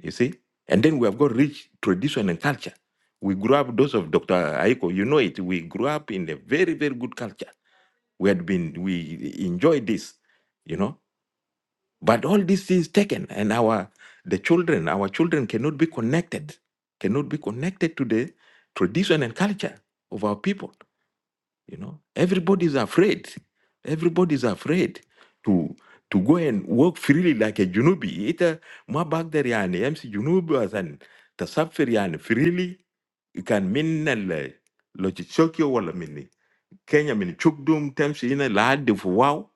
You see, and then we have got rich tradition and culture. We grew up, those of Dr. Aiko, you know it. We grew up in a very, very good culture. We had been, we enjoyed this, you know. But all these things taken, and our the children, our children cannot be connected, cannot be connected to the tradition and culture of our people. You know, everybody's afraid. Everybody's afraid to to go and walk freely like a Junubi. Ita ma bagdar yani MC Junubi asan an tasafir yani freely. You can mean al lochichokyo wala mini Kenya mini chukdum temsi ina lahadi fuwao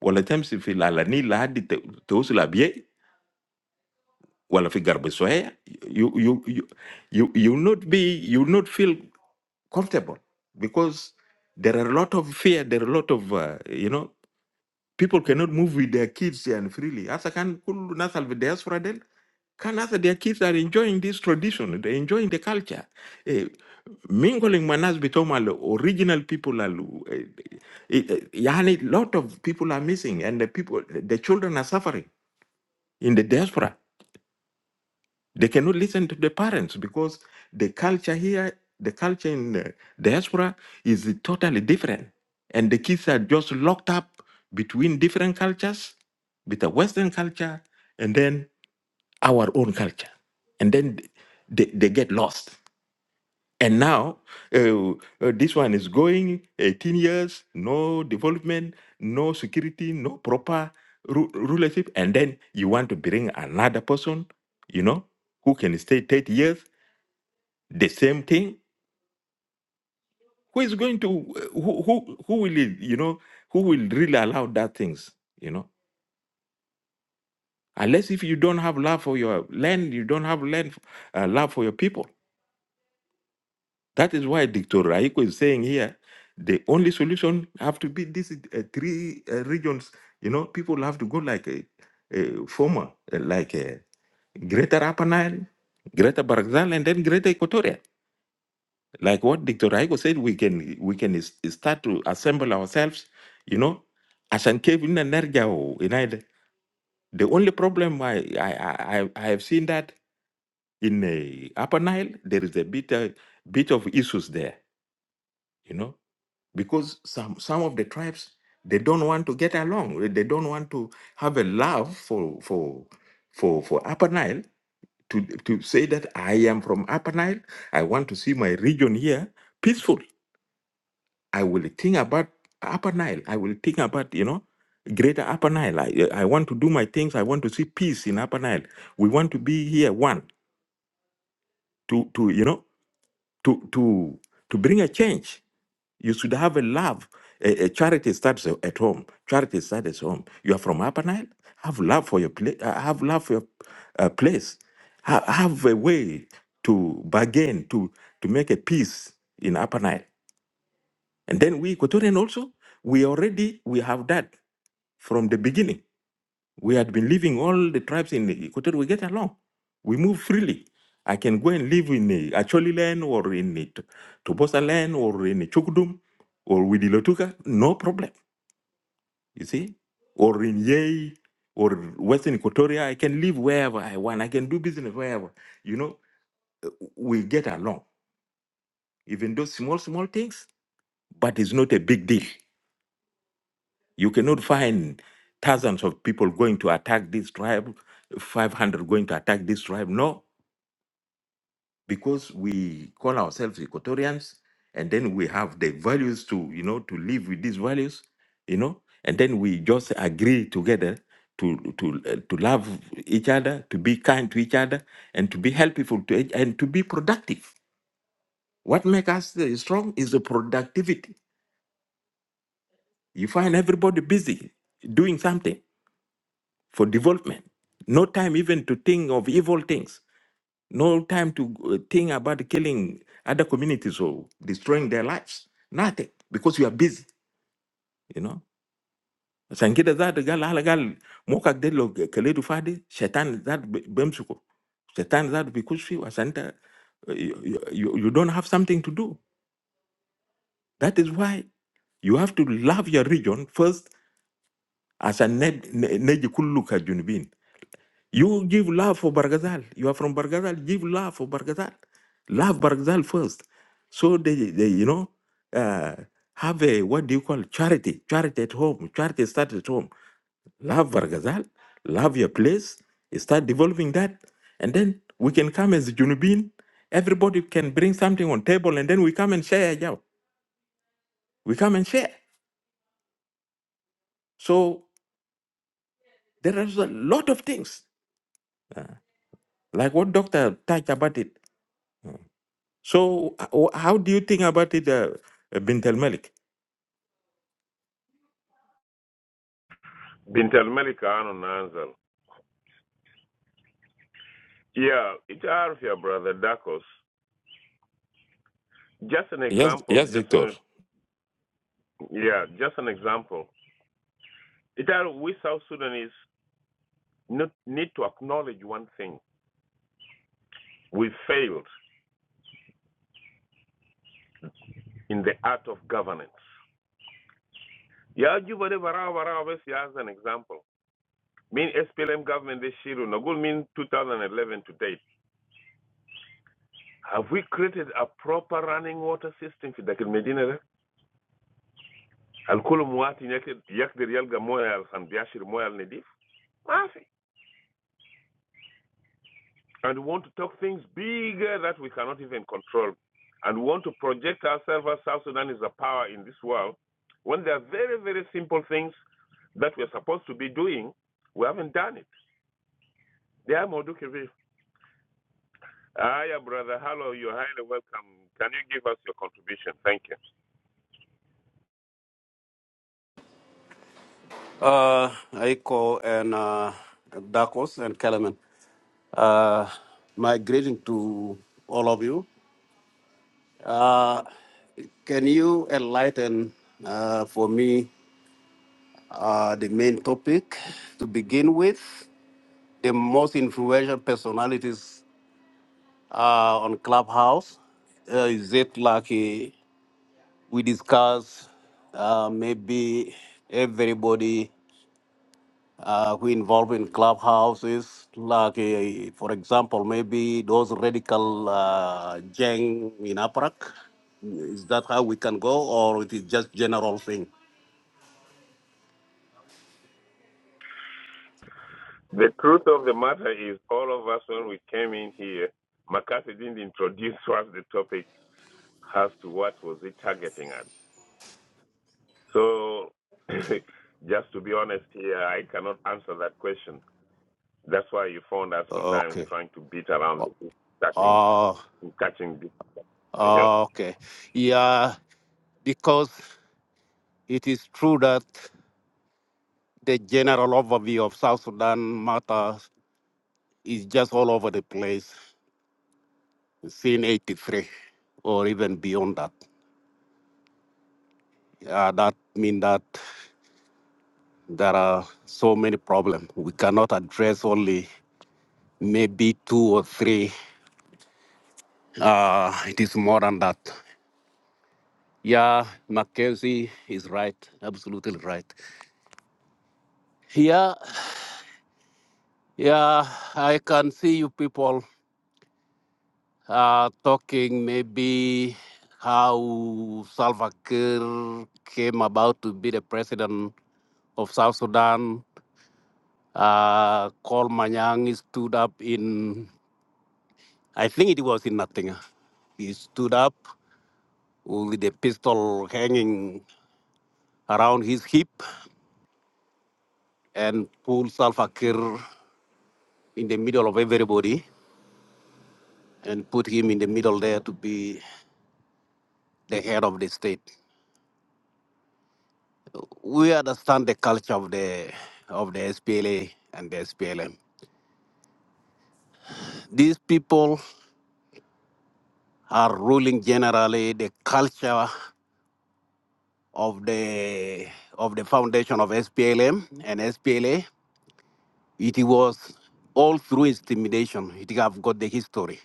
wala temsi fi lalani lahadi te- teusula bie wala fi garbe sohea. You you you you you will not be you will not feel comfortable because there are a lot of fear, there are a lot of, uh, you know, people cannot move with their kids and freely. As I can, كل الناس اللي في diaspora ديل can as their kids are enjoying this tradition, they're enjoying the culture. Eh, mingling manas become al original people. Al, eh, eh, eh, yani, lot of people are missing and the people, the children are suffering in the diaspora they cannot listen to the parents because the culture here, the culture in the diaspora is totally different. And the kids are just locked up between different cultures, with the Western culture and then our own culture. And then they, they get lost. And now uh, uh, this one is going 18 years, no development, no security, no proper ru- rulership. And then you want to bring another person, you know, who can stay 30 years, the same thing. Who is going to, who, who, who will, you know, who will really allow that things, you know? Unless if you don't have love for your land, you don't have land, uh, love for your people That is why Dr. Raiko is saying here the only solution have to be these uh, three uh, regions. You know, people have to go like a, a former, uh, like a Greater Upper Nile, Greater Barzal, and then Greater Equatoria. Like what Dr. Raiko said, we can we can s- start to assemble ourselves. You know, as an cave in Energia or in Ida. The only problem I I I, I I have seen that in uh, Upper Nile there is a bit uh, bit of issues there. You know because some some of the tribes they don't want to get along. eh, They don't want to have a love for for for for Upper Nile to to say that I am from Upper Nile. I want to see my region here peaceful. I will think about Upper Nile. I will think about you know greater Upper Nile. I, eh, I want to do my things. I want to see peace in Upper Nile. We want to be here one to to you know to to to bring a change You should have a love. A, a charity starts a- at home. Charity starts at home. You are from Upper Nile. Have love for your place. Have love for your uh, place. Ha- have a way to bargain to to make a peace in Upper Nile. And then we Equatorian also we already we have that from the beginning. We had been living all the tribes in Equator. We get along. We move freely. I can go and live in a Acholi land or in it Tobosa land or in a Chukudum or with Ilotuka. No problem. You see? Or in Yei or Western Equatoria. I can live wherever I want. I can do business wherever. You know, we get along. Even those small, small things, but it's not a big deal. You cannot find thousands of people going to attack this tribe, 500 going to attack this tribe. No, because we call ourselves Equatorians, and then we have the values to you know to live with these values, you know, and then we just agree together to to uh, to love each other, to be kind to each other, and to be helpful to each, and to be productive. What makes us uh, strong is the productivity. You find everybody busy doing something for development. No time even to think of evil things no time to uh, think about killing other communities or destroying their lives. Nothing, because you are busy, you know. عشان كده ذات قال على قال موقعك ده لو كليته فاضي شيطان ذات ب- بيمسكه شيطان ذات بيكش فيه عشان انت you, you, you don't have something to do that is why you have to love your region first عشان نج- نجي كله كجنوبين You give love for Bargazal. You are from Bargazal. Give love for Bargazal. Love Bargazal first. So they, they you know, uh, have a what do you call it? charity? Charity at home. Charity start at home. Love Bargazal. Love your place. You start developing that, and then we can come as Junubin. Everybody can bring something on table, and then we come and share. Yeah, we come and share. So there is a lot of things like what Doctor touched about it. So how how do you think about it, uh, Bint al Malik?
Bintel Melika ano nanzal. Yeah, it's our yeah, brother Dakos. Just an
Yes,
example,
yes,
just
Doctor.
an yeah, just an example. It are we South Sudanese. not need to acknowledge one thing. We failed in the art of governance. Ya juba de bara bara besi as an example. Mean SPLM government this year, Nagul mean 2011 to date. Have we created a proper running water system for Dakar Medina? Al kulum wati yak yak de real gamoya al khan biashir moya al nedif. Mafi. and we want to talk things bigger that we cannot even control, and we want to project ourselves as South Sudan is a power in this world, when there are very, very simple things that we're supposed to be doing, we haven't done it. They are Modukivi. Hiya, brother. Hello, you're highly welcome. Can you give us your contribution? Thank you.
Uh, Aiko and uh, Dakos and Kellerman. Uh, my greeting to all of you. Can you enlighten uh, for me uh, the main topic to begin with? The most influential personalities uh, on Clubhouse. Uh, is it like uh, we discuss uh, maybe everybody? uh, who involved in clubhouses, like, uh, for example, maybe those radical uh, gang in Aparak? Is that how we can go, or it is just general thing?
The truth of the matter is, all of us, when we came in here, McCarthy didn't introduce us the topic as to what was it targeting at. So, just to be honest here, I cannot answer that question. That's why you found us sometimes
Okay.
trying to beat around the bush, catching,
Uh,
catching. You know.
uh, okay. Yeah, because it is true that the general overview of South Sudan matter is just all over the place since 83 or even beyond that. Yeah, that mean that there are so many problems. We cannot address only maybe two or three. Uh, it is more than that. Yeah, Mackenzie is right, absolutely right. Yeah, yeah, I can see you people uh, talking maybe how Salva Kiir came about to be the president of South Sudan. Uh, Col Manyang stood up in, I think it was in nothing. He stood up with a pistol hanging around his hip and pull Salva Kiir in the middle of everybody and put him in the middle there to be the head of the state. We understand the culture of the of the SPLA and the SPLM. These people are ruling generally the culture of the of the foundation of SPLM and SPLA It was all through intimidation. It have got the history.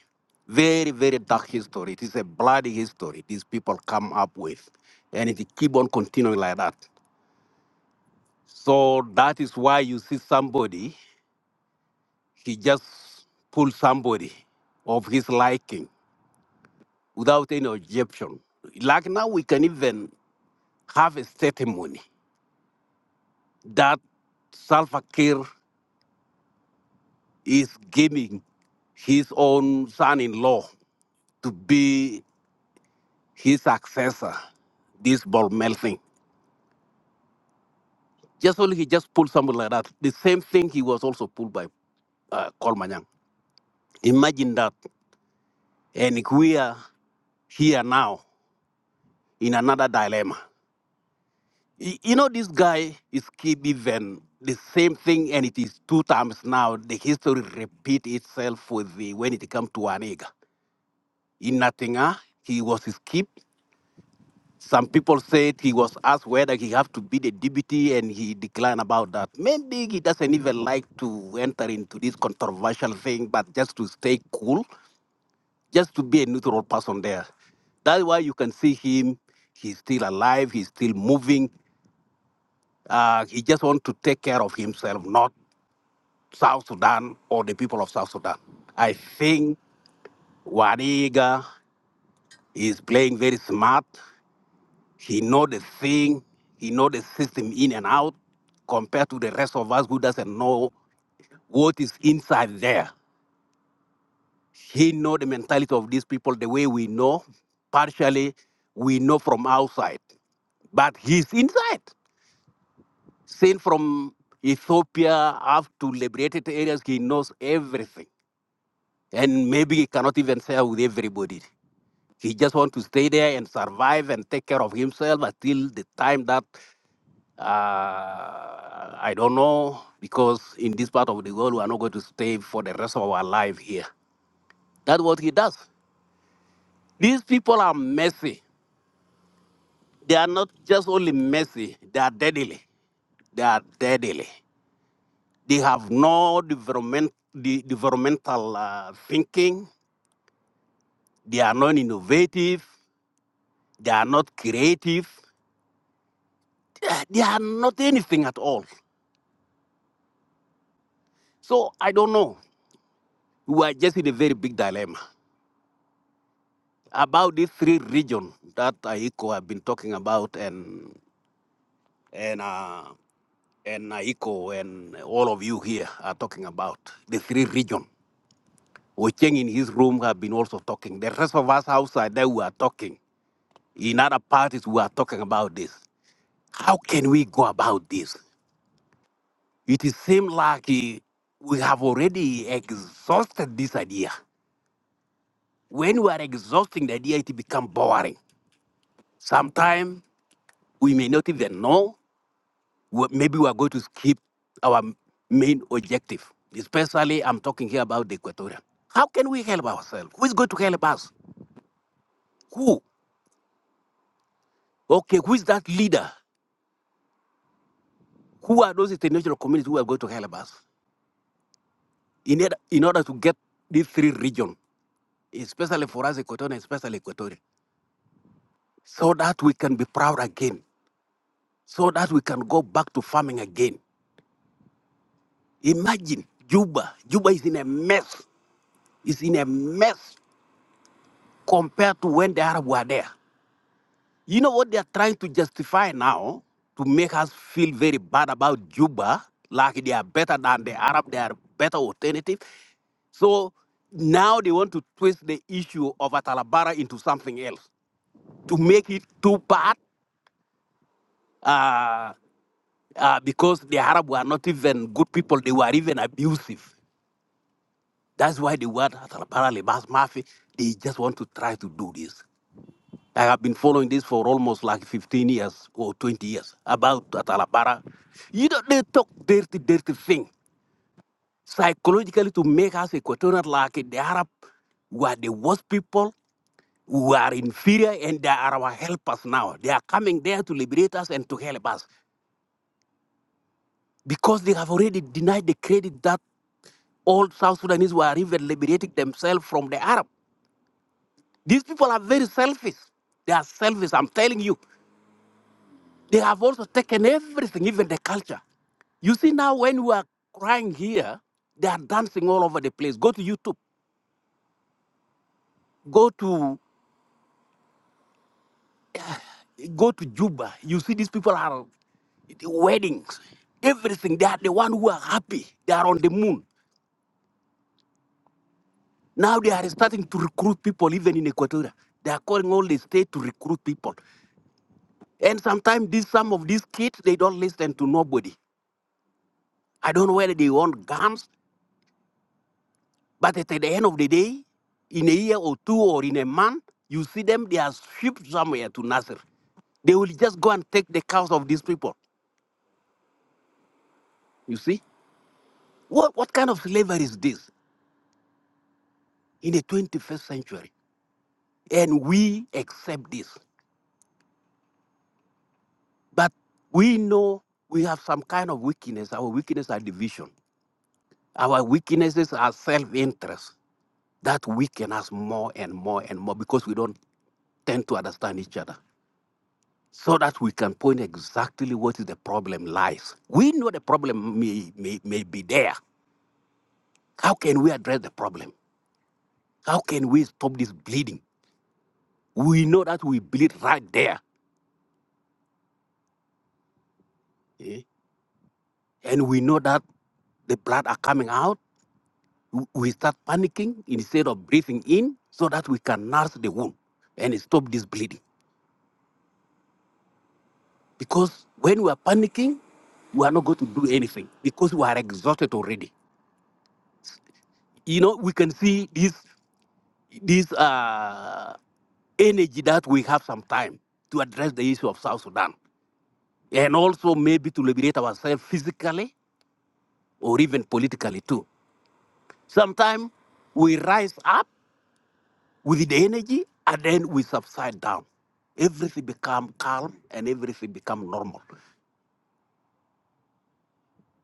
Very, very dark history. It is a bloody history these people come up with. And it keep on continuing like that. So that is why you see somebody, he just pull somebody of his liking without any objection. Like now we can even have a testimony that Salva Kiir is giving his own son-in-law to be his successor, this Bormel thing. Just only he just pulled something like that. The same thing he was also pulled by uh, Kolmanyang. Imagine that. And if we are here now in another dilemma. Y- You know, this guy is keep even the same thing, and it is two times now. The history repeat itself with the when it comes to Aniga. In Natinga, he was skipped. Some people said he was asked whether he have to be the deputy, and he declined about that. Maybe he doesn't even like to enter into this controversial thing, but just to stay cool, just to be a neutral person there. That's why you can see him. He's still alive. He's still moving. Uh, he just want to take care of himself, not South Sudan or the people of South Sudan. I think Wariga is playing very smart. He know the thing, he know the system in and out compared to the rest of us who doesn't know what is inside there. He know the mentality of these people the way we know. Partially, we know from outside, but he's inside. Seen from Ethiopia up to liberated areas, he knows everything. And maybe he cannot even share with everybody. He just want to stay there and survive and take care of himself until the time that Uh, I don't know because in this part of the world we are not going to stay for the rest of our life here. That's what he does. These people are messy. They are not just only messy. They are deadly. They are deadly. They have no development, the developmental uh, thinking. They are not innovative. They are not creative. They are they are not anything at all. So I don't know. We are just in a very big dilemma. about these three regions that Aiko have been talking about and and uh, and Aiko and all of you here are talking about the three regions. Ocheng in his room have been also talking. The rest of us outside there we are talking. In other parties we are talking about this. How can we go about this? It is seem like eh, we have already exhausted this idea. When we are exhausting the idea, it becomes boring. Sometimes we may not even know. we- maybe we are going to skip our main objective. Especially, I'm talking here about the Equatorian. How can we help ourselves? Who is going to help us? Who? Okay, who is that leader? Who are those international communities who are going to help us in order, in order to get these three regions, especially for us, Equatorian, especially Equatorial, so that we can be proud again, so that we can go back to farming again? Imagine Juba. Juba is in a mess. It's in a mess compared to when the Arab were there. You know what they are trying to justify now to make us feel very bad about Juba, like they are better than the Arab, they are better alternative. So now they want to twist the issue of Atalabara into something else to make it too bad uh, uh, because the Arab were not even good people, they were even abusiative. That's why the word Atalabara, Lebas Mafia, they just want to try to do this. I have been following this for almost like 15 years or 20 years about Atalapara. You know, they talk dirty, dirty thing psychologically to make us Equatorial like the Arab were the worst people who are inferior and they are our helpers now. They are coming there to liberate us and to help us because they have already denied the credit that all South Sudanese were even liberating themselves from the Arab. These people are very selfish. They are selfish, I'm telling you. They have also taken everything, even the culture. You see, now when we are crying here, they are dancing all over the place. Go to YouTube, go to go to Juba. You see, these people are weddings, everything. They are the one who are happy. They are on the moon. Now they are starting to recruit people, even in Equatorial. They are calling all the state to recruit people. And sometimes these some of these kids they don't listen to nobody. I don't know whether they want guns. But at the end of the day, in a year or two or in a month, you see them, they are shipped somewhere to Nasser. They will just go and take the cows of these people. You see? What, what kind of slavery is this in the 21st century? And we accept this. But we know we have some kind of weakness. Our weakness are division. Our weaknesses are self interest. That weaken us more and more and more because we don't tend to understand each other. so that we can point exactly what is the problem lies. We know the problem may, may, may be there. How can we address the problem? How can we stop this bleeding? We know that we bleed right there. eh, And we know that the blood are coming out. w- We start panicking instead of breathing in so that we can nurse the wound and stop this bleeding. Because when we are panicking, we are not going to do anything because we are exhausted already. You know, we can see this this uh, energy that we have some time to address the issue of South Sudan and also maybe to liberate ourselves physically or even politically too. Sometimes we rise up with the energy and then we subside down. Everything become calm and everything become normal.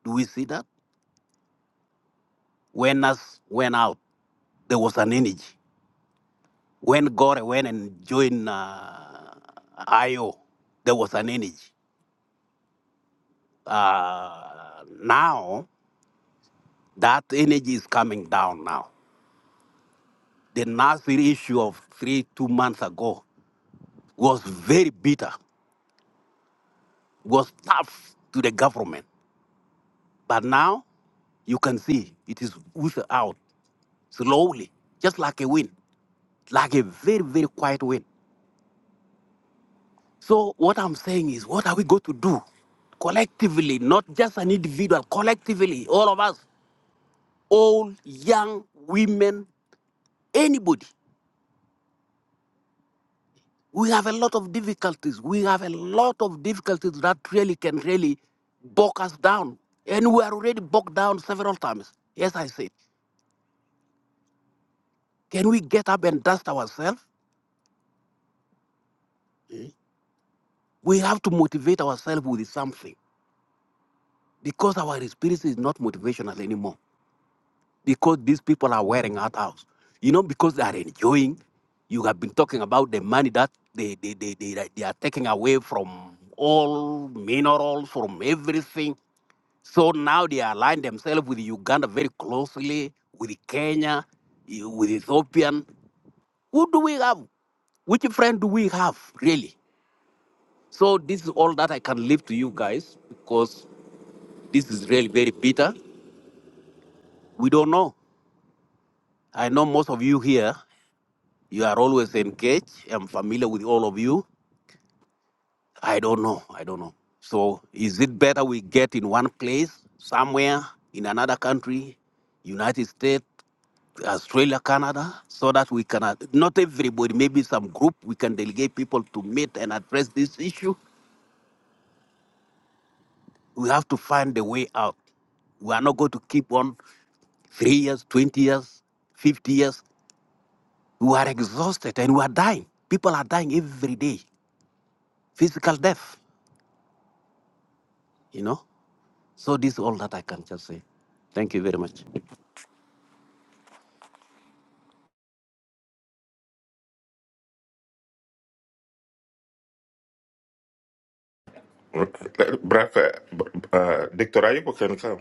Do we see that? When us went out, there was an energy. When Gore went and joined uh, IO, there was an energy. Uh, now that energy is coming down now. The Nasir issue of three, two months ago was very bitter, was tough to the government. But now you can see it is pushed out slowly, just like a wind, like a very, very quiet wind. So what I'm saying is, what are we going to do collectively, not just an individual, collectively, all of us, old, young, women, anybody? We have a lot of difficulties. We have a lot of difficulties that really can really bog us down. And we are already bogged down several times. Yes, I said, can we get up and dust ourselves? We have to motivate ourselves with something because our experience is not motivational anymore. Because these people are wearing out house. You know, because they are enjoying. You have been talking about the money that they, they, they, they, they are taking away from all minerals, from everything So now they align themselves with Uganda very closely, with Kenya, eh, with Ethiopian. Who do we have? Which friend do we have, really? So this is all that I can leave to you guys because this is really very bitter. We don't know. I know most of you here, you are always engaged. I'm familiar with all of you. I don't know. I don't know. So is it better we get in one place, somewhere, in another country, United States? Australia, Canada, so that we can, uh, not everybody, maybe some group, we can delegate people to meet and address this issue. We have to find a way out. We are not going to keep on three years, 20 years, 50 years. We are exhausted and we are dying. People are dying every day, physical death, you know. So this is all that I can just say. Thank you very much.
Bref, uh, b- uh, Dr. Ayub can come.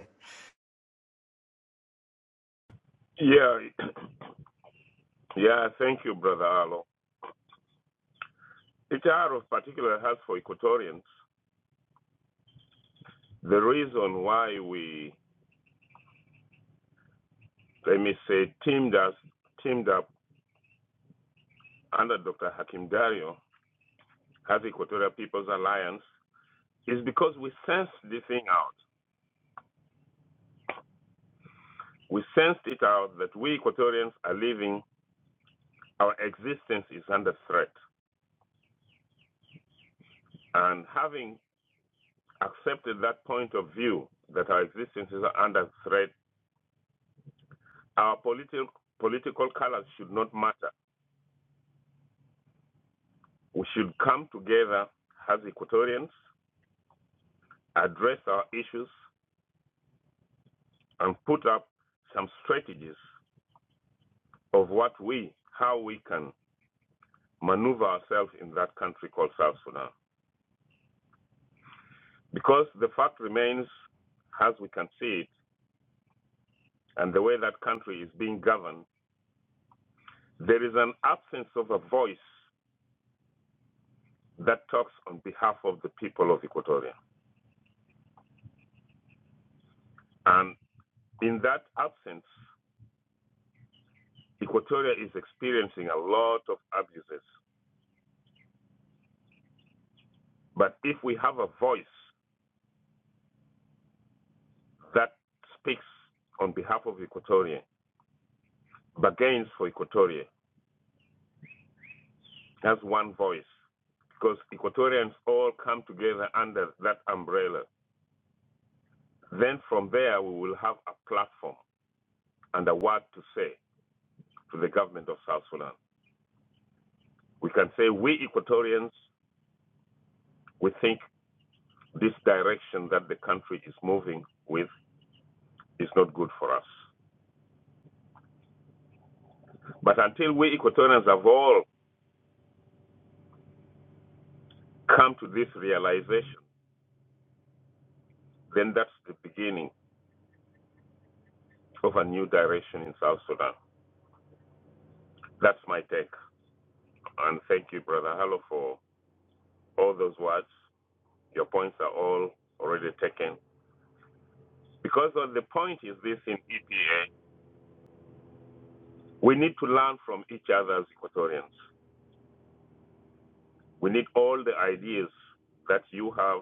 Yeah, yeah. Thank you, brother Arlo. It are of particular help for Equatorians. The reason why we, let me say, teamed us, teamed up under Dr. Hakim Dario as Equatorial People's Alliance is because we sensed this thing out. We sensed it out that we Equatorians are living our existence is under threat. And having accepted that point of view that our existence is under threat, our political political colors should not matter. We should come together as Equatorians, address our issues, and put up some strategies of what we, how we can maneuver ourselves in that country called South Sudan. Because the fact remains, as we can see it, and the way that country is being governed There is an absence of a voice that talks on behalf of the people of Equatoria. And in that absence, Equatoria is experiencing a lot of abuses. But if we have a voice that speaks on behalf of Equatoria, bargains for Equatoria as one voice, because Equatorians all come together under that umbrella, then from there we will have a platform and a word to say to the government of South Sudan. We can say, we Equatorians We think this direction that the country is moving with is not good for us. But until we Equatorians have all come to this realization, then that's the beginning of a new direction in South Sudan. That's my take. And thank you, Brother Hallo, for all those words. Your points are all already taken. Because the point is this in EPA, we need to learn from each other as Equatorians. We need all the ideas that you have,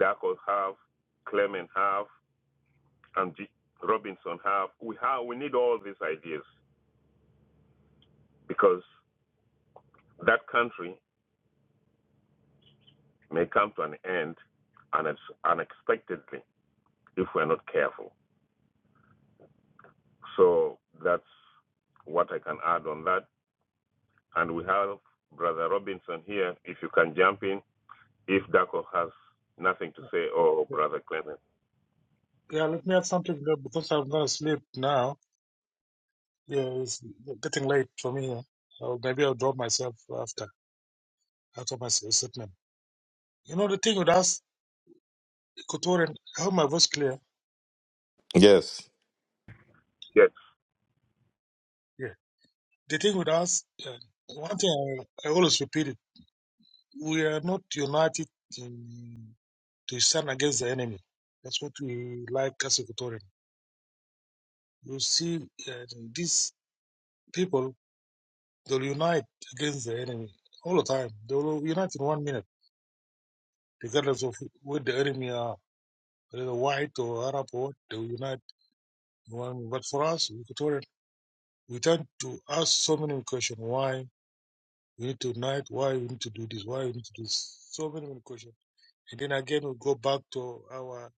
Darko have, Clement have, and G- Robinson have. We have. We need all these ideas because that country may come to an end unex- unexpectedly if we're not careful. So that's what I can add on that. And we have Brother Robinson here. If you can jump in, if Darko has nothing to say, or oh, Brother Clement.
Yeah, let me add something there because I'm gonna sleep now. Yeah, it's getting late for me. Or maybe I'll drop myself after after my statement. You know the thing with us, Kotoran, I hope my voice clear.
Yes,
Yes.
Yeah. The thing with us, uh, one thing I, I always repeat it: we are not united in to stand against the enemy. That's what we like as Equatorian. You see, uh, these people, they'll unite against the enemy all the time. They'll unite in one minute, regardless of where the enemy are, whether white or Arab or what, they'll unite in one minute. But for us, Equatorian, we tend to ask so many questions why we need to unite, why we need to do this, why we need to do this. So many questions. And then again, we go back to our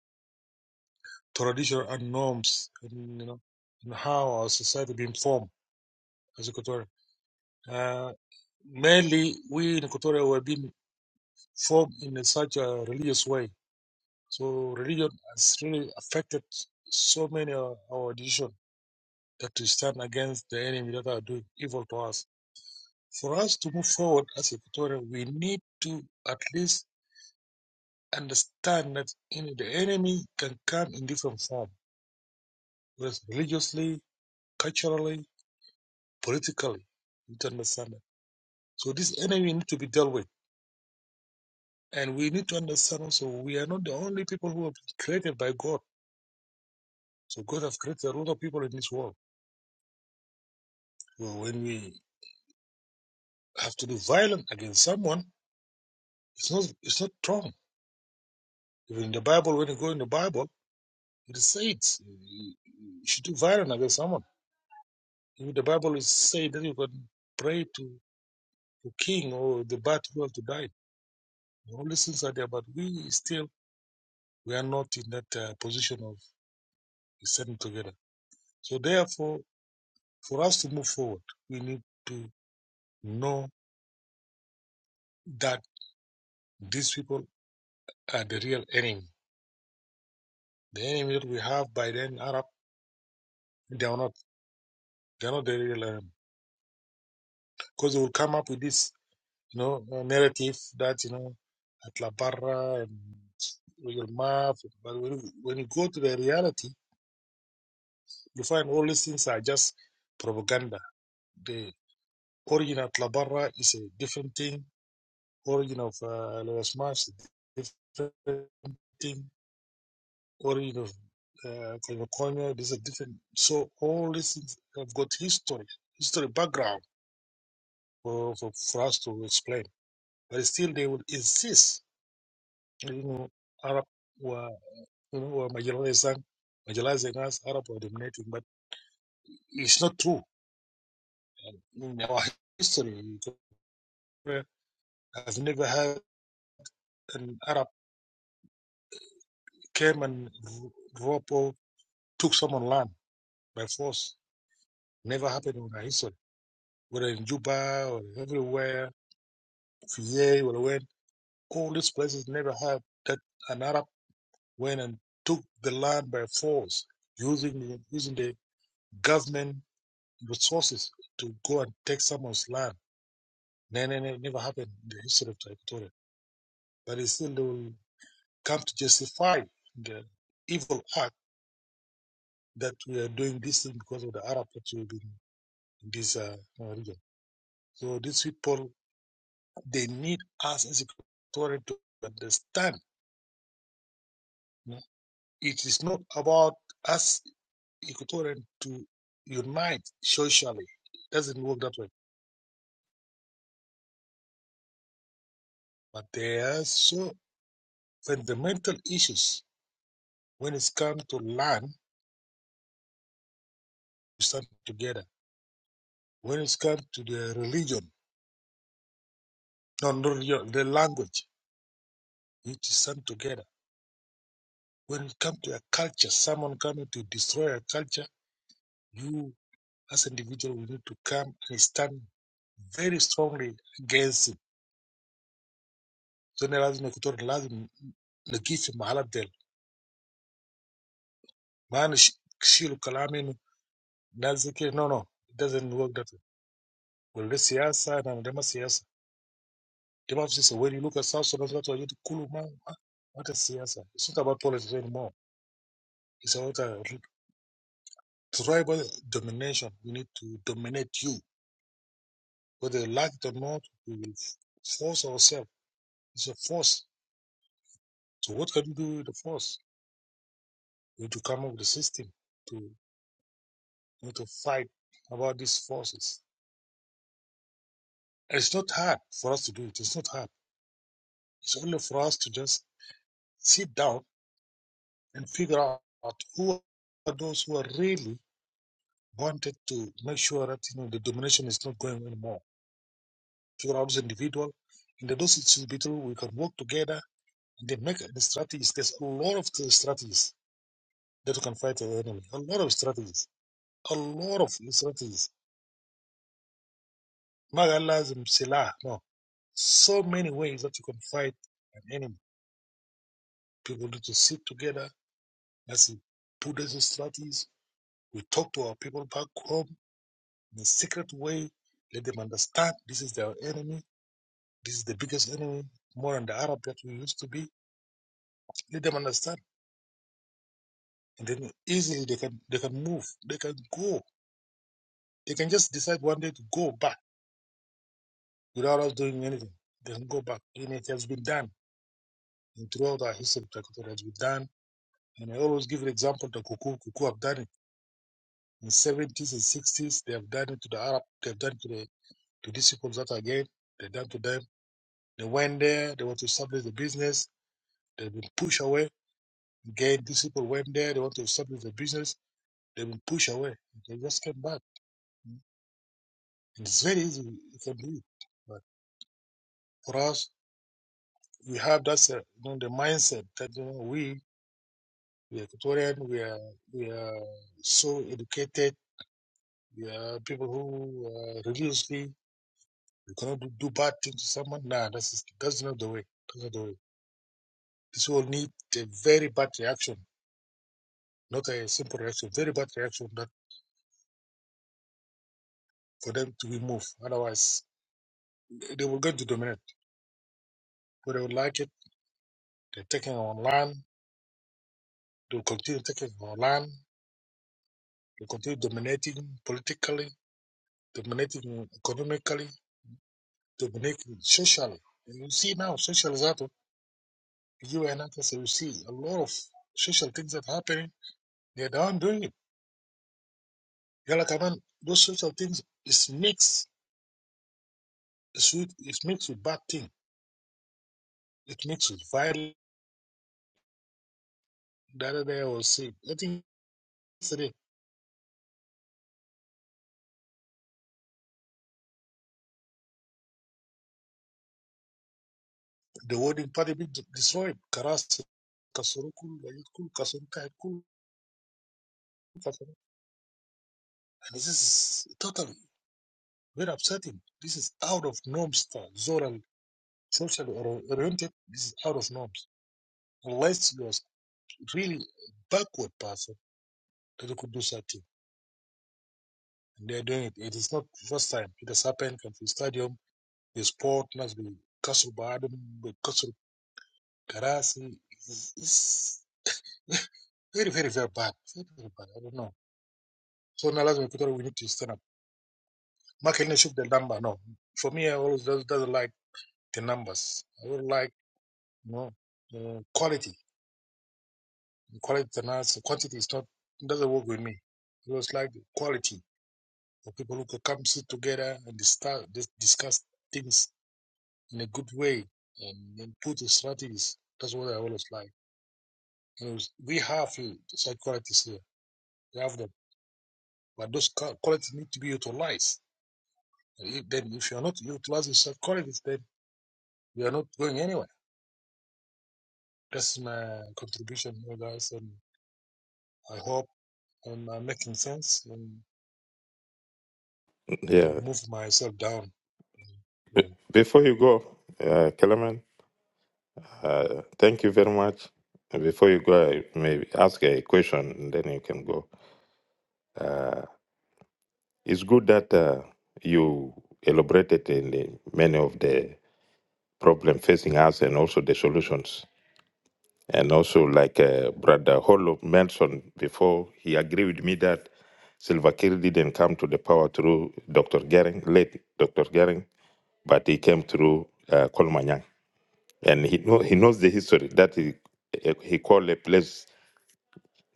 tradition and norms and, you know, and how our society been formed as Equatorial. Uh, mainly, we in Equatorial were being formed in such a religious way. So religion has really affected so many of our decisions that we stand against the enemy that are doing evil to us. For us to move forward as Equatorial, we need to at least understand that you the enemy can come in different form, whether it's religiously, culturally, politically. You need to understand that. So this enemy need to be dealt with And we need to understand also we are not the only people who are created by God. So God has created a lot of people in this world. So when we have to do violence against someone, it's not it's not wrong. Even in the Bible, when you go in the Bible, it says you should do violence against someone. Even the Bible is saying that you can pray to the king or the bad people to die. All these things are there, but we still we are not in that uh, position of standing together. So therefore, for us to move forward, we need to know that these people are the real enemy. The enemy that we have by then Arab, they are not. They are not the real enemy because they will come up with this, you know, uh, narrative that you know, at La Barra and real math. But when you, when you go to the reality, you find all these things are just propaganda. The origin of La Barra is a different thing. Origin of uh, Los Mas is a different thing Corinth of uh, California. These are different. So all these things have got history, history background for, for, for us to explain. But still, they will insist. You know, Arab were you know were marginalizing, marginalizing us. Arab were dominating, but it's not true. In our history, I've never had an Arab came and r- or took someone land by force. Never happened in our history, whether in Juba or everywhere They will All these places never had that an Arab went and took the land by force, using the, using the government resources to go and take someone's land. No, no, no, it never happened in the history of Equatoria. But it still they will come to justify the evil act that we are doing this thing because of the Arab that we've been in this uh, uh, region. So these people, they need us as Equatorians to understand. you know, It is not about us Equatorian to unite socially. It doesn't work that way. But there are so fundamental issues when it's come to land, we stand together. When it's come to the religion, no, not the language, you need to stand together. When it comes to a culture, someone coming to destroy a culture, you as an individual we need to come and stand very strongly against it. So there is no Equatorian there lazima kutoa lazima Man, sh- shilu kalamin nazike. No, no, it doesn't work that way. Well, this siyasa na ndema siyasa. Dema siyasa. When you look at South Sudan, that's why you kulu man. What is siyasa? It's not about politics anymore. It's about uh, r- tribal domination. We need to dominate you, whether you like it or not. We will force ourselves. It's a force. So what can you do with the force? You need to come up with a system to you know, to fight about these forces. And it's not hard for us to do it. It's not hard. It's only for us to just sit down and figure out who are those who are really wanted to make sure that you know the domination is not going anymore. Figure out those individual and the those individual we can work together and then make the strategies. There's a lot of the strategies that we can fight the enemy. A lot of strategies. A lot of strategies. Maghalazim Silah. No. So many ways that you can fight an enemy. People need to sit together. Let's put those strategies. We talk to our people back home in a secret way. Let them understand this is their enemy. This is the biggest enemy, more than the Arab that we used to be. Let them understand, and then easily they can they can move. They can go. They can just decide one day to go back without us doing anything. They can go back, and it has been done. And throughout our history, Equatorial has been done. And I always give an example to Kuku. Kuku have done it in 70s and 60s. They have done it to the Arab. They have done it to the to these people that again. They done to them. They went there. They want to establish the business They've been pushed away. Again, these people went there. They want to establish their business. They've been pushed away. They just came back. And It's very easy. You can do it. But for us, we have that uh, you know, the mindset that you know, we we are Ecuadorian. We are we are so educated. We are people who uh, religiously we cannot do, do bad things to someone. Nah, that's that's not the way. That's not the way. This will need a very bad reaction, not a simple reaction. Very bad reaction that for them to be moved. Otherwise, they will going to dominate, whether they would like it. They're taking our land. They'll continue taking our land. They'll continue dominating politically, dominating economically, dominating socially. And you see now, social is out of the UN access. You see a lot of social things that are happening. They're down doing it. You're like, I mean, those social things is mixed. It's, with, it's mixed with bad thing. It mixed with violence. The other day I was saying, I think yesterday The voting party been de- destroyed. Karas, Kasurukul, Wayutkul, Kasurukul, Kasurukul. And this is totally very upsetting. This is out of norms, uh, Zoral, socially or- oriented. This is out of norms. Unless you are really backward person, that you could do such thing. And they are doing it. It is not the first time. It has happened at the stadium, the sport, not the Kasur Baadum, the Kasur Karasi. It's, it's very, very, very bad. Very, very bad. I don't know. So now lazima ikutore we need to stand up. Mark any shoot the number. No. For me I always does doesn't like the numbers. I would like you know uh, quality. Quality and us- quantity is not doesn't work with me. It was like quality for people who could come sit together and discuss discuss things in a good way and, and put the strategies. That's what I always like. You know, we have uh, such qualities here. We have them, but those qualities need to be utilized. If, then if you're not utilizing such qualities, then We are not going anywhere. That's my contribution here, guys, and I hope I'm, i making sense and I've
yeah.
moved myself down. Yeah.
Before you go, uh, Kalaman, thank you very much. Before you uh, go, it's good that uh, you elaborate uh, proposing us. Uh, Brother Hollow mentioned before he agreed with me that Silva Kiir didn't come to the power through Dr. Gering, late Dr. Gering, but he came through uh, Kolmanyang. and he know, he knows the history that he eh, he called a place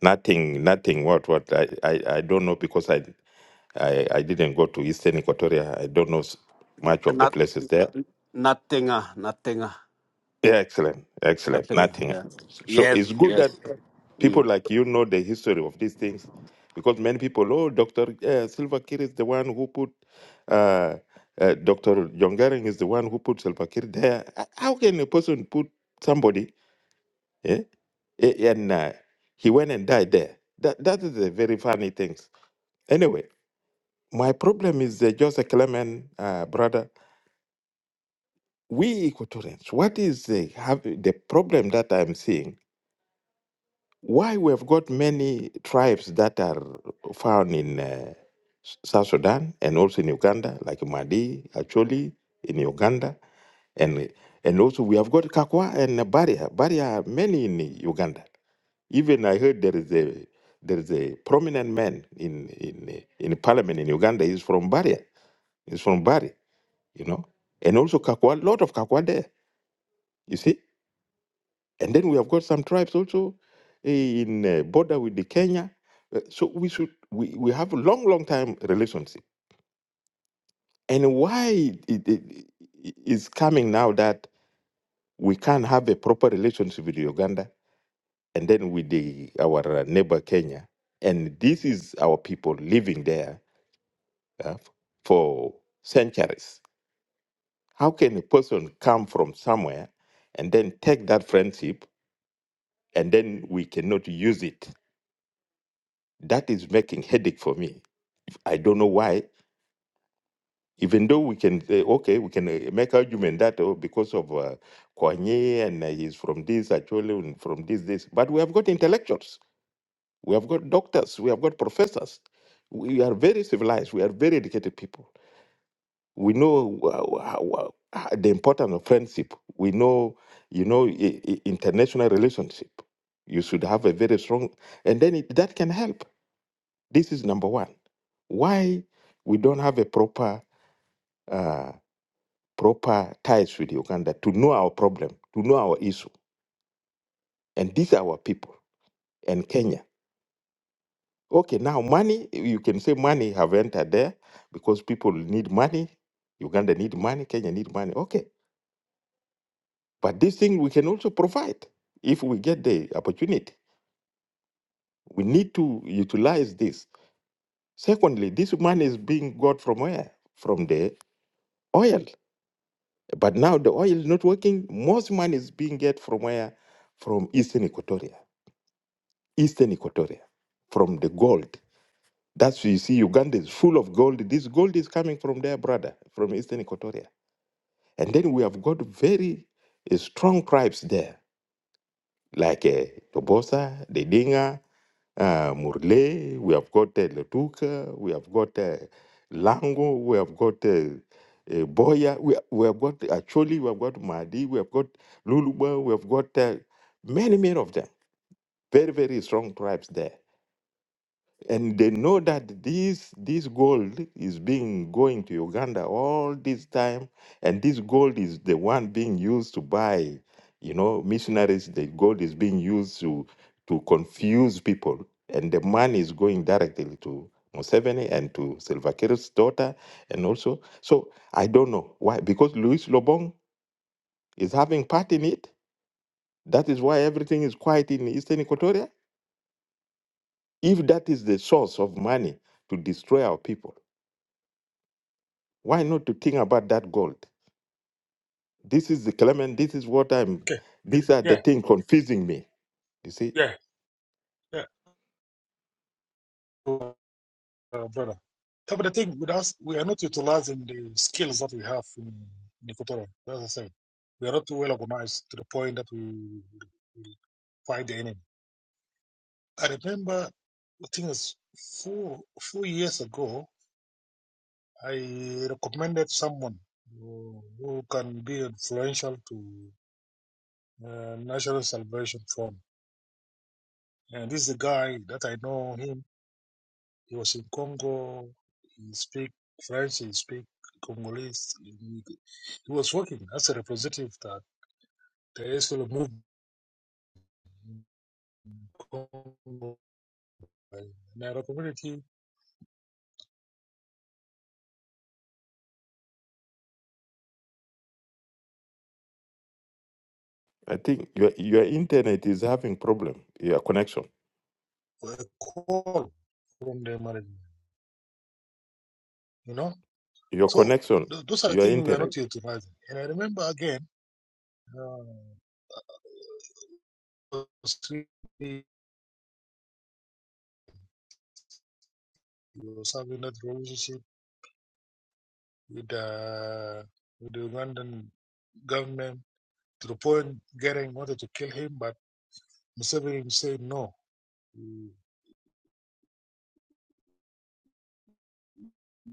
nothing nothing what what I, I, I don't know because I, I I didn't go to Eastern Equatoria I don't know s- much of the
Not,
places there
nothing, uh, nothing, uh,
yeah excellent excellent
nothing.
nothing so
Yeah.
it's good
Yes,
that
yes.
people like you know the history of these things because many people oh Doctor uh, Silva Kir is the one who put uh, uh, Doctor Jongaring is the one who put Silva Kir there how can a person put somebody Eh? Eh, And uh, he went and died there. That, that is a very funny thing. Anyway, my problem is uh, Joseph Clement, uh, brother. We Equatorians, what is the, have, the problem that I'm seeing? Why we have got many tribes that are found in uh, S- South Sudan and also in Uganda, like Madi, Acholi in Uganda, and and also we have got Kakwa and Baria. Baria are many in Uganda. Even I heard there is a there is a prominent man in in in parliament in Uganda. He's from Bari. He's from Bari, you know, and also Kakwa. Lot of Kakwa there, you see. And then we have got some tribes also eh, in uh, border with the Kenya. Uh, So we should we, we have a long long time relationship. And why it, it, it is coming now that we can't have a proper relationship with Uganda and then with the our neighbor Kenya, and this is our people living there uh, for centuries. How can a person come from somewhere and then take that friendship and then we cannot use it? That is making headache for me. I don't know why. Even though we can say, okay, we can uh, make argument that oh, because of uh, Kanye and uh, he's from this, actually and from this, this. But we have got intellectuals, we have got doctors, we have got professors. We are very civilized, we are very educated people. we know wha- wha- how- the importance of friendship. We know, you know, i- i- international relationship. You should have a very strong, and then it, that can help. This is number one. Why we don't have a proper, uh, proper ties with Uganda to know our problem, to know our issue, and these are our people and Kenya. Okay, now money. You can say money have entered there because people need money. Uganda need money. Kenya need money. Okay, But this thing we can also provide if we get the opportunity. We need to utilize this. Secondly, this money is being got from where? From the oil. But now the oil is not working. Most money is being get from where? From Eastern Equatoria. Eastern Equatoria. From the gold. That's why you see Uganda is full of gold. This gold is coming from their brother, from Eastern Equatoria. And then we have got very uh, strong tribes there, like uh, Tobosa, the Dinga, uh, Murle, we have got uh, Letuka, we have got uh, Lango, we have got uh, uh, Boya, we, we have got actually we have got Mahdi, we have got Luluba, we have got uh, many, many of them. Very, very strong tribes there and they know that this this gold is being going to Uganda all this time, and this gold is the one being used to buy, you know, missionaries. The gold is being used to to confuse people, and the money is going directly to Museveni and to Salva Kiir's daughter, and also. So I don't know why, because Luis Lobong is having part in it. That is why everything is quiet in Eastern Equatoria. If that is the source of money to destroy our people Why not to think about that gold? This is the Clement. This is what I'm.
Okay.
These are the
Yeah.
things confusing me. You see,
Yeah. Yeah. So, Uh, brother. Yeah, But the thing with us, we are not utilizing the skills that we have in in Equatorial. That's the thing. We are not well organized to the point that we, we fight the enemy. I remember, I think it's four four years ago. I recommended someone who, who can be influential to uh, National Salvation Front. And this is a guy that I know him. He was in Congo. He speak French. He speak Congolese. He, he was working as a representative that the ASL movement in Congo and our community
I think your your internet is having problem. Your connection,
A call from the management. You know,
your
so
connection,
th- those are the
your
things we are
internet.
not utilizing. And I remember again. Uh, he was having that relationship with, uh, with the Ugandan government to the point getting wanted to kill him, but Museveni said, no,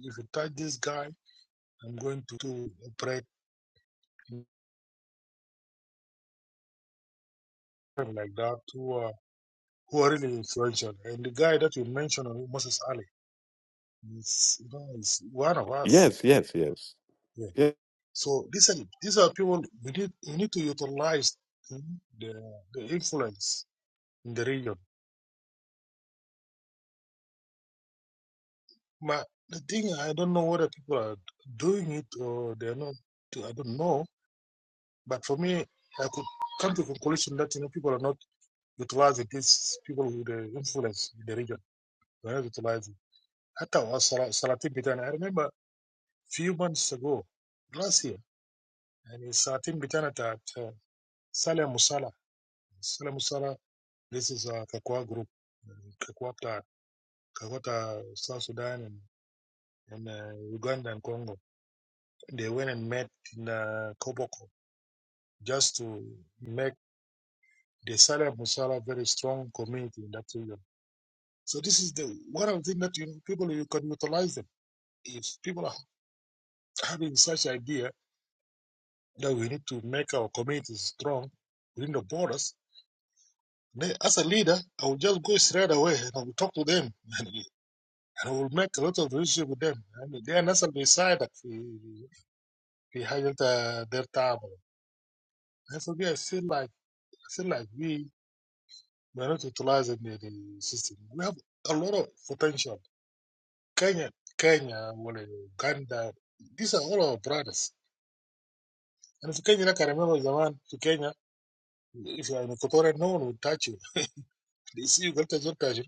if you touch this guy, I'm going to, to operate like that who are, who are really influential. And the guy that you mentioned, Moses Ali, is, you know, is one of us.
Yes, yes, yes.
Yeah.
Yeah.
So these are, these are people we need, we need to utilize mm, the, the influence in the region But the thing, I don't know whether people are doing it or they're not. I don't know. But for me, I could come to the conclusion that you know people are not utilizing these people with the influence in the region. They're not utilizing. Hatta wa Sala- Salatin Bitana. I remember a few months ago, last year, and it's Salatin Bitana that uh, Saleh Musala. Saleh Musala, this is a Kakwa group, Kakwa, ta- Kakwa ta South Sudan and, and uh, Uganda and Congo. They went and met in uh, Koboko just to make the Saleh Musala very strong community in that region. So this is the one of the things that you, people you can utilize them. If people are having such idea that we need to make our communities strong within the borders, then as a leader, I will just go straight away and I will talk to them and I will make a lot of relationship with them. I mean, they are not beside behind uh, their table. And so we- I feel like I feel like we we are not utilizing the, the system. We have a lot of potential Kenya, Kenya, well, Uganda, these are all our brothers. And if Kenya, I can remember the man to Kenya, if you are in Equatorial, no one will touch you. They see you, Galtas will touch you.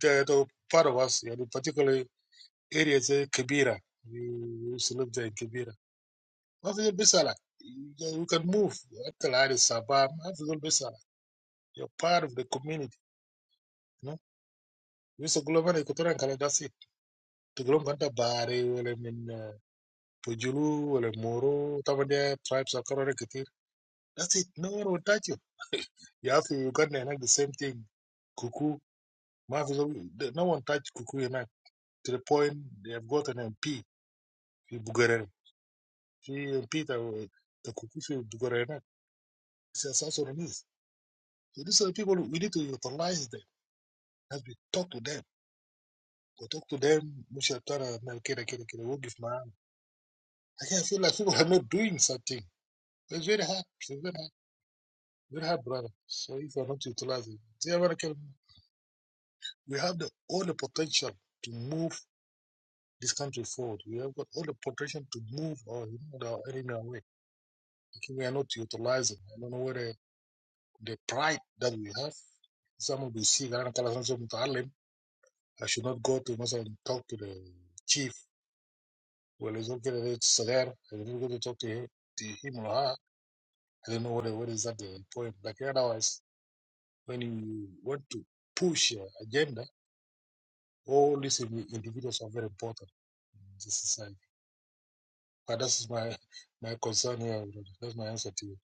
They are part of us, you know, particularly areas like Kibera. We used to live there in Kibera. After the Bisala, you you can move. After Sabah, after the Bisala, you're part of the community, you know. We used to go over to Equatorial, and that's it. To go over to Bari, well, I mean, uh, Pujulu, well, Moro, Tabanda tribes are currently That's it. No one will touch you. You have to Uganda enact the same thing. Kuku, Mavis- no one touched Kuku enact to the point they have got an MP, in Bugarere. Fi MP, the, the Kuku Fi Bugarere enact. It's a South Sudanese. So these are the people we need to utilize them as we talk to them. We talk to them, Mushatara, Melkere, Kere, Kere, we'll give man. Again, I can feel like people are not doing something. It's very hard. It's very hard. Very hard, brother. So if you're not utilizing, We have the, all the potential to move this country forward. We have got all the potential to move our, you know, our enemy away. I we are not utilizing. I don't know whether the pride that we have. Some of the see that I should not go to Muslim and talk to the chief. Well, it's okay that it's there. I didn't go to talk to him, to him or her. I don't know what, what is that the point. Like otherwise, when you want to push your agenda, all these individuals are very important in this society. But that's my my concern here. brother. That's my answer to you.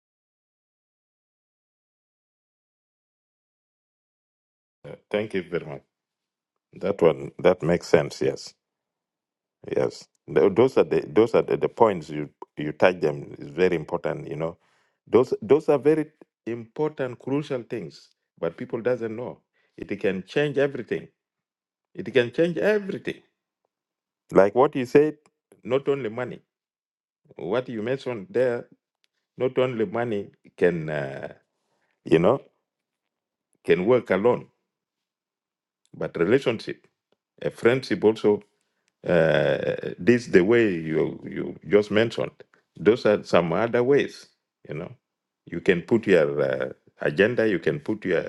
Thank you very much. That one that makes sense. Yes, yes. Tho- Those are the those are the, the points you you touch them is very important. You know, those those are very important crucial things. But people doesn't know it can change everything It can change everything. Like what you said, not only money. What you mentioned there, not only money can, uh, you know, can work alone, but relationship, a friendship also. Uh, this the way you you just mentioned. Those are some other ways, you know. You can put your uh, agenda. You can put your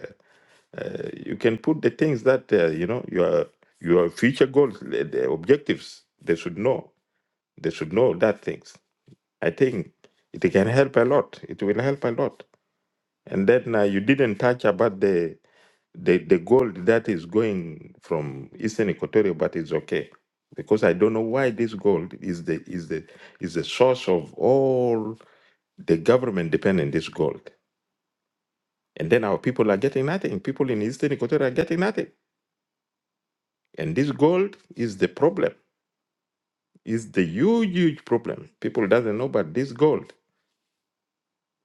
uh, you can put the things that uh, you know your your future goals, the the objectives. They should know. They should know that things I think it can help a lot. It will help a lot. And then uh, you didn't touch about the, the the gold that is going from Eastern Equatoria, but it's okay because I don't know why this gold is the is the is the source of all the government depend on this gold. And then our people are getting nothing. People in Eastern Equatoria are getting nothing. And this gold is the problem. Is the huge huge problem. People doesn't know, but this gold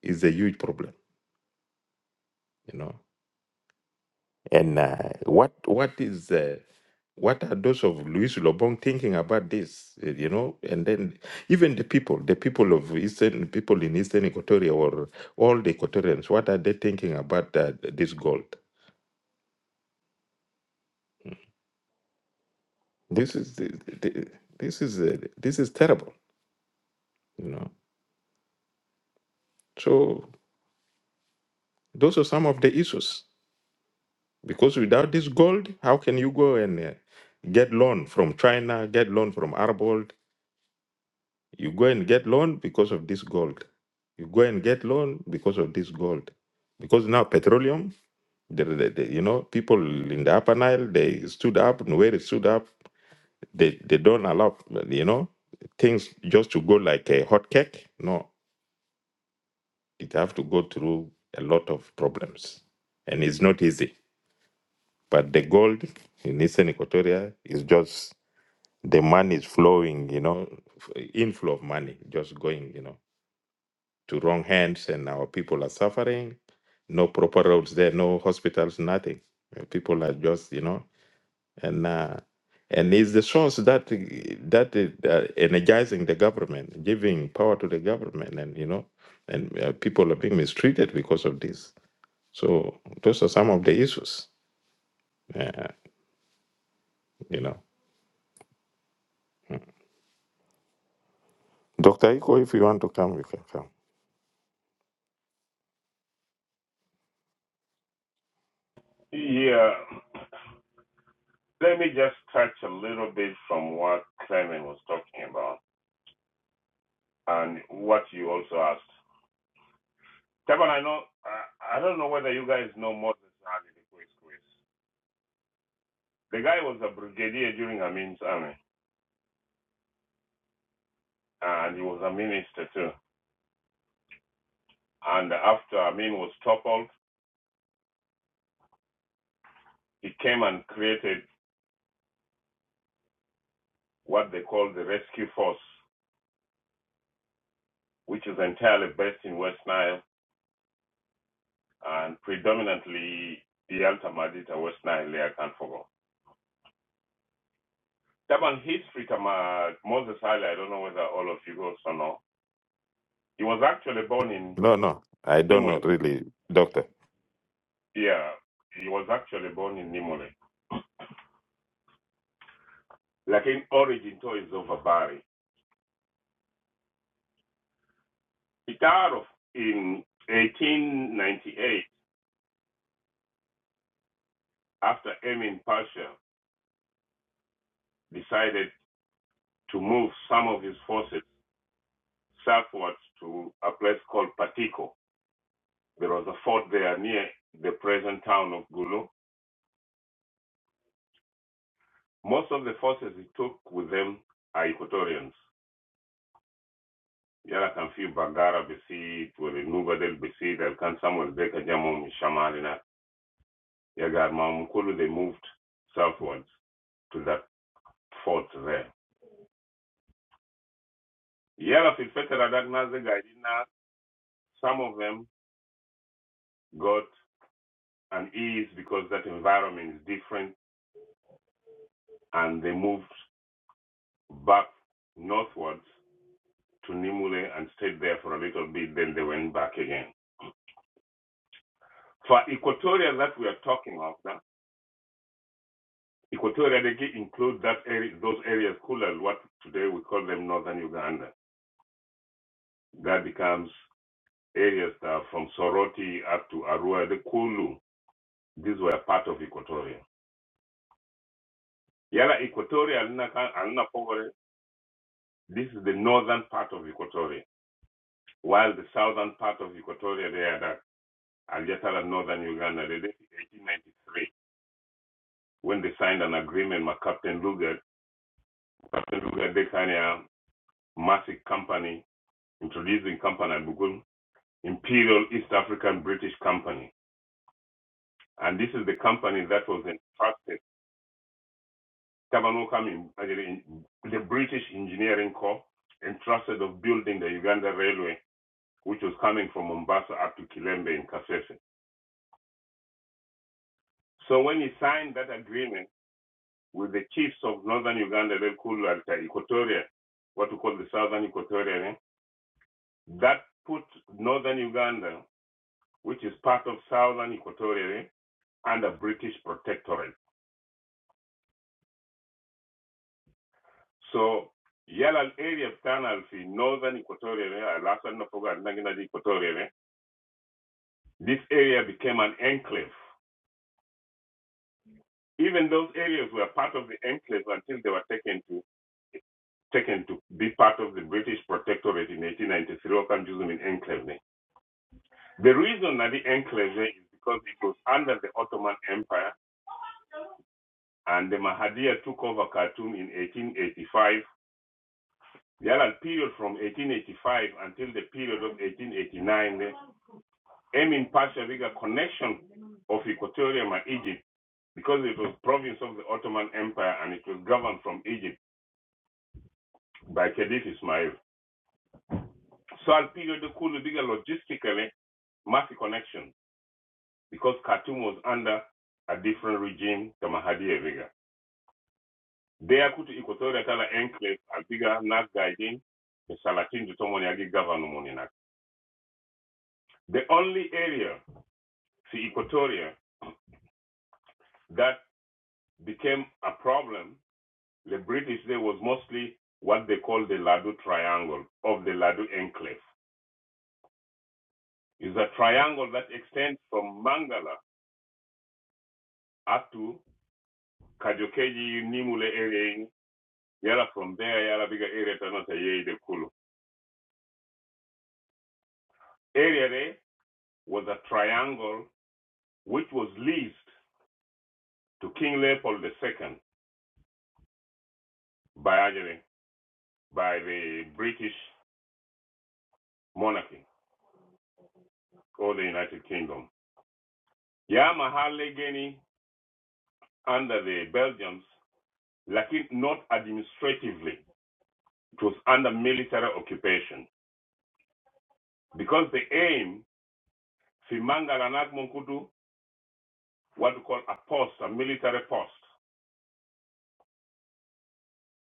is a huge problem. You know. And uh, what what is uh, what are those of Louis Lobong thinking about this? uh, You know, and then even the people, the people of Eastern people in Eastern Equatoria or all the Equatorians, what are they thinking about uh, this gold? This is the, the, this is uh, this is terrible. You know, so those are some of the issues. Because without this gold, how can you go and uh, get loan from China, get loan from Arbold, You go and get loan because of this gold. You go and get loan because of this gold. Because now petroleum, the, the, the- you know, people in the Upper Nile, they stood up, and where it stood up, they, they don't allow, you know, things just to go like a hot cake. No, it have to go through a lot of problems. And it's not easy. But the gold in Eastern Equatoria is just, the money is flowing, you know, f- inflow of money just going, you know. to wrong hands and our people are suffering. No proper roads there, no hospitals, nothing. Uh, People are just, you know, and uh, and it's the source that that uh, energizing the government, giving power to the government, and you know, and uh, people are being mistreated because of this. So those are some of the issues, uh, you know. Doctor Iko, if you want to come, you can come.
Yeah. Let me just touch a little bit from what Clement was talking about and what you also asked. Kevin, I know I, I don't know whether you guys know Moses Ali the Quiz Quiz. The guy was a brigadier during Amin's army, and he was a minister too. And after Amin was toppled, he came and created what they call the Rescue Force, which is entirely based in West Nile and predominantly the Alta Madita West Nile, Leak and Fogo. That history, from uh, Moses Haile, I don't know whether all of you guys or know. He was actually born in
No, no, I don't know
Nimole.
really, Doctor.
Yeah, he was actually born in Nimole. Like in origin to is over Bari. He died of in 1898 after Emin Pasha decided to move some of his forces southwards to a place called Patiko. There was a fort there near the present town of Gulu. Most of the forces he took with them are Equatorians yala kan fi bagara bisi wala nuba del bisi del kan samuel beka jamu shamalina yagar mamu they moved southwards to that fort there yala fil fetera that naze gaidina some of them got an ease because that environment is different and they moved back northwards to Nimule and stayed there for a little bit then they went back again for Equatoria that we are talking of Equatorial Guinea includes that area, those areas, Kulal, what today we call them northern Uganda. That becomes areas that are from Soroti up to Arua, the Kulu. These were part of Equatoria. Yala Equatoria, alina ka- alina pogore. this is the northern part of Equatoria, while the southern part of Equatoria, they are that Aljatala, northern Uganda, they did it in 1893 when they signed an agreement with Captain Luger. Captain Luger, they kind of massive company, introducing company, Bugul. Imperial East African British Company. And this is the company that was entrusted, Kabanokam, actually the British Engineering Corps, entrusted of building the Uganda Railway, which was coming from Mombasa up to Kilembe in Kasese. So when he signed that agreement with the chiefs of northern Uganda, Kulu and Equatoria, what we call the southern Equatoria, eh, that put northern Uganda, which is part of southern Equatoria, eh, under British protectorate. So Yala area of Ghana, the northern Equatorial area, last time I forgot, Nangina Equatorial this area became an enclave. Even those areas were part of the enclave until they were taken to taken to be part of the British protectorate in 1893. I can use them in enclave. The reason that the enclave is because it was under the Ottoman Empire and the Mahadir took over Khartoum in 1885. The other period from 1885 until the period of 1889 aiming Pachaviga connection of Equatorium and Egypt because it was province of the Ottoman Empire and it was governed from Egypt by Khedive Ismail. So Al Pido de Kulubiga logistically mass connection because Khartoum was under a different regime to Mahdi Eviga. There could Equatorial Tala enclave Al Biga Nas Gaidin, the Salatin to Tomoniagi governor Moninak. The only area, the Equatoria, that became a problem The British there was mostly what they call the Ladu Triangle of the Ladu Enclave. It's a triangle that extends from Mangala up to Kajokeji, Nimule area, yala from there, yala bigger area, Tanata Yei de Kulu. Area there was a triangle which was leased to King Leopold II by by the British monarchy or the United Kingdom. Yamaha Legeni under the Belgians, lakin not administratively. It was under military occupation. Because the aim, Fimanga and Agmunkudu, what we call a post, a military post,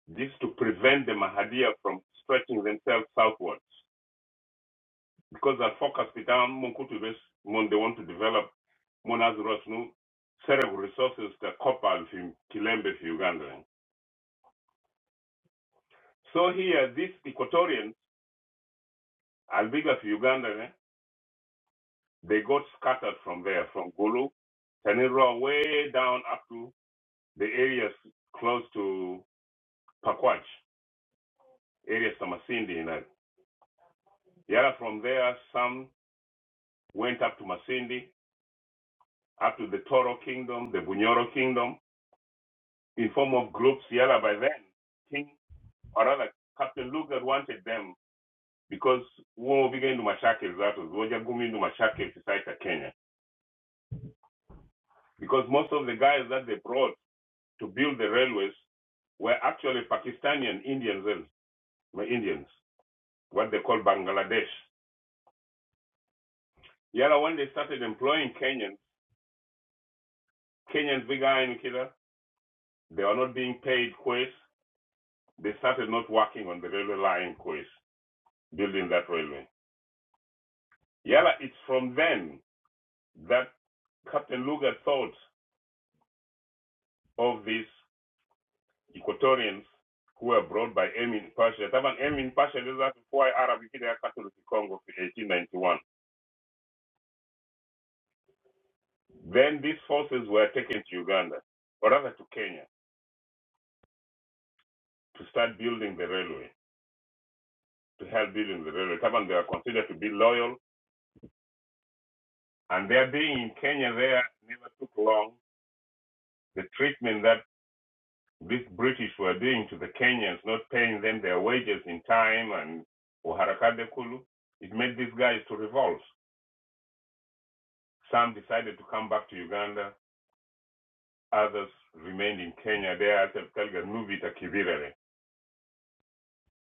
this to prevent the Mahadiya from stretching themselves southwards. Because they focus down Munkutu, when they want to develop Munazi Rosnu, set resources, the copper from Kilembe for Uganda. So here, these Equatorians, Albiga for Uganda, they got scattered from there, from Gulu, Tanirua way down up to the areas close to Pakwach, areas to Masindi. And yeah, from there, some went up to Masindi, up to the Toro Kingdom, the Bunyoro Kingdom, in form of groups. Yala by then, King, or rather, Captain Lugard wanted them because war began to massacre that was Roger Gumi to massacre Fisaita, Kenya. Because most of the guys that they brought to build the railways were actually Pakistani and Indians, eh, Indians, what they call Bangladesh. Yeah, when they started employing Kenyans, Kenyans began killer. They are not being paid quays. They started not working on the railway line quays, building that railway. Yeah, it's from then that Captain Luger thought of these Equatorians who were brought by Emin Pasha. Taban Emin Pasha is that why Arab Kida Catholic Congo in 1891. Then these forces were taken to Uganda, or rather to Kenya, to start building the railway, to help building the railway. Taban, they are considered to be loyal And their being in Kenya there never took long. The treatment that these British were doing to the Kenyans, not paying them their wages in time and uharakade it made these guys to revolt. Some decided to come back to Uganda. Others remained in Kenya. There, I said, "Tell them, Nubi takibirere.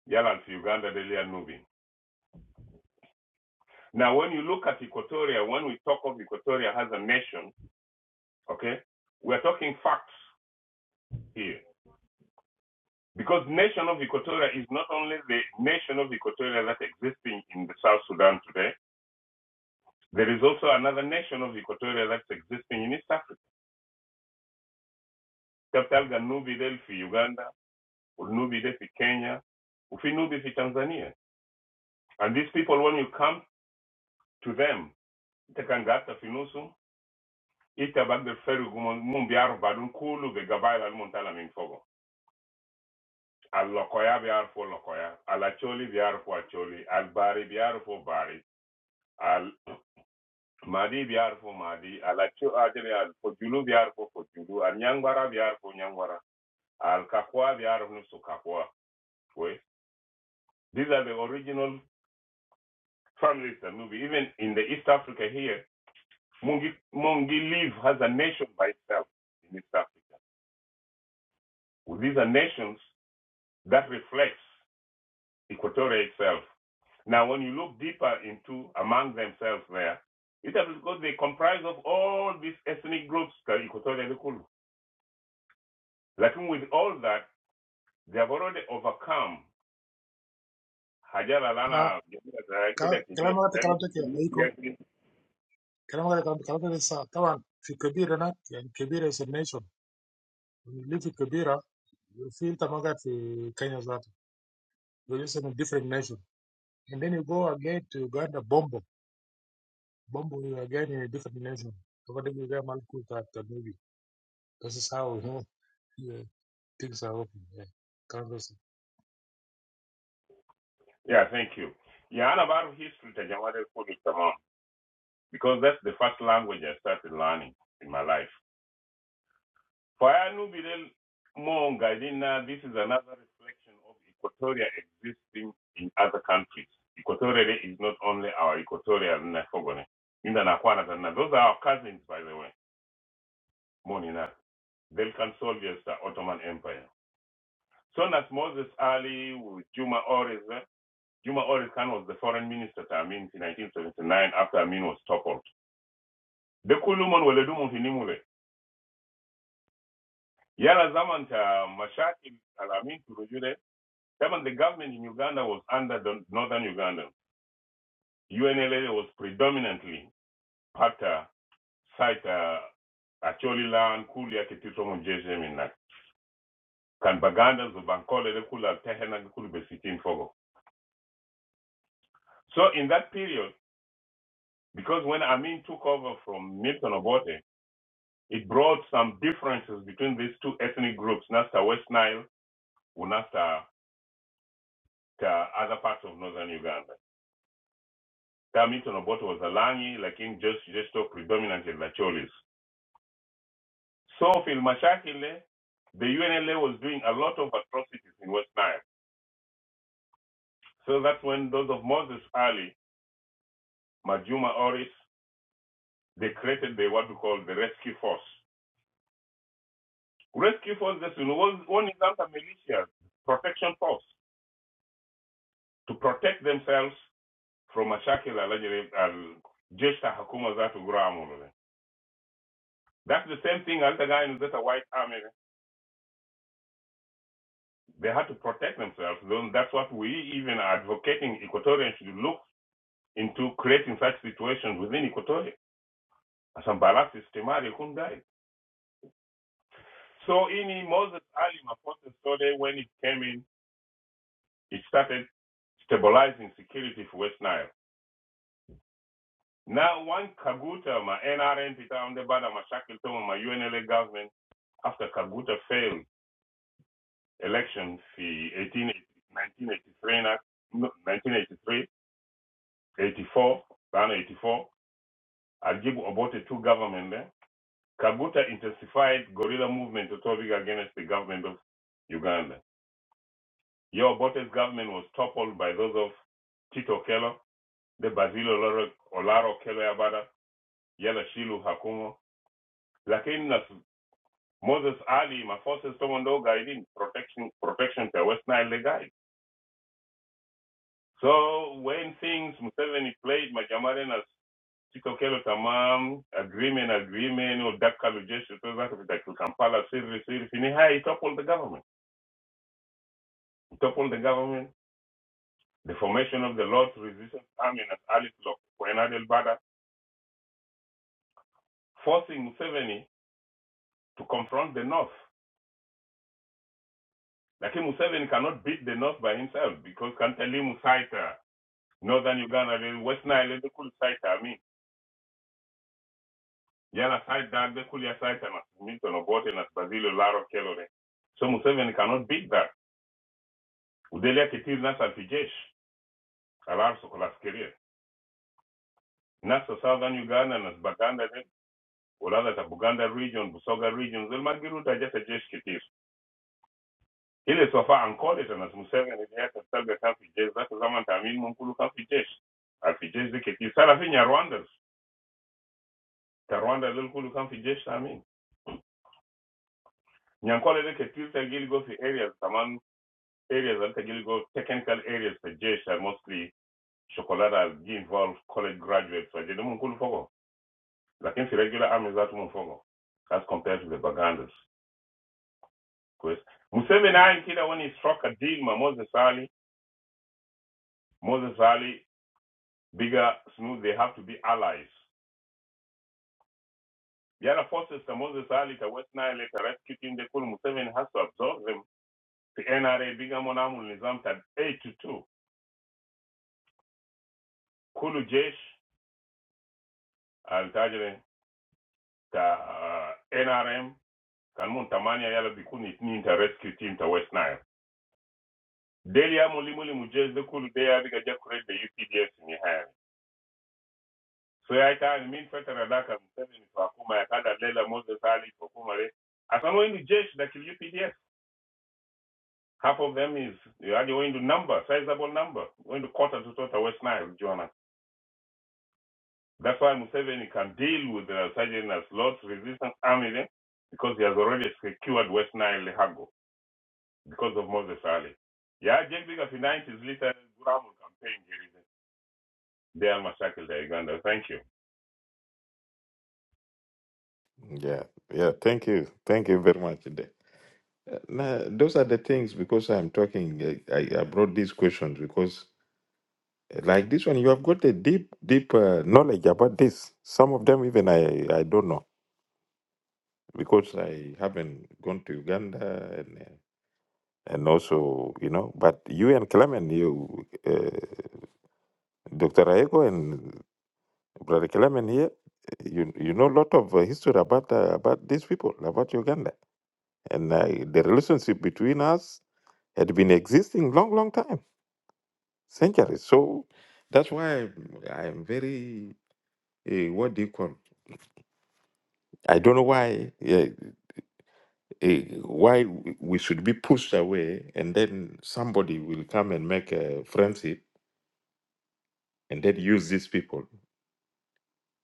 Yalan fi Uganda delia Nubi. Now, when you look at Equatoria, when we talk of Equatoria as a nation, okay, we're talking facts here Because nation of Equatoria is not only the nation of Equatoria that's existing in the South Sudan today, there is also another nation of Equatoria that's existing in East Africa. Katalga Nubi for Uganda, Nubidel for Kenya, Ufi Nubi fi Tanzania. And these people, when you come to them, Itakangata Finusu, Itabagde Feru Mumbiar Badun Kulu, the Gabaila Montala Minfogo. Al Lokoya Biar for Lokoya, Al Acholi Biar for Acholi, Al Bari Biar for Bari, Al Madi biar fo Madi, ala cho ajele fo julu biar fo fo julu, al biar fo nyangwara, al biar fo nusu These are the original families that move. Even in the East Africa here, Mungi, Mungi live has a nation by itself in East Africa. Well, These are nations that reflects Equatoria itself. Now, when you look deeper into among themselves there, it is because they comprise of all these ethnic groups, that Equatoria Kulu. Like with all that, They have already overcome Hajara
ما
Lana kile
كلام كلام
kivile
هذا
sema.
كلام تك أيكو
Yeah,
كلام هذا كلام كلام لسه طبعا في كبير هناك يعني كبيرة is a nation اللي في كبيرة في أنت ما قاعد في كينيا ذاته there is a different nation and then you go again to Uganda Bombo Bombo you again in a different nation according to them Malku that the movie this is how you know yeah, things are working yeah. كلام لسه
thank you. Yeah, and about history tajamade kuni tamam because that's the first language I started learning in my life. Fayanu Bilel Monga Dina, this is another reflection of Equatoria existing in other countries. Equatoria is not only our Equatoria and Nafogone. In the Nakwana, those are our cousins, by the way, Monina. Balkan soldiers, the Ottoman Empire. Soon as Moses Ali, with Juma Oris, eh, Juma Ores Khan was the foreign minister to Amin in 1979 after Amin was toppled. The Kulumon Weledumu Hinimule. Yala Zaman ta Mashaki Al Amin to Rujure. Zaman the government in Uganda was under the northern Uganda. UNLA was predominantly Pata, Saita, Acholi Land, Kulia, Ketito Mjeje Minak. Kan Baganda, Zubankole, Kula, Tehena, Kulu Besitin Fogo. So in that period, Because when Amin took over from Milton Obote, it brought some differences between these two ethnic groups, Nasta West Nile or Nasta to other parts of northern Uganda. Ta Milton Obote was a Langi, like in just just talk predominantly Lacholis. So Phil Mashakile, the UNLA was doing a lot of atrocities in West Nile. So that's when those of Moses Ali, Majuma Oris, they created the what we call the Rescue Force. Rescue Force, this one was one is under militia protection force. to protect themselves from mashakil alajiri al jesh ta hakuma zatu gramul. That's the same thing as the guy in the White Army. They had to protect themselves. That's what we even are advocating Equatorians should look into creating such situations within Equatoria. Some balance systematic died. So in Moses Ali Mapote's story, when it came in, it started stabilizing security for West Nile. Now, one Kaguta, my NRM, Peter Underbada, my Shackleton, my UNLA government, after Kaguta failed election in 1983, na- no, 1983, 84, around 84, Ajibu aborted two government there. Kaguta intensified guerrilla movement to topic against the government of Uganda. Your Obote's government was toppled by those of Tito Kello, the Basil Olaro Olaro Kello Yabada, Yala Shilu Hakumo, Lakini Moses Ali maforces Tomondo guiding protection protection per West Nile guide. So when things Museveni played Majamaren as Chikokelo Tamam, agreement, agreement, or that kind of gesture, to that effect, like Kampala, Siri, Siri, Finiha, he toppled the government. He toppled the government. The formation of the Lord's Resistance Army as Alice Lok, Koenadel Bada, forcing Museveni to confront the North. Like Museveni cannot beat the North by himself because Kantali Musaita Northern Uganda lili West Nile likuli site ami yala site that likuli ya site na Milton Obote na Basilio Laro Kelore so Museveni cannot beat that udelia kitiri nasa alfijesh alar sokolaskeria nasa Southern Uganda na Baganda lili ulaza ta Buganda region Busoga region zil magiruta jasa jesh kitiri ile sofa ankole ta nas Museveni liyata salga kafi jesh zaka zaman ta amin mumkulu kafi jesh alfijesh zikitiri sara finya Rwanda ta Rwanda lili kulu kafi jesh ta amin Nyankole de ketir ta gil go fi areas taman areas al ta go technical areas ta jesh are mostly chocolate as involve college graduates wa jede mun kulu fogo. Lakin fi regular army zatu mun fogo as compared to the Bagandas. because Museveni ayin kida when he struck a deal ma Moses Ali, Moses Ali, bigger, smooth, they have to be allies. The other forces ta Moses Ali ta West Nile ta rescue team de kulu Museveni has to absorb them. The NRA bigger monamul nizam ta 8 to 2. Kulu jesh altajiri ta ah, NRM kan mun tamani yala bikun itnin ta rescue team ta West Nile. Deli ya muli muli mujez de kulu de ya biga jakure de UPDF ni haya. So ya ita ni min fetara daka msemi ni fakuma ya kada lela Moses Ali fakuma le. Asa mo indu jesh da kili UPDF. Half of them is, you are going to number, sizable number, going to quarter to total West Nile, Jonah. That's why Museveni can deal with the Sergeant as Lord's resistance army then, because he has already secured West Nile, Hago. because of Moses Ali. Yeah, Jane Bigger tonight is little Guram campaign here. They are massacred in Uganda. Thank you.
Yeah, yeah. Thank you, thank you very much. Uh, Nah, those are the things because I'm talking. I, I I brought these questions because, uh, like this one, you have got a deep, deep uh, knowledge about this. Some of them even I, I don't know because I haven't gone to Uganda and uh, and also you know. But you and Clement, you, uh, Doctor Aiko and Brother Clement here, you you know a lot of uh, history about uh, about these people, about Uganda, and uh, the relationship between us had been existing long, long time centuries. So that's why I'm, I'm very uh, what do you call? I don't know why uh, uh, why w- we should be pushed away, and then somebody will come and make a friendship, and then use these people,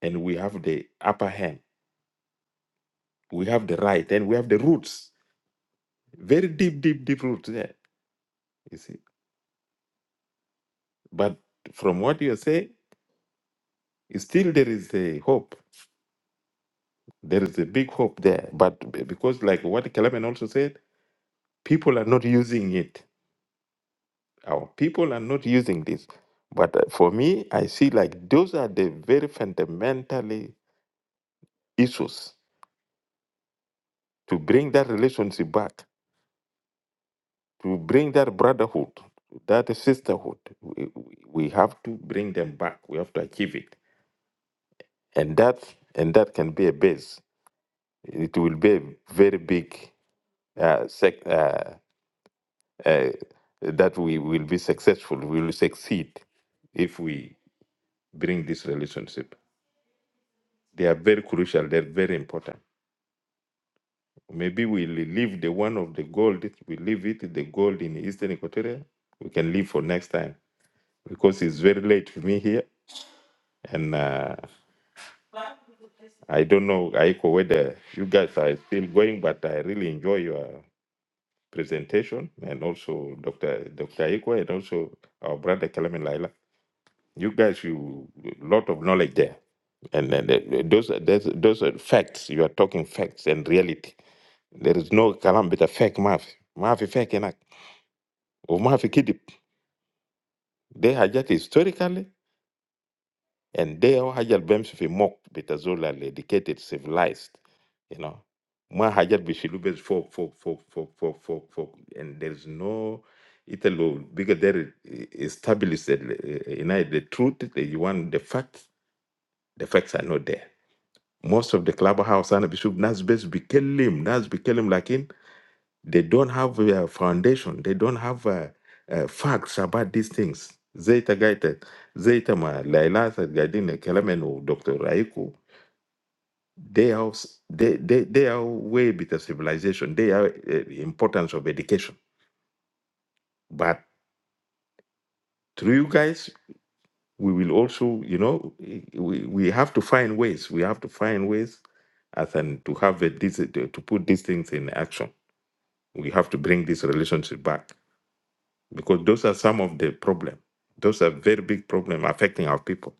and we have the upper hand, we have the right, and we have the roots, very deep, deep, deep roots there. You see, but from what you say, still there is a hope. There is a big hope there, but b- because like what Kelemen also said, people are not using it Our people are not using this. But uh, for me, I see like those are the very fundamentally issues to bring that relationship back, to bring that brotherhood, that sisterhood. We, we we have to bring them back. We have to achieve it, and that and that can be a base. It will be a very big uh, sec, uh, uh, that we will be successful. We will succeed if we bring this relationship. They are very crucial. They're very important. Maybe we leave the one of the gold, we leave it, the gold in Eastern Equatoria. We can leave for next time because it's very late for me here. And uh, I don't know, Aiko, whether you guys are still going, but I really enjoy your presentation and also Dr. Dr. Aiko and also our brother Kalamin Laila. You guys, you lot of knowledge there. And then the- those, are- those, those are facts. You are talking facts and reality. There is no Kalambita fake math. Math fake. enough. وما في كذب دي حاجات historically and they هو حاجة اللي بيمشي في موك بتاع زول اللي educated civilized you know ما حاجات بيشيلوا بس فوق فوق فوق فوق فوق فوق فوق and there's no إنت لو بيجا داير establish ال- you know the truth that you want the facts the facts are not there most of the clubhouse أنا بشوف ناس بس بيكلم ناس بيكلم لكن They don't have a foundation. They don't have uh, uh, facts about these things. Zeta Gaita, Zeta Ma, Laila Gadine, Kelamenu, Dr. Raiku, they are, s- they, they, they are way bit of civilization. They are uh, importance of education. But through you guys, we will also, you know, we, we have to find ways. We have to find ways as and to have a, this, to to put these things in action. We have to bring this relationship back. because those are some of the problem those are very big problem affecting our people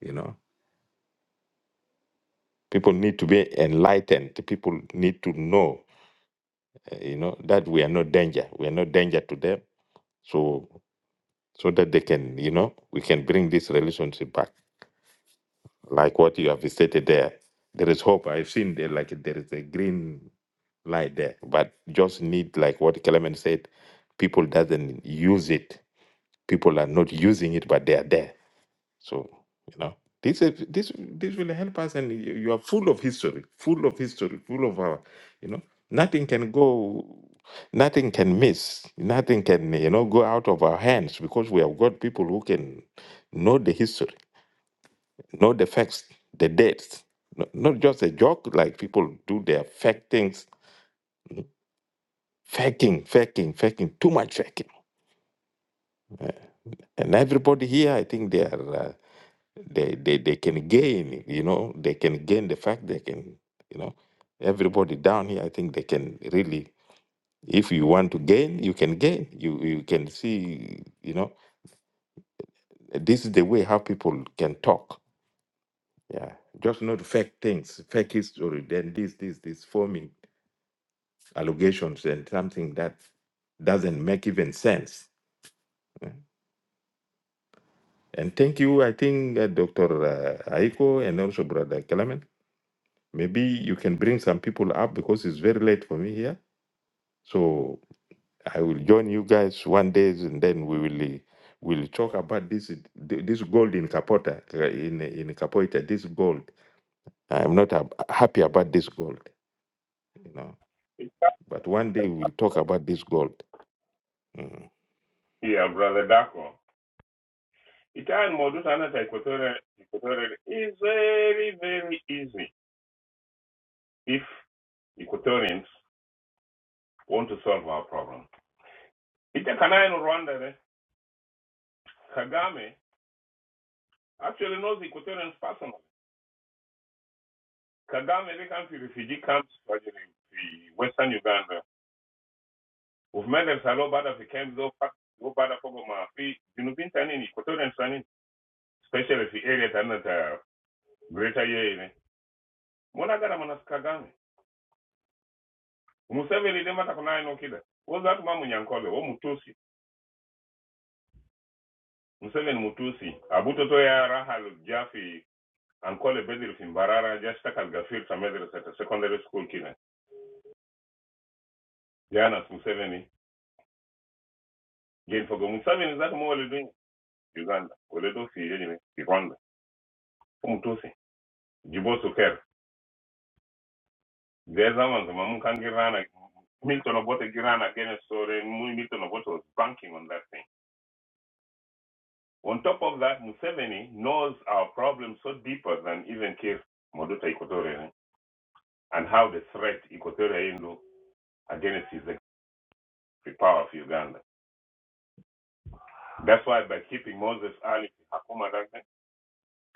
you know people need to be enlightened people need to know uh, you know that we are not danger we are not danger to them so so that they can you know we can bring this relationship back like what you have stated there there is hope i've seen there like there is a green light there but just need like what clement said people doesn't use it people are not using it but they are there So you know, this is- this this will help us, and you you are full of history, full of history, full of our, you know, nothing can go, nothing can miss, nothing can you know go out of our hands because we have got people who can know the history, know the facts, the dates, No- not just a joke like people do their fake things, faking, faking, faking, too much faking. And everybody here, I think they are. uh, They, they they can gain, you know, they can gain the fact they can, you know, everybody down here. I think they can really, if you want to gain, you can gain. You you can see, you know, this is the way how people can talk. Yeah, just not fake things, fake history. Then this this this forming allegations and something that doesn't make even sense. And thank you, I think, uh, Dr. Uh, Aiko and also Brother Kalaman. Maybe you can bring some people up because it's very late for me here. So I will join you guys one day, and then we will will talk about this this gold in Capota in in Capoeira. This gold, I'm not ab- happy about this gold, you know. But one day we'll talk about this gold. Mm.
Yeah, brother Dako. Italian modus anata equatorial is very, very easy if Equatorians want to solve our problem. Ita kana in Rwanda, eh, Kagame actually knows Equatorians personally. Kagame, they come to refugee camps, especially in Western Uganda, Movement msalio baada ya vikemzo go baada fogo mafi junubin tanini kotoren tanini special fi area tanina ta greater ye ne mona gara mana skagame museveni de mata kuna ino kida woza atu mamu wo mutusi museveni mutusi abuto to ya rahal jafi ankole bedir fi mbarara jashta kal gafir ta medre secondary school kina jana museveni gen fogo museveni zatu mo wale dun uganda wale do fi yene fi rwanda wo mutusi jibosu There's Ngeza mazima mukangirana Milton Obote ran against Sore Mu- Milton Obote was banking on that thing. On top of that, Museveni knows our problem so deeper than even Kir Moduta Equatorial and how they threat Equatorial Indo against his the power of Uganda. That's why by keeping Moses Ali Hakuma that thing,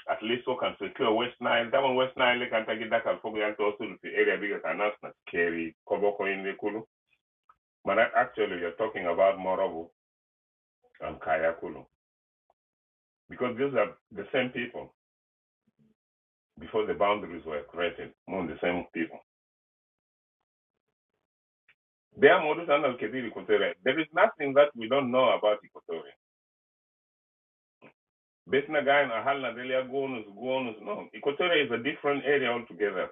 at least we can secure West Nile. That one West Nile can take it back and forget to also the area bigger than us, like Kerry, Koboko in the Kulu. But that actually you're talking about Morobo and Kayakulu. because these are the same people before the boundaries were created, among the same people. They are Modus and Al-Kadir Equatoria. There is nothing that we don't know about Equatoria. Betnagan, Ahal, Nadelia, Gonus, Gonus, no. Equatoria is a different area altogether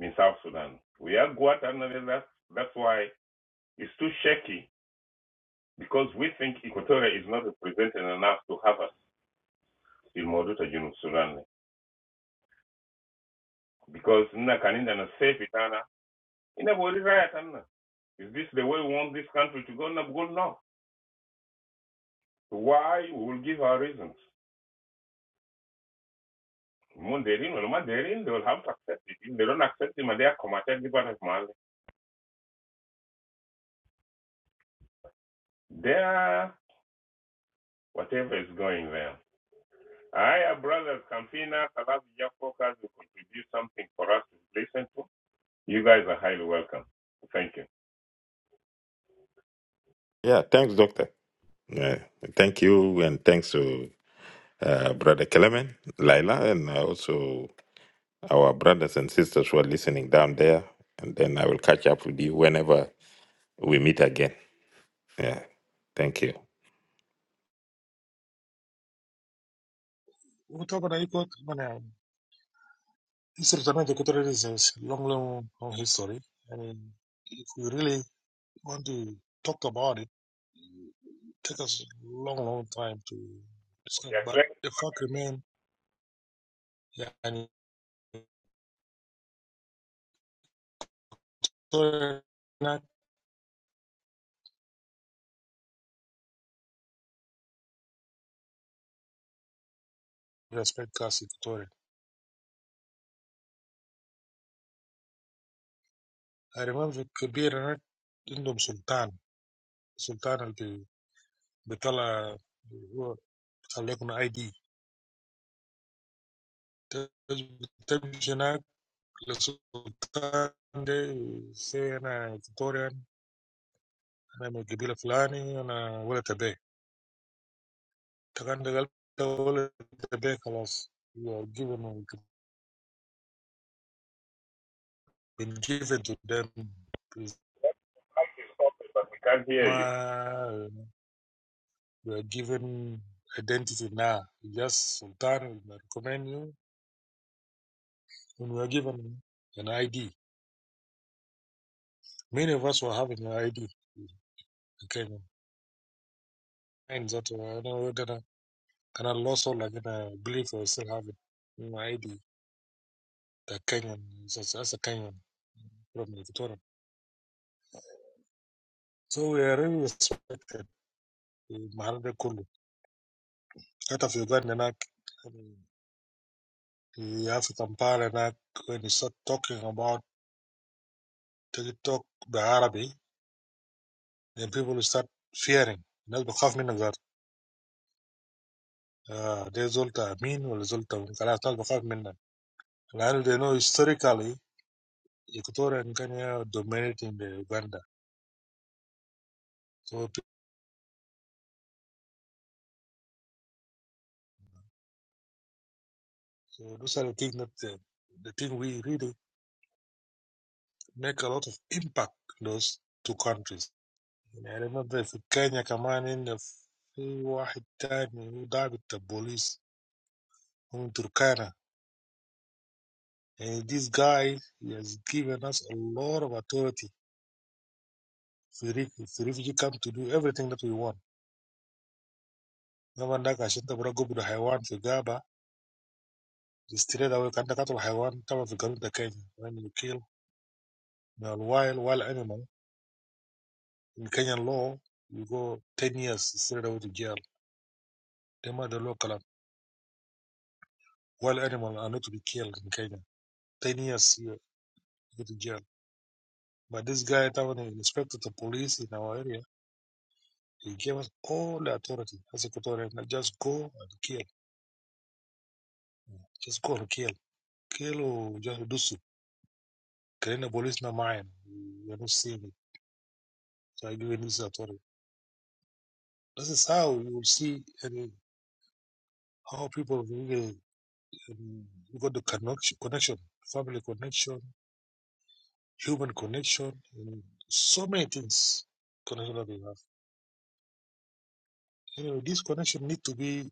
in South Sudan. We are Guatemala, that's, that's why it's too shaky because we think Equatoria is not represented enough to have us in Moduta Junub Sudan. Because Nna Kaninda na Sefi Tana, Ina Bori Raya Tana. Is this the way we want this country to go? No, no. Why? We will give our reasons. Mandarin, well, Mandarin, they will have to accept it. If they don't accept it, they are committed to part of Mali. They are whatever is going there. our brothers, Campina, Salas, Focus, will contribute something for us to listen to. You guys are highly welcome. Thank you.
Yeah, thanks, Doctor. Yeah, thank you, and thanks to uh, Brother Clement, Laila, and uh, also our brothers and sisters who are listening down there. And then I will catch up with you whenever we meet again. Yeah, thank you.
وطبعا أيكو certamente Equatorial is a long, long, long history. And if we really want to talk about it, it takes us a long, long time to describe.
Yeah,
But
Clement,
the fact remains, yeah, and Equatorial not respect us, Equatorial. I remember Kabir عندهم سلطان سلطان اللي بيطلع هو خليكم اي دي تمشي هناك للسلطان ده سي انا إكتوريان انا من القبيله الفلاني انا ولد ابي تغنى قلب ولد ابي خلاص you are given been given to them It's
but we can't hear you.
we are given identity now yes sultan will recommend you and we are given an ID many of us were having an ID Okay, and that uh, I know that I kind of lost all like I believe I still have it my ID the Kenyan that's, that's a Kenyan from Victoria so we are really respected المحل ده كله حتى في أوغندا هناك يا في كمبالا هناك when you start talking about TikTok بالعربي then people start fearing الناس بتخاف منك ذات آه ده زول بتاع مين ولا زول بتاع مين. خلاص الناس بتخاف منك لأنه they know historically Equatorian Kenya dominating the Uganda so, pe- so those are the things that uh, the thing we really make a lot of impact those two countries يعني برضه في كينيا كمان إن في واحد تاني هو ضابط البوليس هو من تركانا and this guy he has given us a lot of authority في ريف- في refugee camp to do everything that we want طبعا ده عشان تبقى قبض حيوان في غابة straight away كأنك قتل حيوان طبعا في قانون ده كينيا when you kill a wild wild animal in Kenyan law you go 10 years straight away to jail They made the law كلام wild animal are not to be killed in Kenya 10 years you go to jail But this guy, Tawani, the inspector the police in our area, he gave us all the authority. As a Equatorian, just go and kill. Just go and kill. Kill or just do so. Killing the police not mine. We are not seeing it. So I give him this authority. This is how you will see and how people really um, got the connection, connection, family connection, human connection, and so many things. Connection that we have. Anyway, this connection need to be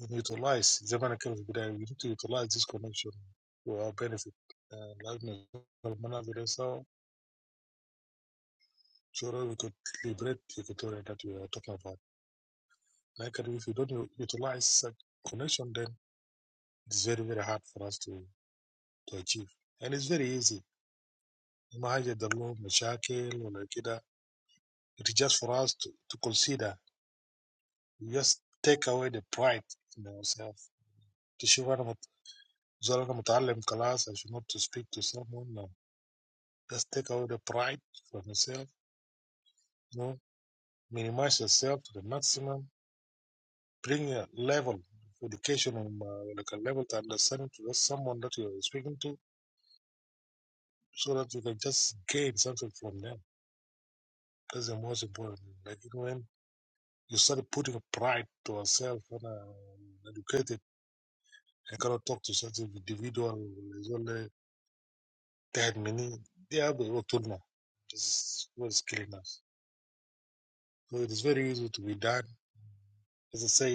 utilize زي ما انا كنت في البدايه we need to utilize this connection to our benefit uh, لأن المناظر سوا sure we could liberate the Equatorial that we are talking about like if we don't u- utilize such connection then it's very very hard for us to to achieve and it's very easy ما حاجة له مشاكل ولا كده it's just for us to, to consider we just take away the pride in ourselves تشوف أنا مت- زول أنا متعلم class I should not to speak to someone uh, Just take away the pride from yourself. You know, minimize yourself to the maximum. Bring a level of education and uh, like a level to understanding to just someone that you're speaking to, so that you can just gain something from them. That's the most important. thing. Like you know, when you start putting a pride to yourself and uh, educated, I cannot talk to such an individual. is only that many. They have a turn. This was killing us. So it is very easy to be done. As I say.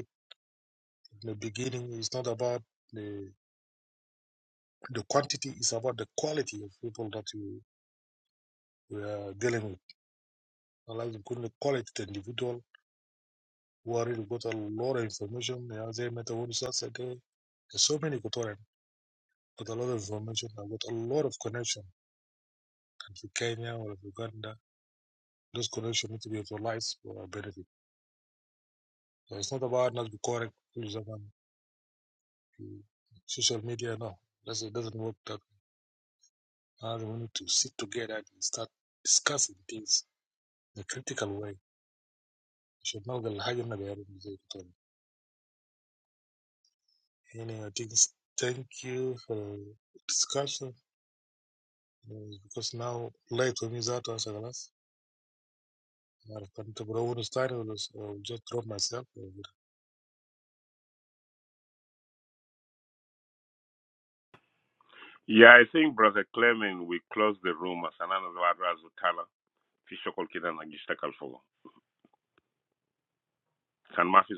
In the beginning it's not about the the quantity, it's about the quality of people that you, you are dealing with. I like to call it quality the individual who are really got a lot of information. Yeah, They met the websites that they- there's so many Equatorian got a lot of information. I got a lot of connection and to Kenya or Uganda. Those connections need to be utilized for our benefit. So it's not about not be correct to someone to social media, no. That's, it doesn't work that Uh, we need to sit together and start discussing things the critical way عشان نلقى الحاجة اللي بيعرفنا زي كده anyway I think thank you for discussion uh, because now late for me that was a glass I can't borrow one style I just drop myself
Yeah, I think, Brother Clement, we close the room. Asanana Zwarazutala, Fishokol Kidana Gishtakal Fogo. San Mafi